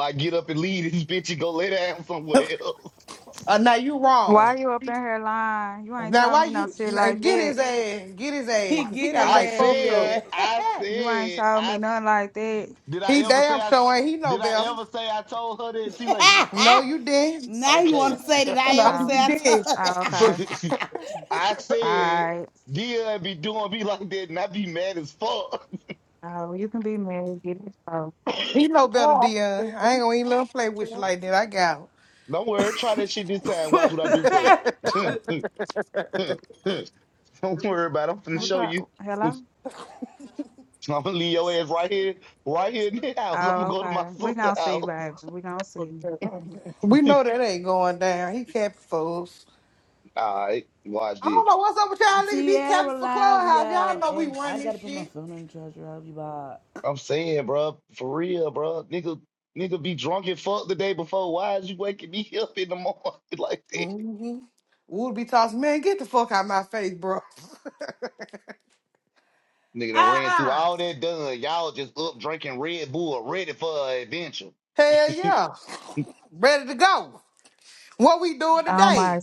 I get up and leave this bitch and go lay down somewhere else.
uh, now you wrong.
Why you up in here lying? You ain't
Now
told
why
me no
you
shit
man,
like
get
that.
his ass, get his
He
ass, cause he
get
got
his
I
like
ass,
fucked up.
said,
Dion.
I
You ain't
said,
told me
I
nothing like that.
did I
He
ever say
damn
I
sure ain't he know
did I
better.
ever say I told her that T lady?
No, you didn't.
now you want
Okay.
to say that I
No,
ever
you
Oh,
said
did.
I
oh okay.
But
I
All
said
right.
Dia be doing me like that and I be mad as fuck.
Oh, you can be married. Get it. Oh,
he know better, Dion. I ain't gonna even let him play with you like that. I got
Don't worry, try that shit this time. Watch what I do for you.
told
Don't worry about it. I'm finna
what's
show
up?
you.
Hello?
I'm gonna leave your ass right here, right here in the house. I'm gonna
Oh,
go to my
okay. We
sister's
gonna see,
house.
baby. We gonna see.
him. We know that ain't going down. He capping for us.
All right, watch
I
this.
don't know what's up with y'all niggas be capping
Tierra
for
live,
Clubhouse. Y'all
y'all.
know we
And
run
I got
this
to put my
shit.
phone in the charger. I hope you bought.
I'm saying, bro, for real, bro, nigga, nigga be drunk and fuck the day before. Why is you waking me up in the morning like that?
Mm-hmm. We'll be tossing, man, get the fuck out my face, bro.
Nigga done ran through
uh-uh.
all that done. Y'all just up drinking Red Bull, ready for an adventure.
Hell yeah. Ready to go. What we doing
Oh my
today?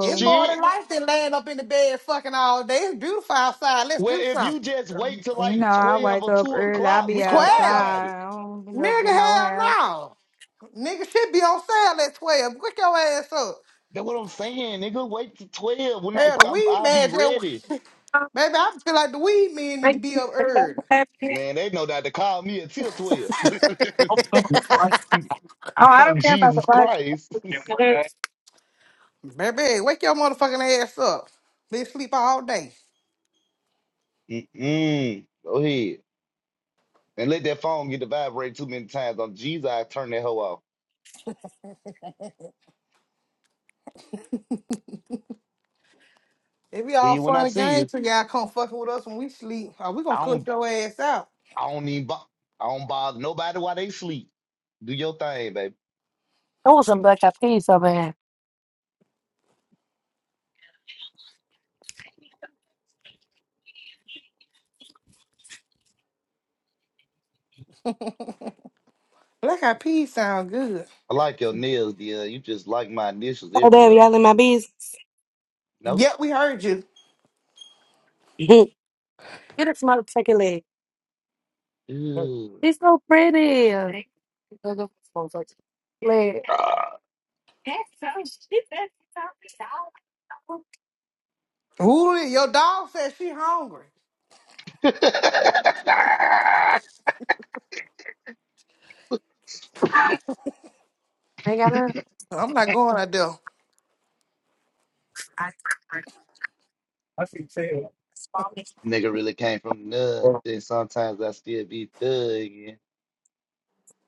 It's more than life than laying up in the bed fucking all day. It's beautiful outside. Let's
Well,
do
if you
something.
just wait till
You know,
like
I
12
wake
or
up
2
early. I
o'clock,
be
we can talk
12?
about it.
outside. I don't be up
Nigga,
in no
hell
house.
no. Nigga should be on sale at 12. Quick your ass up.
That's what I'm saying, nigga. Wait till 12 when I,
Hell, the
I'm,
weed
I'll be
man,
ready.
just, baby, I feel like the weed men need to be up early.
Man, they know not to call me until 12. oh, Jesus Christ.
Baby, wake your motherfucking ass up. They sleep all day.
Mm-mm. Go ahead. And let that phone get to vibrate too many times. On Jesus, I turn that hoe off.
It be
See
all
you when I
fun and
see you.
games till y'all come fucking with us when we sleep. Or we gonna
I
cut
don't
your ass out.
I don't even bo- I don't bother nobody while they sleep. Do your thing, baby.
Black eyed peas sound good.
I like your nails, dear. You just like my initials
Oh, damn,
everywhere.
y'all in my business.
Nope.
Yep, we heard you.
Get a motherfucking leg.
Ew.
She's so pretty. Leg.
Ah.
Ooh, your dog said she hungry. I'm not going out there.
Nigga really came from nothing. Sometimes I still be thugging.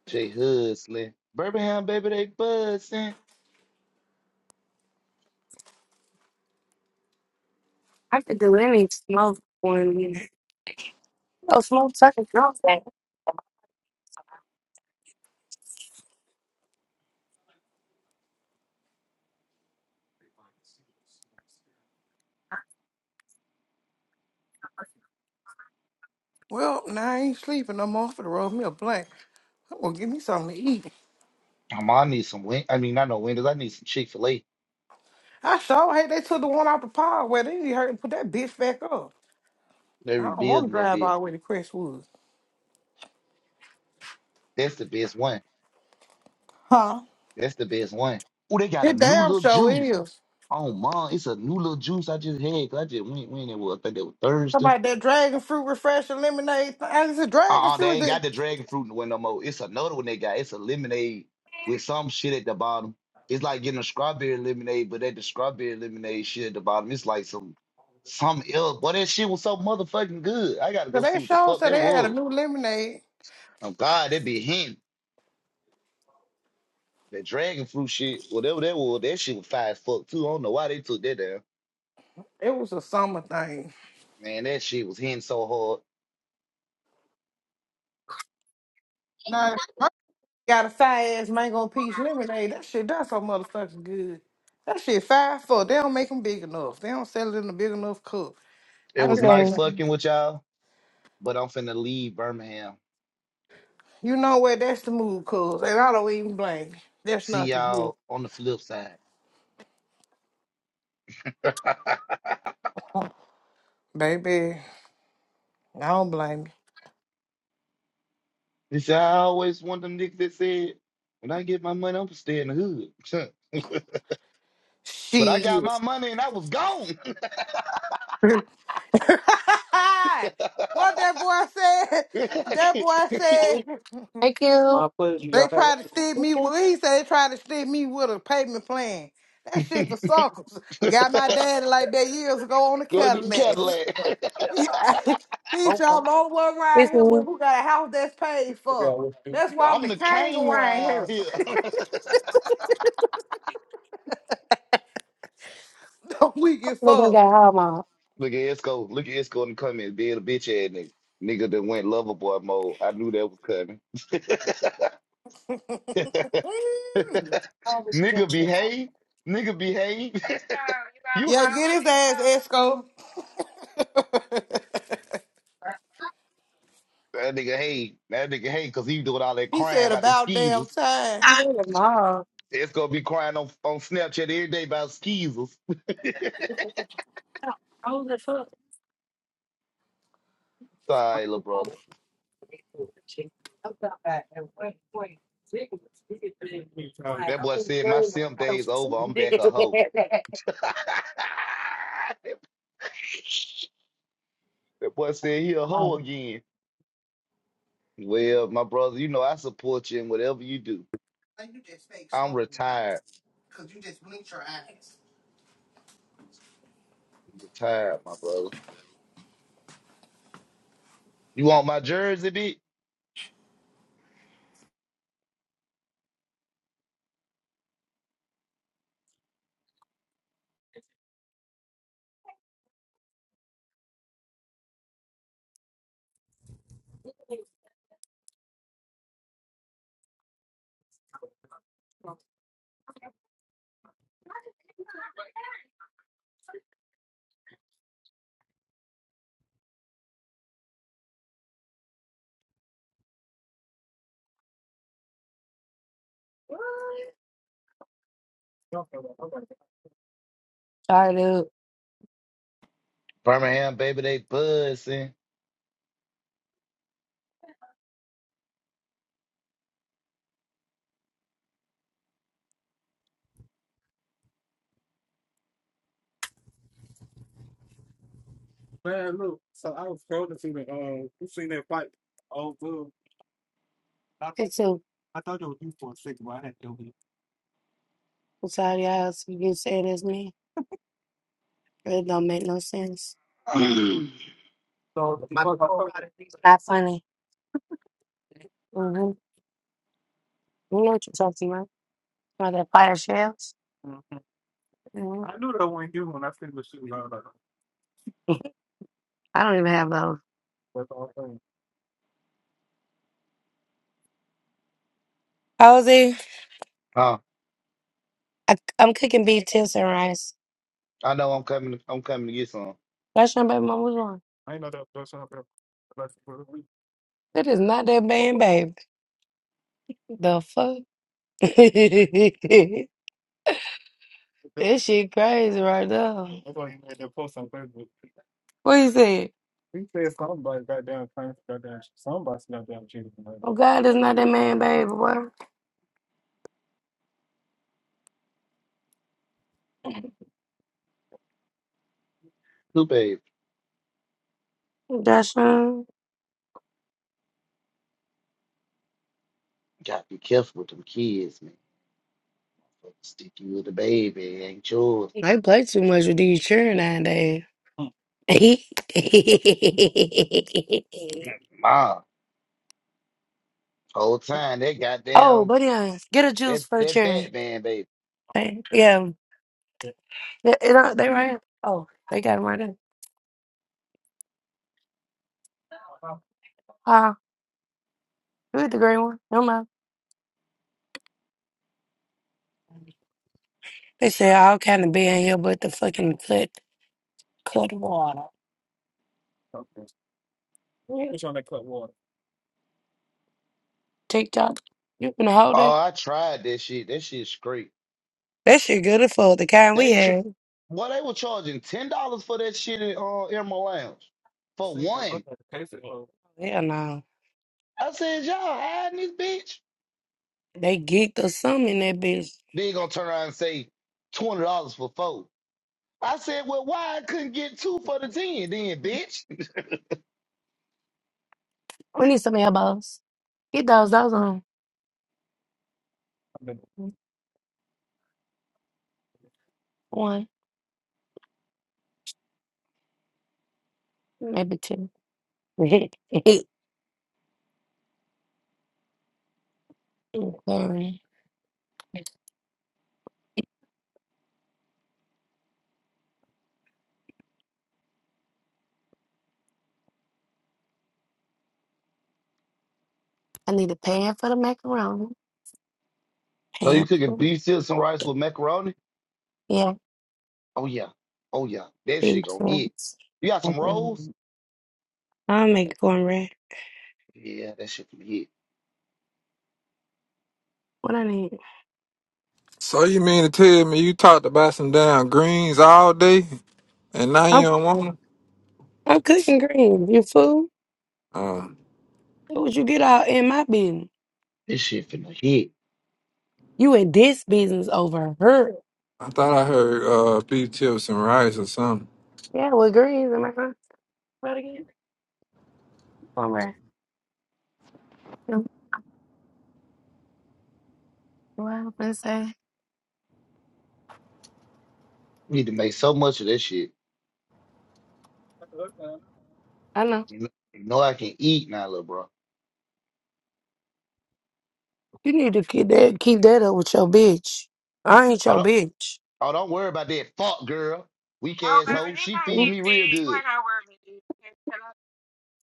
Jay Hudslin. Birmingham, baby, they buzzing.
Well, now I ain't sleeping no more for the roll me a blank. I'm gonna give me something to eat.
I'm I need some win. I mean, not no windows. I need some Chick fil A.
I sure hate they took the one out the pod where they hurt and put that bitch back up.
They
I don't want to
rebuilding that
drive all
bit.
the way to Crestwood.
That's the best one.
Huh?
That's the best one. Oh, they got a
It
new
damn
little
sure
juice.
is.
Oh, mom, it's a new little juice I just had 'cause I just went when it was. I think it was Thursday.
Somebody that dragon fruit refresher lemonade. thing. I said dragon
Uh-uh, they
fruit.
ain't
Is it?
got the dragon fruit in the window no more. It's another one they got. It's a lemonade with some shit at the bottom. It's like getting a strawberry lemonade, but that the strawberry lemonade shit at the bottom, it's like some some ill. Boy, that shit was so motherfucking good. I gotta
So
go
they
see what the
showed
fuck
said
that
they had a
was.
new lemonade.
Oh God, that be him. That dragon fruit shit, whatever that was, that shit was fire as fuck too. I don't know why they took that down.
It was a summer thing.
Man, that shit was hitting so hard.
Now Got a fire ass mango peach lemonade. That shit, that's so motherfucking good. That shit five four. They don't make them big enough. They don't sell it in a big enough cup.
It
I
was
tell
Okay.
you,
nice fucking with y'all, but I'm finna leave Birmingham.
you know what? That's the move, cuz. And I don't even blame you. That's
See
nothing here.
y'all on the flip side.
Baby, I don't blame you.
They see, I always wanted them niggas that said, when I get my money, I'm going to stay in the hood. but I got my
Shit.
money and I was gone.
what that boy said? That boy said.
Thank you. My
They tried to stick
Thank
me
you.
with he said they tried to stick me with a payment plan. That shit for suckers. Got my daddy like that years ago on the
Go to the
Cadillac.
Cadillac.
he y'all the only one around
It's
here with
me.
who got a house that's paid for. That's why I'm
I'm
the
the
king
king
around here.
around here.
Don't we get
Little guy,
fucked.
how am I?
Look at Esco. Look at Esco in the comments being a bitch ass nigga. Nigga that went lover boy mode. I knew that was coming.
Mm.
nigga behave. Nigga behave.
It's so you got a
you
Yeah, get
problem.
his
It's so
ass Esco.
that nigga hate. That nigga hate because he doing all that
He
crying
said
about them
about damn
skis.
time.
It's gonna be crying on, on Snapchat every day about skeezers. Sorry, little brother. That boy said my simp day is over. I'm back a hoe. that boy said he a hoe again. Well, my brother, you know I support you in whatever you do. I'm retired. I'm retired, my brother. You want my jersey, bitch?
Tired of
Birmingham, baby, they buzzing.
It's too. I'm tired of y'all else. You saying this me. It don't make no sense.
huh?
My Not funny. Mm-hmm. You know what you're talking about. About that fire shells. hmm one. think I don't even have those. Posey,
I
I, I'm cooking beef tips and rice.
know I'm coming. I'm coming to get some.
That's your baby mama's one. It is not that bad, babe. The fuck? That shit crazy right now. What he said? Oh God, it's not that man, baby boy.
Who, babe?
That's him.
Gotta be careful with them kids, man. Sticky with the baby, ain't yours.
I play too much with these children nowadays.
ma. whole time they
oh,
goddamn
but yeah, get a juice
that
for the
that
children.
Batman baby.
Hey, Yeah, yeah it, uh, they right here. Oh, they got got 'em right there. Ah, uh, you with the green one. No mind. They say all kind of be in here, but the fucking foot TikTok. You been a hoe
Oh, I tried that shit. That shit's great.
That shit good as fuck. The kind we
They ch-
had.
well, they were charging ten dollars for that shit in uh, Emerald Lounge for one.
Hell no.
I said, y'all hiding this bitch.
They geeked or something in that bitch.
Then you gonna turn around and say twenty dollars for four. I said, well, why I couldn't get two for the ten then, bitch?
We need some elbows. Get those. Those on one, maybe two. Sorry. I need a pan for the macaroni.
So you
Pan
cooking
for
beef, chips, and rice with macaroni?
yeah,
Oh yeah, oh yeah, that
big
shit gonna hit.
fans.
You got some rolls?
Okay. I'll make cornbread.
Yeah, that shit finna hit.
What I need?
So you mean to tell me you talked about some damn greens all day and now you
I'm
don't want 'em?
I'm cooking green. You fool?
Uh,
What would you get out in my business?
This shit finna hit.
You in this business over her?
I thought I heard uh beef tips and rice or something.
Yeah, with greens in my front. What again? Cornbread. What I was gonna say?
We need to make so much of this shit.
I know.
You know, you know I can eat now, little bro.
You need to keep that keep that up with your bitch. I ain't
Oh
your
don't,
bitch.
oh don't worry about that. Fuck girl, weak
oh
ass hoe.
baby, this
She
gonna
feed
get
me real
fed. You ain't
good.
gotta worry about it. hello.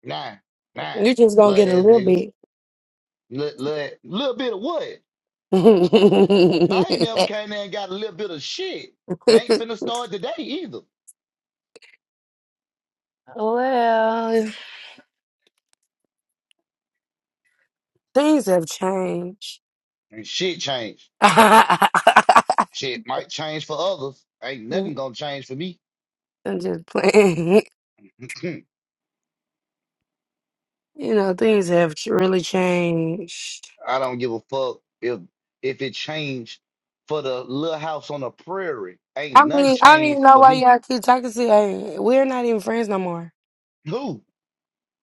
Nah, nah,
You just gonna
little
get a
ass
little
nigga.
bit.
Little, little, little bit of what? I ain't never came there and got a little bit of shit. It ain't finna start today either.
well, things have changed.
And shit changed. Shit might change for others. Ain't nothing
I'm
gonna change for me.
just playing. You know, things have ch- really changed.
I don't give a fuck if if it changed for the little house on the prairie. Ain't
I
none
mean, I don't even
changed
know
for
why
me.
y'all keep talking to. Hey, we're not even friends no more.
Who?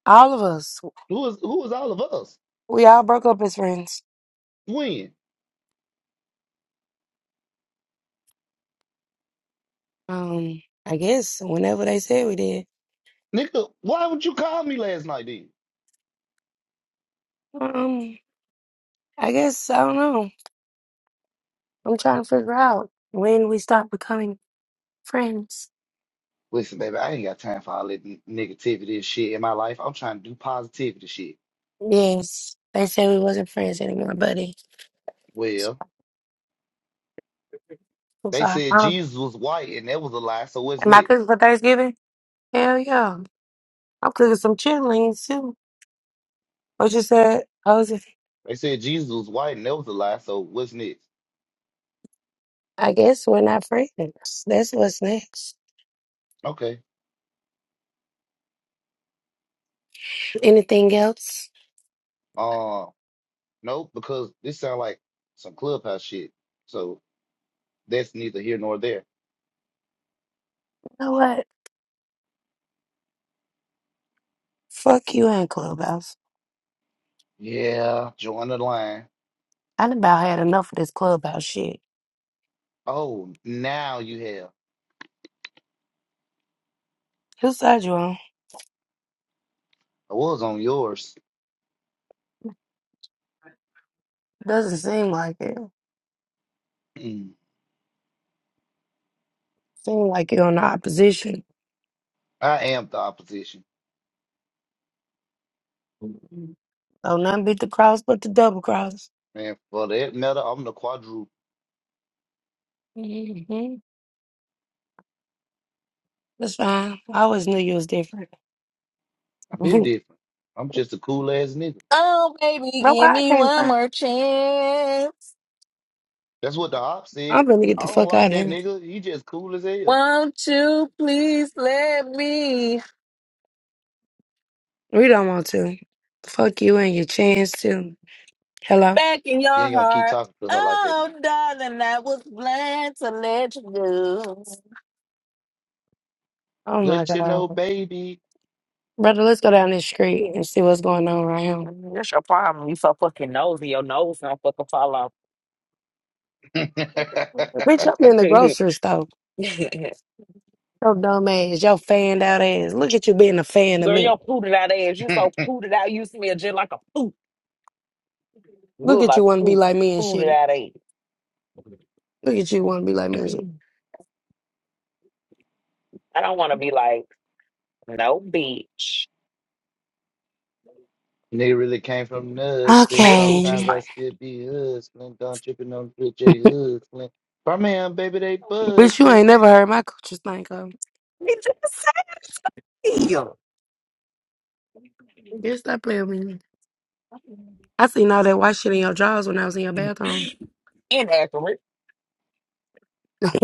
All of us,
Who is who is all of us?
we all broke up as friends.
When?
Um, I guess whenever they said we did.
Nigga, why would you call me last night then?
Um, I guess I don't know. I'm trying to figure out when we stopped becoming friends.
Listen, baby, I ain't got time for all that n- negativity and shit in my life. I'm trying to do positivity shit.
Yes, they said we wasn't friends anymore, buddy.
Well,
I'm
they
sorry.
said
Um,
Jesus was white and that was a lie, so what's
am I
next?
cooking for Thanksgiving? Hell yeah, I'm cooking some chitlins too. What you said? I was.
They said Jesus was white and that was a lie, so what's next?
I guess we're not friends. That's what's next.
Okay.
Anything else?
Uh nope, because this sound like some clubhouse shit. So That's neither here nor there.
You know what? Fuck you and Clubhouse.
Yeah, join the line.
I done about had enough of this Clubhouse shit.
Oh, now you have.
Whose side you on?
I was on yours.
Doesn't seem like it.
Mm.
Seem like you're on the opposition.
I am the opposition.
So none beat the cross but the double cross.
And for that matter, I'm the quadruple.
hmm That's fine. I always knew you was different.
I've been
Bro,
different. I'm just a cool ass nigga.
Oh baby, give
why I
me
can't
one
find?
more chance.
That's what the op said.
I'm gonna get
I
the
don't
fuck out
like
of
that
here.
nigga. He just cool as hell.
Won't you please let me
We don't want to. Fuck you and your chance too. Hello.
back in
You
your
ain't gonna keep
heart?
talking to her like that
Oh
now.
darling, I was blind to let you go.
Oh my
Let you know,
god,
baby.
brother. Let's go down this street and see what's going on right here.
Mm, That's your problem. You so fucking nosy. Your nose don't fucking fall off.
Bitch, I'm in the grocery store. Your dumb ass, your fanned out ass. Look at you being a fan of
Girl, your
me.
pooted out ass. You so pooted out. You smell just like a poop.
Look
Look
at
like
you want to be
poop.
like me and
Pooted
shit.
out ass.
Look at you want to be like me and shit.
I don't want to be like, no, bitch.
Nigga really came from nothing.
That coochie
Sometimes
Okay.
I
stank.
still be hustling. Don't tripping on the bitch, they hustling. My man, baby, they
Bitch, you
buzzing.
ain't never heard my coochie stank up.
It just says you.
Bitch, stop playing with me. I seen all that white shit in your drawers when I was in your bathroom.
Inaccurate.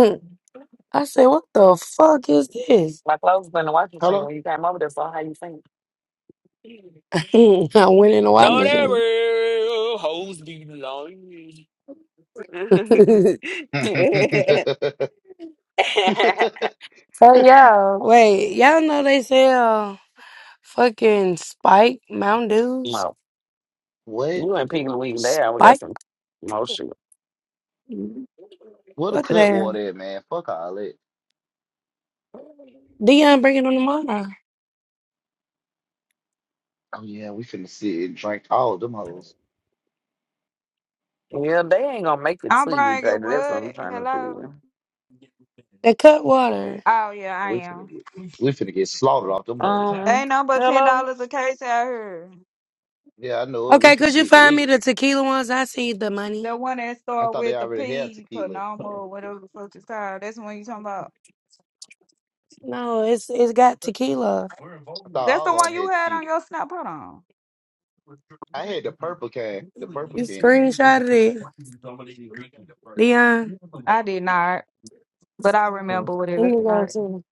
I said, what the fuck is this?
My clothes was in the washing machine
Hello?
when you came over there, so how you think?
I went in the washing
No, they
machine.
real. Hoes be lying.
so y'all, wait, y'all know they sell fucking Spike Mountain Dews?
no.
what?
You and Piggy Wig there. We got
Spike?
some motion.
What a
What the
cut
hell?
water at, man. Fuck all that.
Dion bringing on the water.
Oh, yeah, we finna sit and drink all them hoes.
Yeah, they ain't gonna make it
I'm
to you,
bragging
Jada. That's what I'm
wood.
trying to
Hello.
figure.
The cut water.
Oh yeah, I
We finna
am.
get, we finna get slaughtered off them hoes.
They
Um,
ain't no but ten
hello.
dollars a case out here.
Yeah, I know it. We
Okay, could
finna
you
get
find me
lit.
the tequila ones? I see the money.
The one that
I
start
thought they
with the
already had
P,
tequila. I
Panama, or whatever the fuck it's called. That's the one you talking about.
No, it's it's got tequila.
thought
That's the
all
one
of them
you
had
had on
tequila.
your snap. Hold on.
I had the purple can. The purple
You
can.
screenshotted it, Dion.
I did not, but I
Let
remember what it
me
looked like.
go to.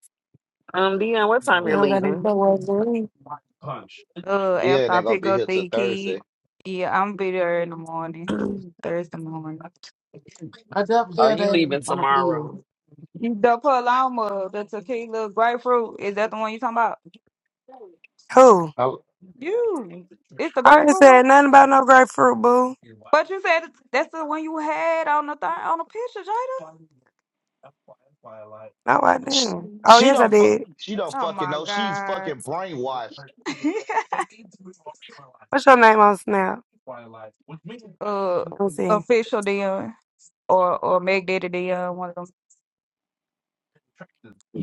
Um, Dion, what time you're
Now let him
leaving?
put what's in. it.
Uh,
Yeah,
after
it
I
ain't gonna
pick
be
up
here till
the kid,
Thursday.
yeah, I'm be there in the morning,
Are
Thursday morning. I
you leaving
do.
tomorrow?
The Paloma, the tequila grapefruit, is that the one you talking about?
Who?
I,
You, it's the
I ain't
grapefruit one.
said nothing about no grapefruit, boo.
But you said it's- that's the one you had on the th- on the picture, Jada.
Not right
She,
now. Oh
she
yes, I
don't fu-
did.
she don't
Oh
fucking
my
know. She's
God.
fucking brainwashed.
What's your name on Snap?
uh,
Let me see.
official Dion or or Meg Daddy Dion. One of them.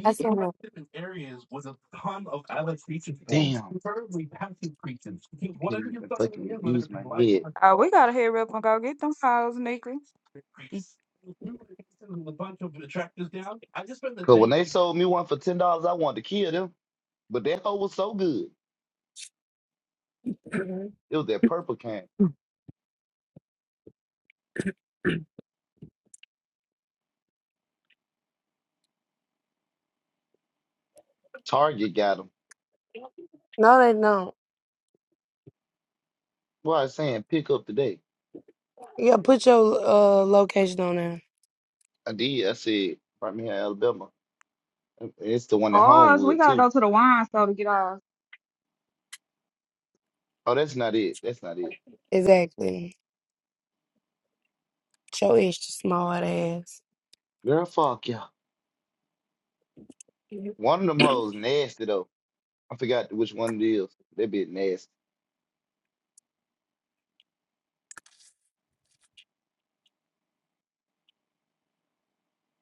I see. it.
Damn, I can't even fucking use my head.
Uh, we gotta hurry up and go get them files, Nikki.
Cause when they sold me one for ten dollars, I wanted to kill them. But that hoe was so good. It was that purple can. Target got them.
No, they don't.
What I was saying pick up today.
Yeah, put your uh location on there.
I did. I said right me in Alabama. It's the one in
Ours, we
Homewood
gotta
too.
go to the wine store to get ours.
Oh, that's not it. That's not it.
Exactly. Show extra small ass
Girl, fuck yeah. One of them hoes nasty though. I forgot which one it is. That bitch nasty.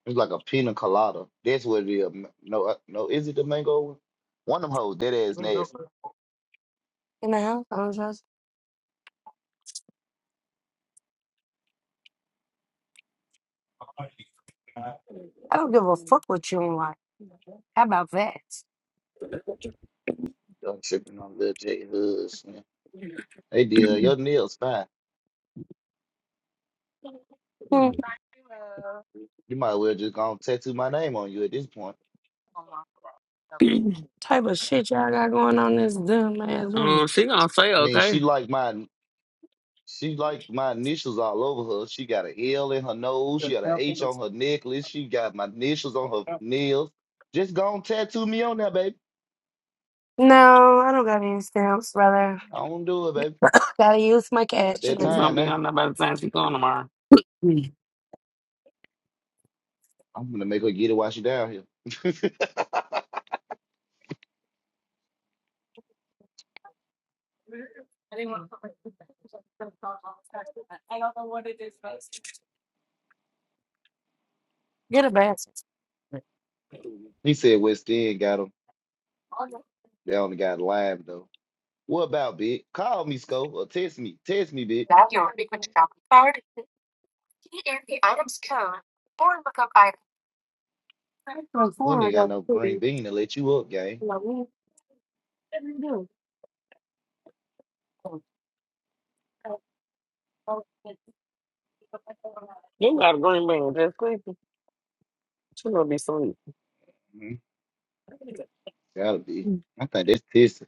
It's like a pina colada. That's what it is. M- No, uh, no, is it the mango? one? One of them hoes, that ass nasty.
in the house. I don't give a lot.
Done tripping on Lil J Hoods, man. They did. Your nails fine.
Hmm.
Oh
You might well just go and tattoo my name on you at this point.
my God.
Type of shit y'all got going on in this dumb ass
Um,
room.
she gonna say
I mean,
okay.
she like my she like my initials all over her. She got an L in her nose. She got an H on her necklace. She got my initials on her nails. Just go and tattoo me on there, baby.
No, I don't got any stamps, brother.
I don't do it, baby.
Gotta use my
About
cash.
that
Like,
He's
time
gonna be
now.
on there by the time she going tomorrow.
I'm gonna make her get it while she down here. He said West End got him. They only got Lime though. What about Big? Call me, Sco, or text me. Text me, Big. We ain't got no green bean to let you up, gang.
You got a green bean, just quick. She gonna be sweet.
Mhm. Gotta be. I think that's this.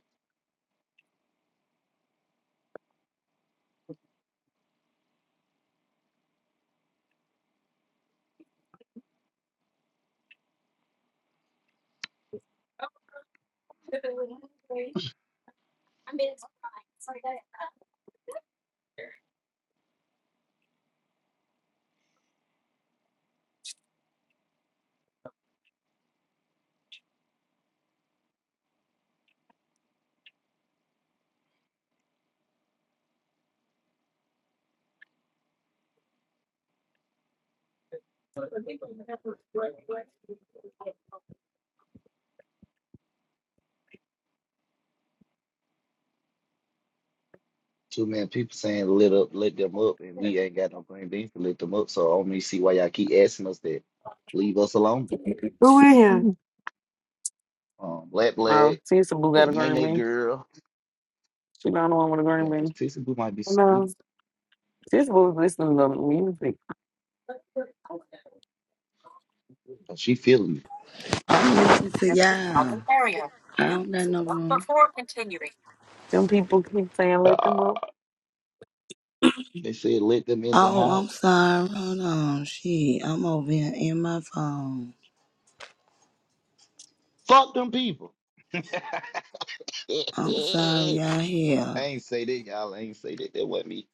Too many people saying let up, let them up, and we ain't got no green beans to let them up. So I do only see why y'all keep asking us that. Leave us alone.
who in here?
Um, Black
Oh,
Black,
Sister Boo got a
that
green
Nene
bean.
girl.
She not the one with a green
Yeah, but
bean.
Tissy Boo might be sweet,
No.
Sister Boo's listening to music.
but she feeling me.
Listen to y'all. I don't got no room.
Them people keep saying let them
Ah,
up.
they said let them in the
Oh, I'm
house.
sorry. Hold on. Shit, I'm over here in my phone.
Fuck them people.
I'm sorry y'all
I
here.
ain't say that, y'all. I ain't say that. That wasn't me.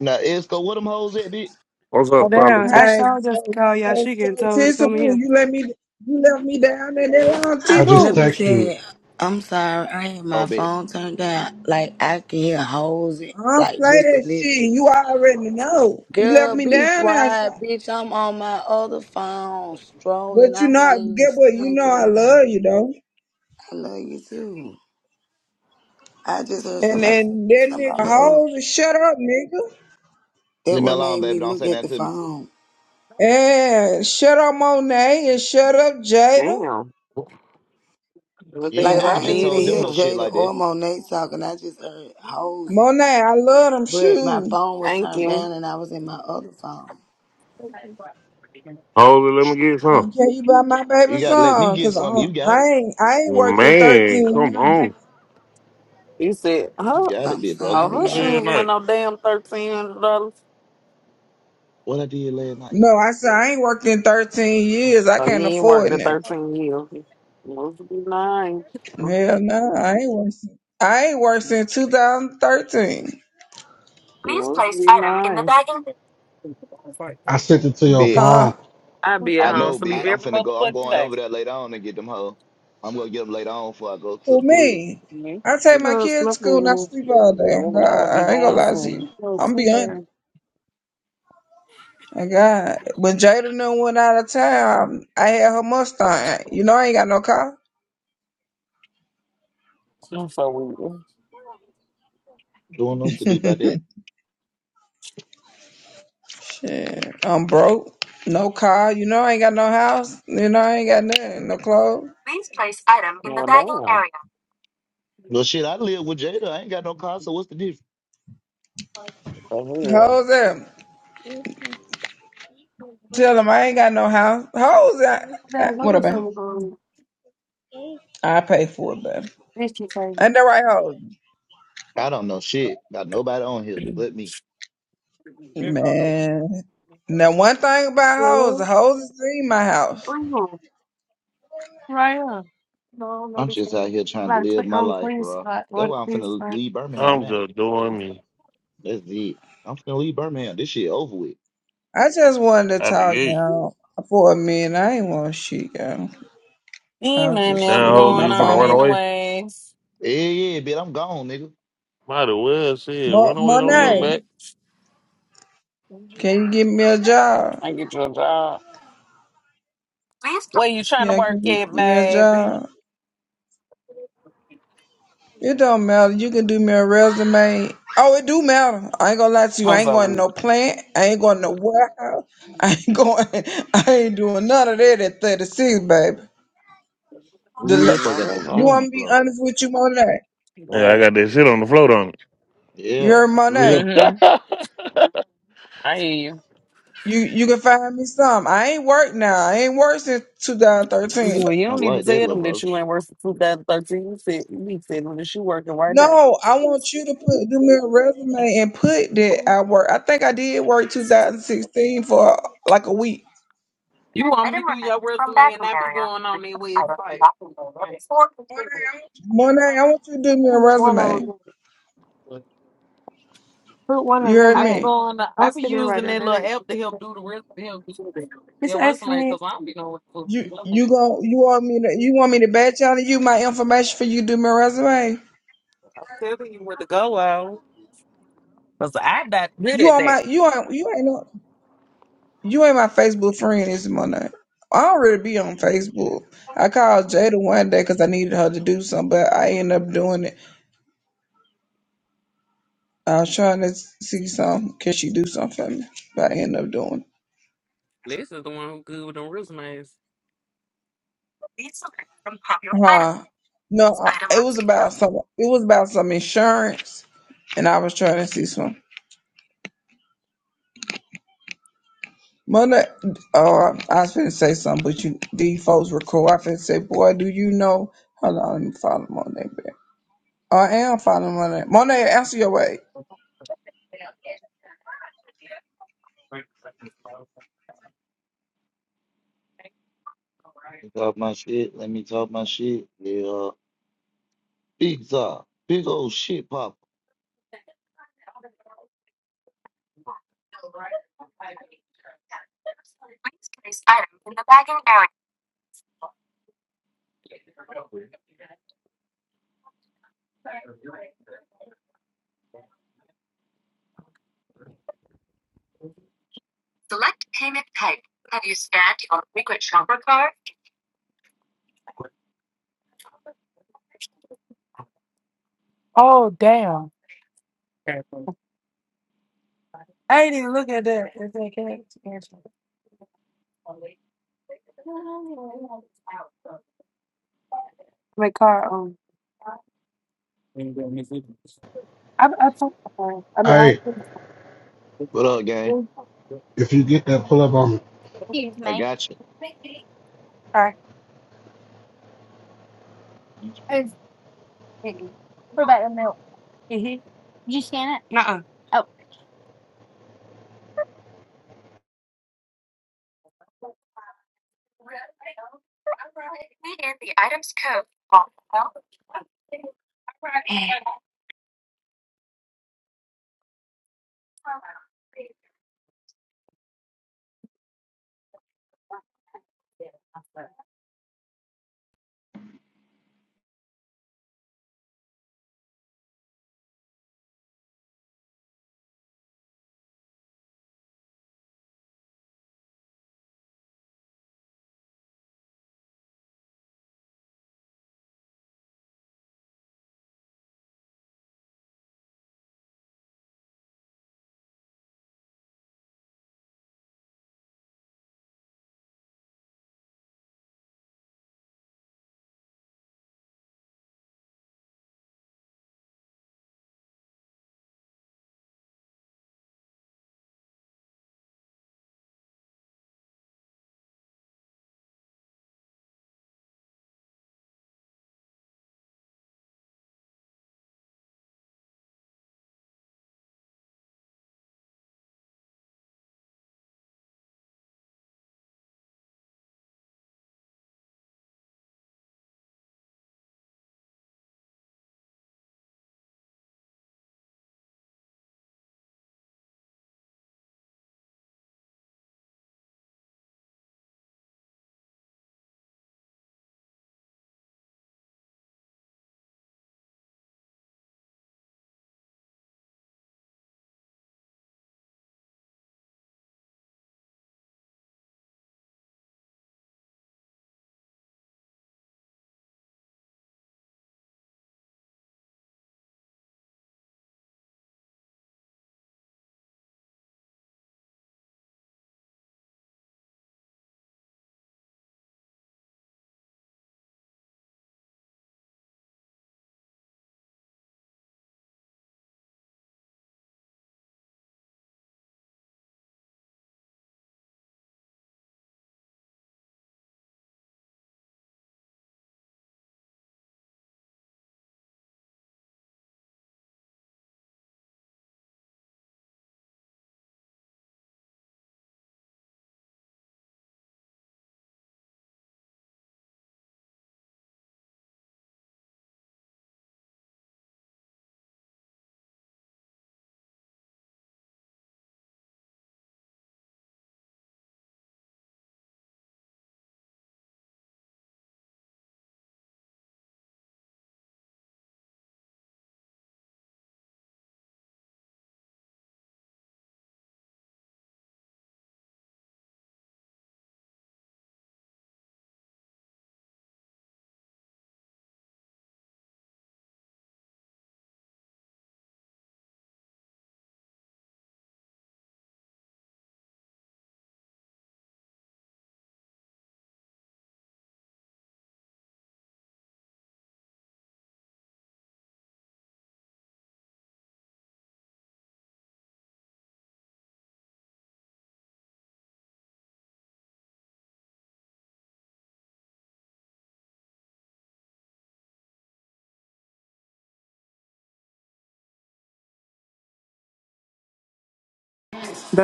Now, Esco, what them hoes at, bitch?
What's
Oh
up,
All
damn! I
Politics?
right,
sure just
so
called
so
Yashika and
so
told her to
Tissa
come
Boo,
here.
you let me you left me down in that long T
I,
I just
let
Boo.
me
text you.
say, I'm sorry. I had
Oh,
my
bet.
phone turned down. Like, I can hear hoes,
I don't
like,
play
just a
that
little bit.
shit. You already know. You left
Girl,
me
be
down
quiet,
outside.
bitch. I'm on my other phone, strolling.
But you
I'm not
know
even
get what you
staying
know I
club
love
out.
you though.
I love you too. I just heard
And
somebody say
then that nigga
somebody up.
hoes and shut up, nigga.
That
Leave me
what
alone,
made
baby.
me
Don't
look
say
at the
nothing to me.
phone.
And shut up Monet and shut up Jada.
Damn. What
You
the
ain't
Like
hell
never
I
I
just
ain't
did to
even
told them
hear
no
you?
shit
Jada
like
or
that.
Monet talking. I just heard Hosey.
Monet, I love them
But my
shoes.
phone was
Thank
turned
you.
down and I was in my other phone.
Holy, let me get some.
Can, can you buy my
You
baby
gotta let me
song?
get
Cause I,
something. You
don't-
You
got it.
I ain't I ain't worked in
Man, come
thirteen years.
on.
said,
You
huh?
got it,
I'm
big brother.
Oh,
sorry,
her
Out of here
y'all.
shoes went
night.
no damn thirteen hundred dollars.
What I did last night.
No, I said I ain't worked in thirteen years. I
Oh, you
can't
ain't worked
afford
the
now.
thirteen years. Must be nice.
Hell no, I ain't worked. sin- I ain't worked since 2013.
Must be nice.
That's right.
I sent it to your
Bit.
Huh?
phone.
I
What's
be at
I
home
wrong?
know,
sleep
bit. I'm
every
finna go. I'm
motherfucking
going
day.
over there later on and get them hoes. I'm gonna get them later on before I go to
For
the club.
me,
Mhm.
I take
It
my
goes
kids to
smoke the
school and I
room.
sleep all
That's
day. Oh
what
God,
I would be
I ain't gonna
doing
lie to
soon.
you.
No,
I'm
sit
beyond.
there.
Oh God, when Jada done went out of town, I had her Mustang. You know I ain't got no car.
I'm so weird.
What want us to do about that?
Shit, I'm broke. No car. You know I ain't got no house. You know I ain't got nothing. No clothes.
Well, damn.
Well, shit, I live with Jada. I ain't got no car, so what's the difference?
Oh,
How's that? Tell them I ain't got no house. Hoes, I,
Dad,
I,
what
what
was
about?
something on?
I pay for it, baby.
This your
Ain't that right, hoes?
I don't know shit about nobody on here but me.
yeah.
Man. Now, one thing about hoes,
favorite.
the hoes is in my house.
Oh, right up. No, no,
I'm
this is
just out here trying to
like
live
clean
my
on the
life,
clean
bro.
side or
That's
the
why I'm
clean
finna
side.
leave Birmingham
I'm
now.
just doing me
That's it. I'm finna leave Birmingham. This shit over with.
I just wanted to
out the
talk,
gate.
y'all, for a minute. I ain't want to shit, y'all. I
Ain't
was
nothing
just
else
Down,
going
chilling.
Holy,
My
you gonna
on,
phone
run
was,
away?
anyways.
Yeah, yeah, bitch. I'm gone, nigga.
Might as well, shit.
Mo-
Run away, don't look
Hmm.
Monet,
back.
can you give me a job?
I get your job. Where you trying to
Yeah, can
work
you
at,
give me a
baby?
job? It don't matter. You can do me a resume. Oh, it do matter. I ain't gonna lie to
I
you. I
was
ain't
like,
going to
wait,
no plant. I ain't going to no warehouse. I ain't going. I ain't doing none of that at 36, baby. The,
Ooh,
I
that
la-
boy got
know
that
that's
shit
you
on the
want
right.
me to be
floor.
honest with you, Monet?
Yeah, I got
Where?
that shit on the float on it.
You
Yeah,
heard
Yeah.
Monet.
Mm-hmm. I hear you.
You you can find me some. I ain't worked now. I ain't worked since 2013.
Well, you
I
don't need to
like that,
tell
little
them
bro.
that
Let
you ain't working 2013. You said you need to tell them that you working right now.
No, I want you to put do me a resume and put that I work. I think I did work 2016 for like a week.
You want me to do your resume and I be going on their website. Right. What the
Monet,
hell?
I want you to do me a
Put one of
resume.
them, put one of
You
them
heard
I be
back.
me.
going. I
Don't
be
sit there right
using
there.
that
That
little app to help
ain't.
do the rest. Help do
It's
their
asking
resume
me.
because I don't be knowing. what
You
to do.
you gon' you want me to you want me to bad challenge you my information for you to do my resume?
I'm telling you where to go Because I'm not good
You
at
on
that.
my you on you ain't on, you ain't my Facebook friend this morning. I don't really be on Facebook. I called Jada one day because I needed her to do something, but I ended up doing it. I was trying to see some can she do something for me, but I ended up doing.
Lisa's the one who good with them resumes.
It. Huh? No, I, it was about some it was about some insurance, and I was trying to see some. Mother, uh, I was finna say something, but you, these folks were cool. I finna say, boy, do you know? Hold on, let me follow Monet back. Oh, I am following Monet. Monet, answer your way.
me talk my shit. Let me talk my shit. Yeah, big up, big old shit, pop.
Oh damn! I ain't even look at that. It's like, hey, it's answer. my car. Um, I I put. I mean, I.
Hey,
What up, gang?
if you get that, pull up on me.
I got you.
Nuh-uh.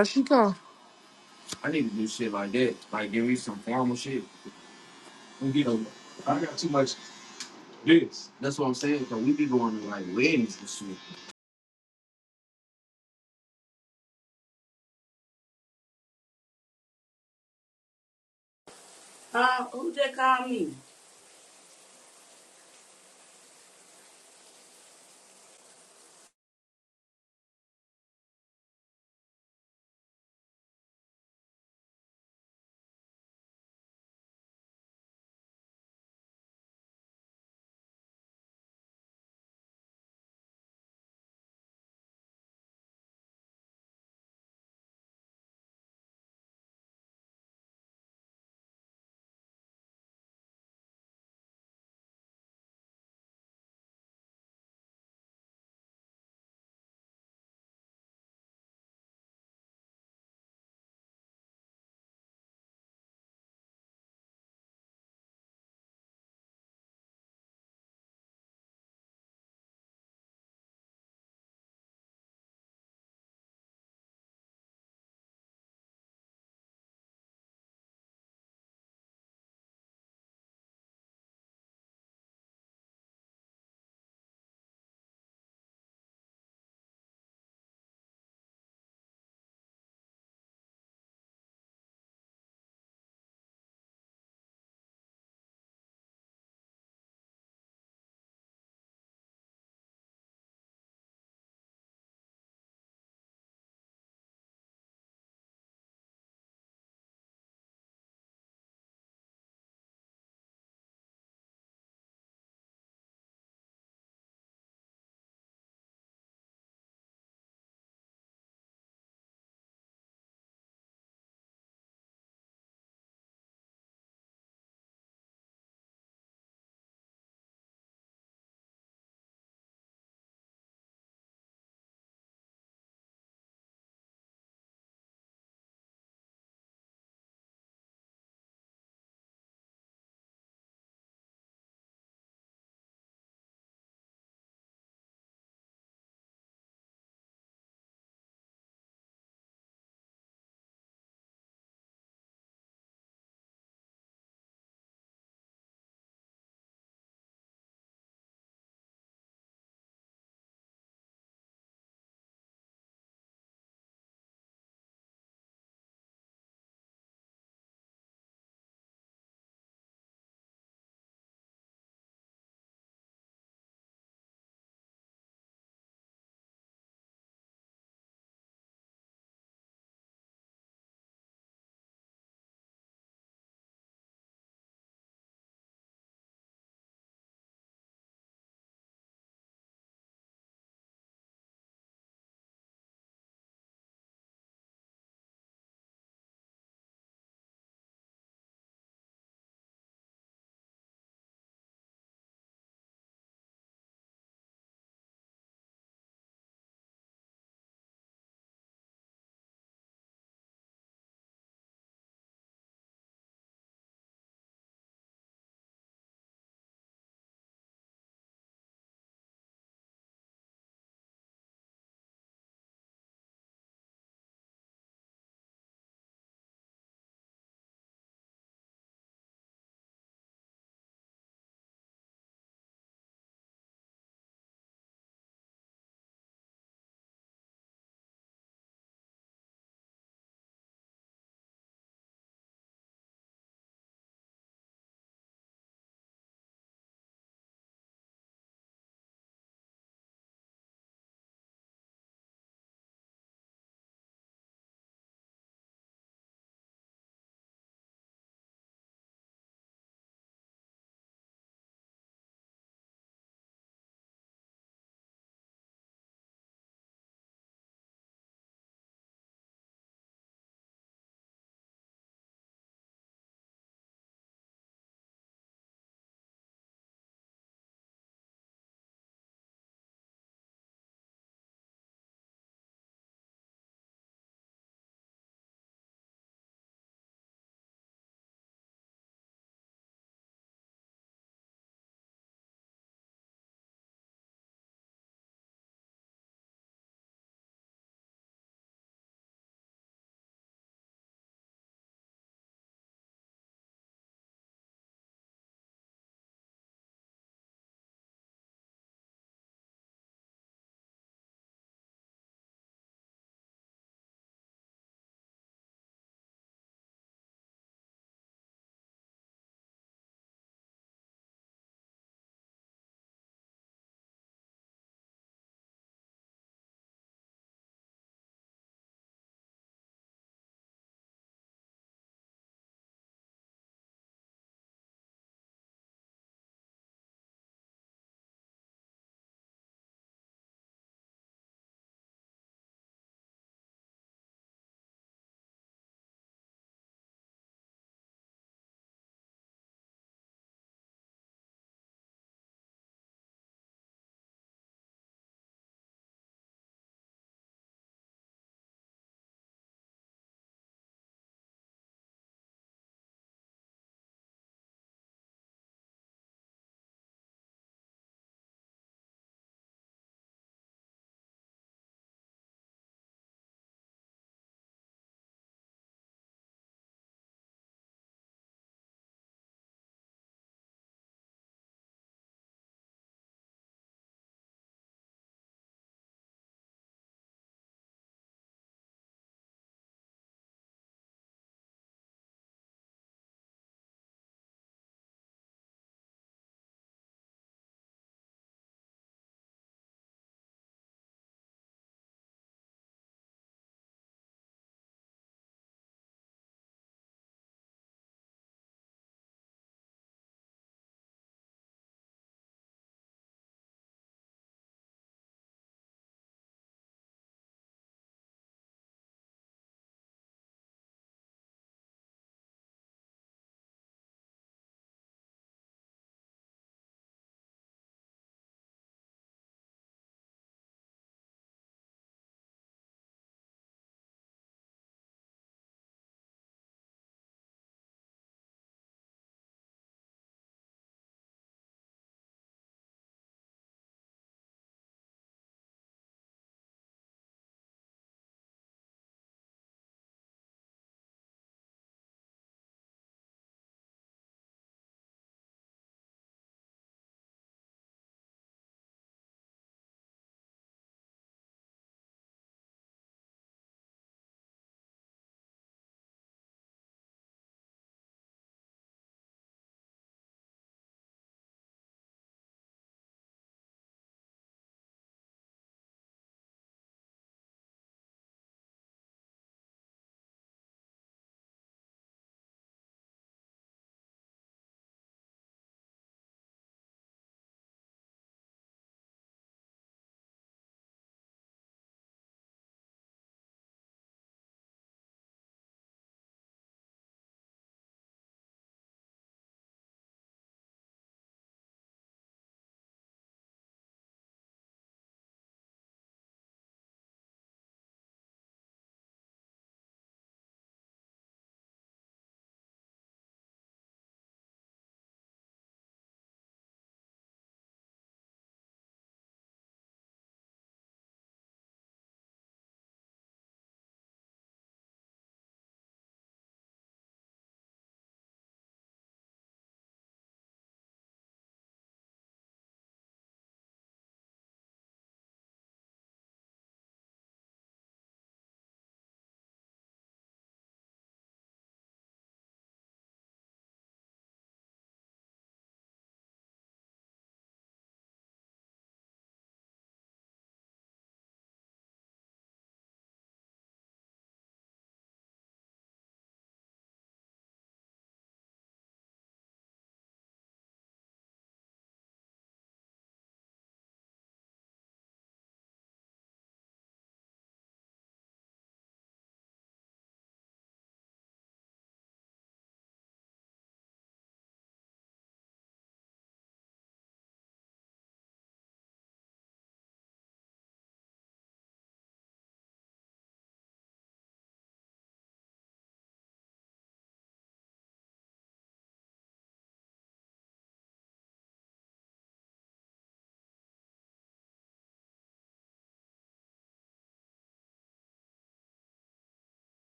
There she come. I need to do shit like that. Like, give me some formal shit. So, I got too much this. That's what I'm saying. So, we be going to, like, weddings and shit.
Huh? Who just called me?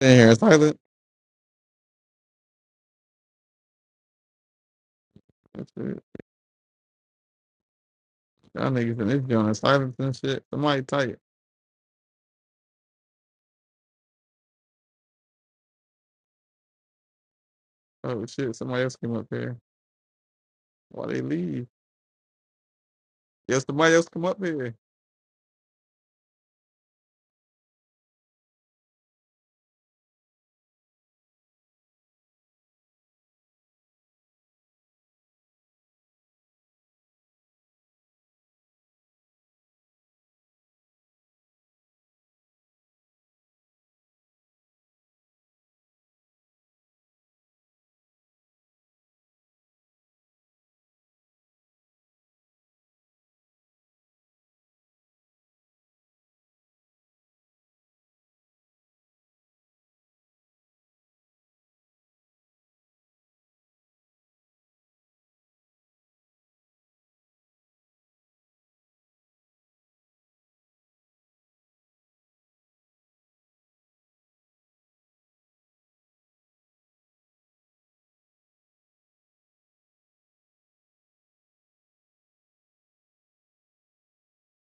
In here, silent. That's it. Y'all niggas in this joint, are silent and shit. Somebody tight. Oh shit, somebody else came up here. Why they leave? Yeah, somebody else come up here.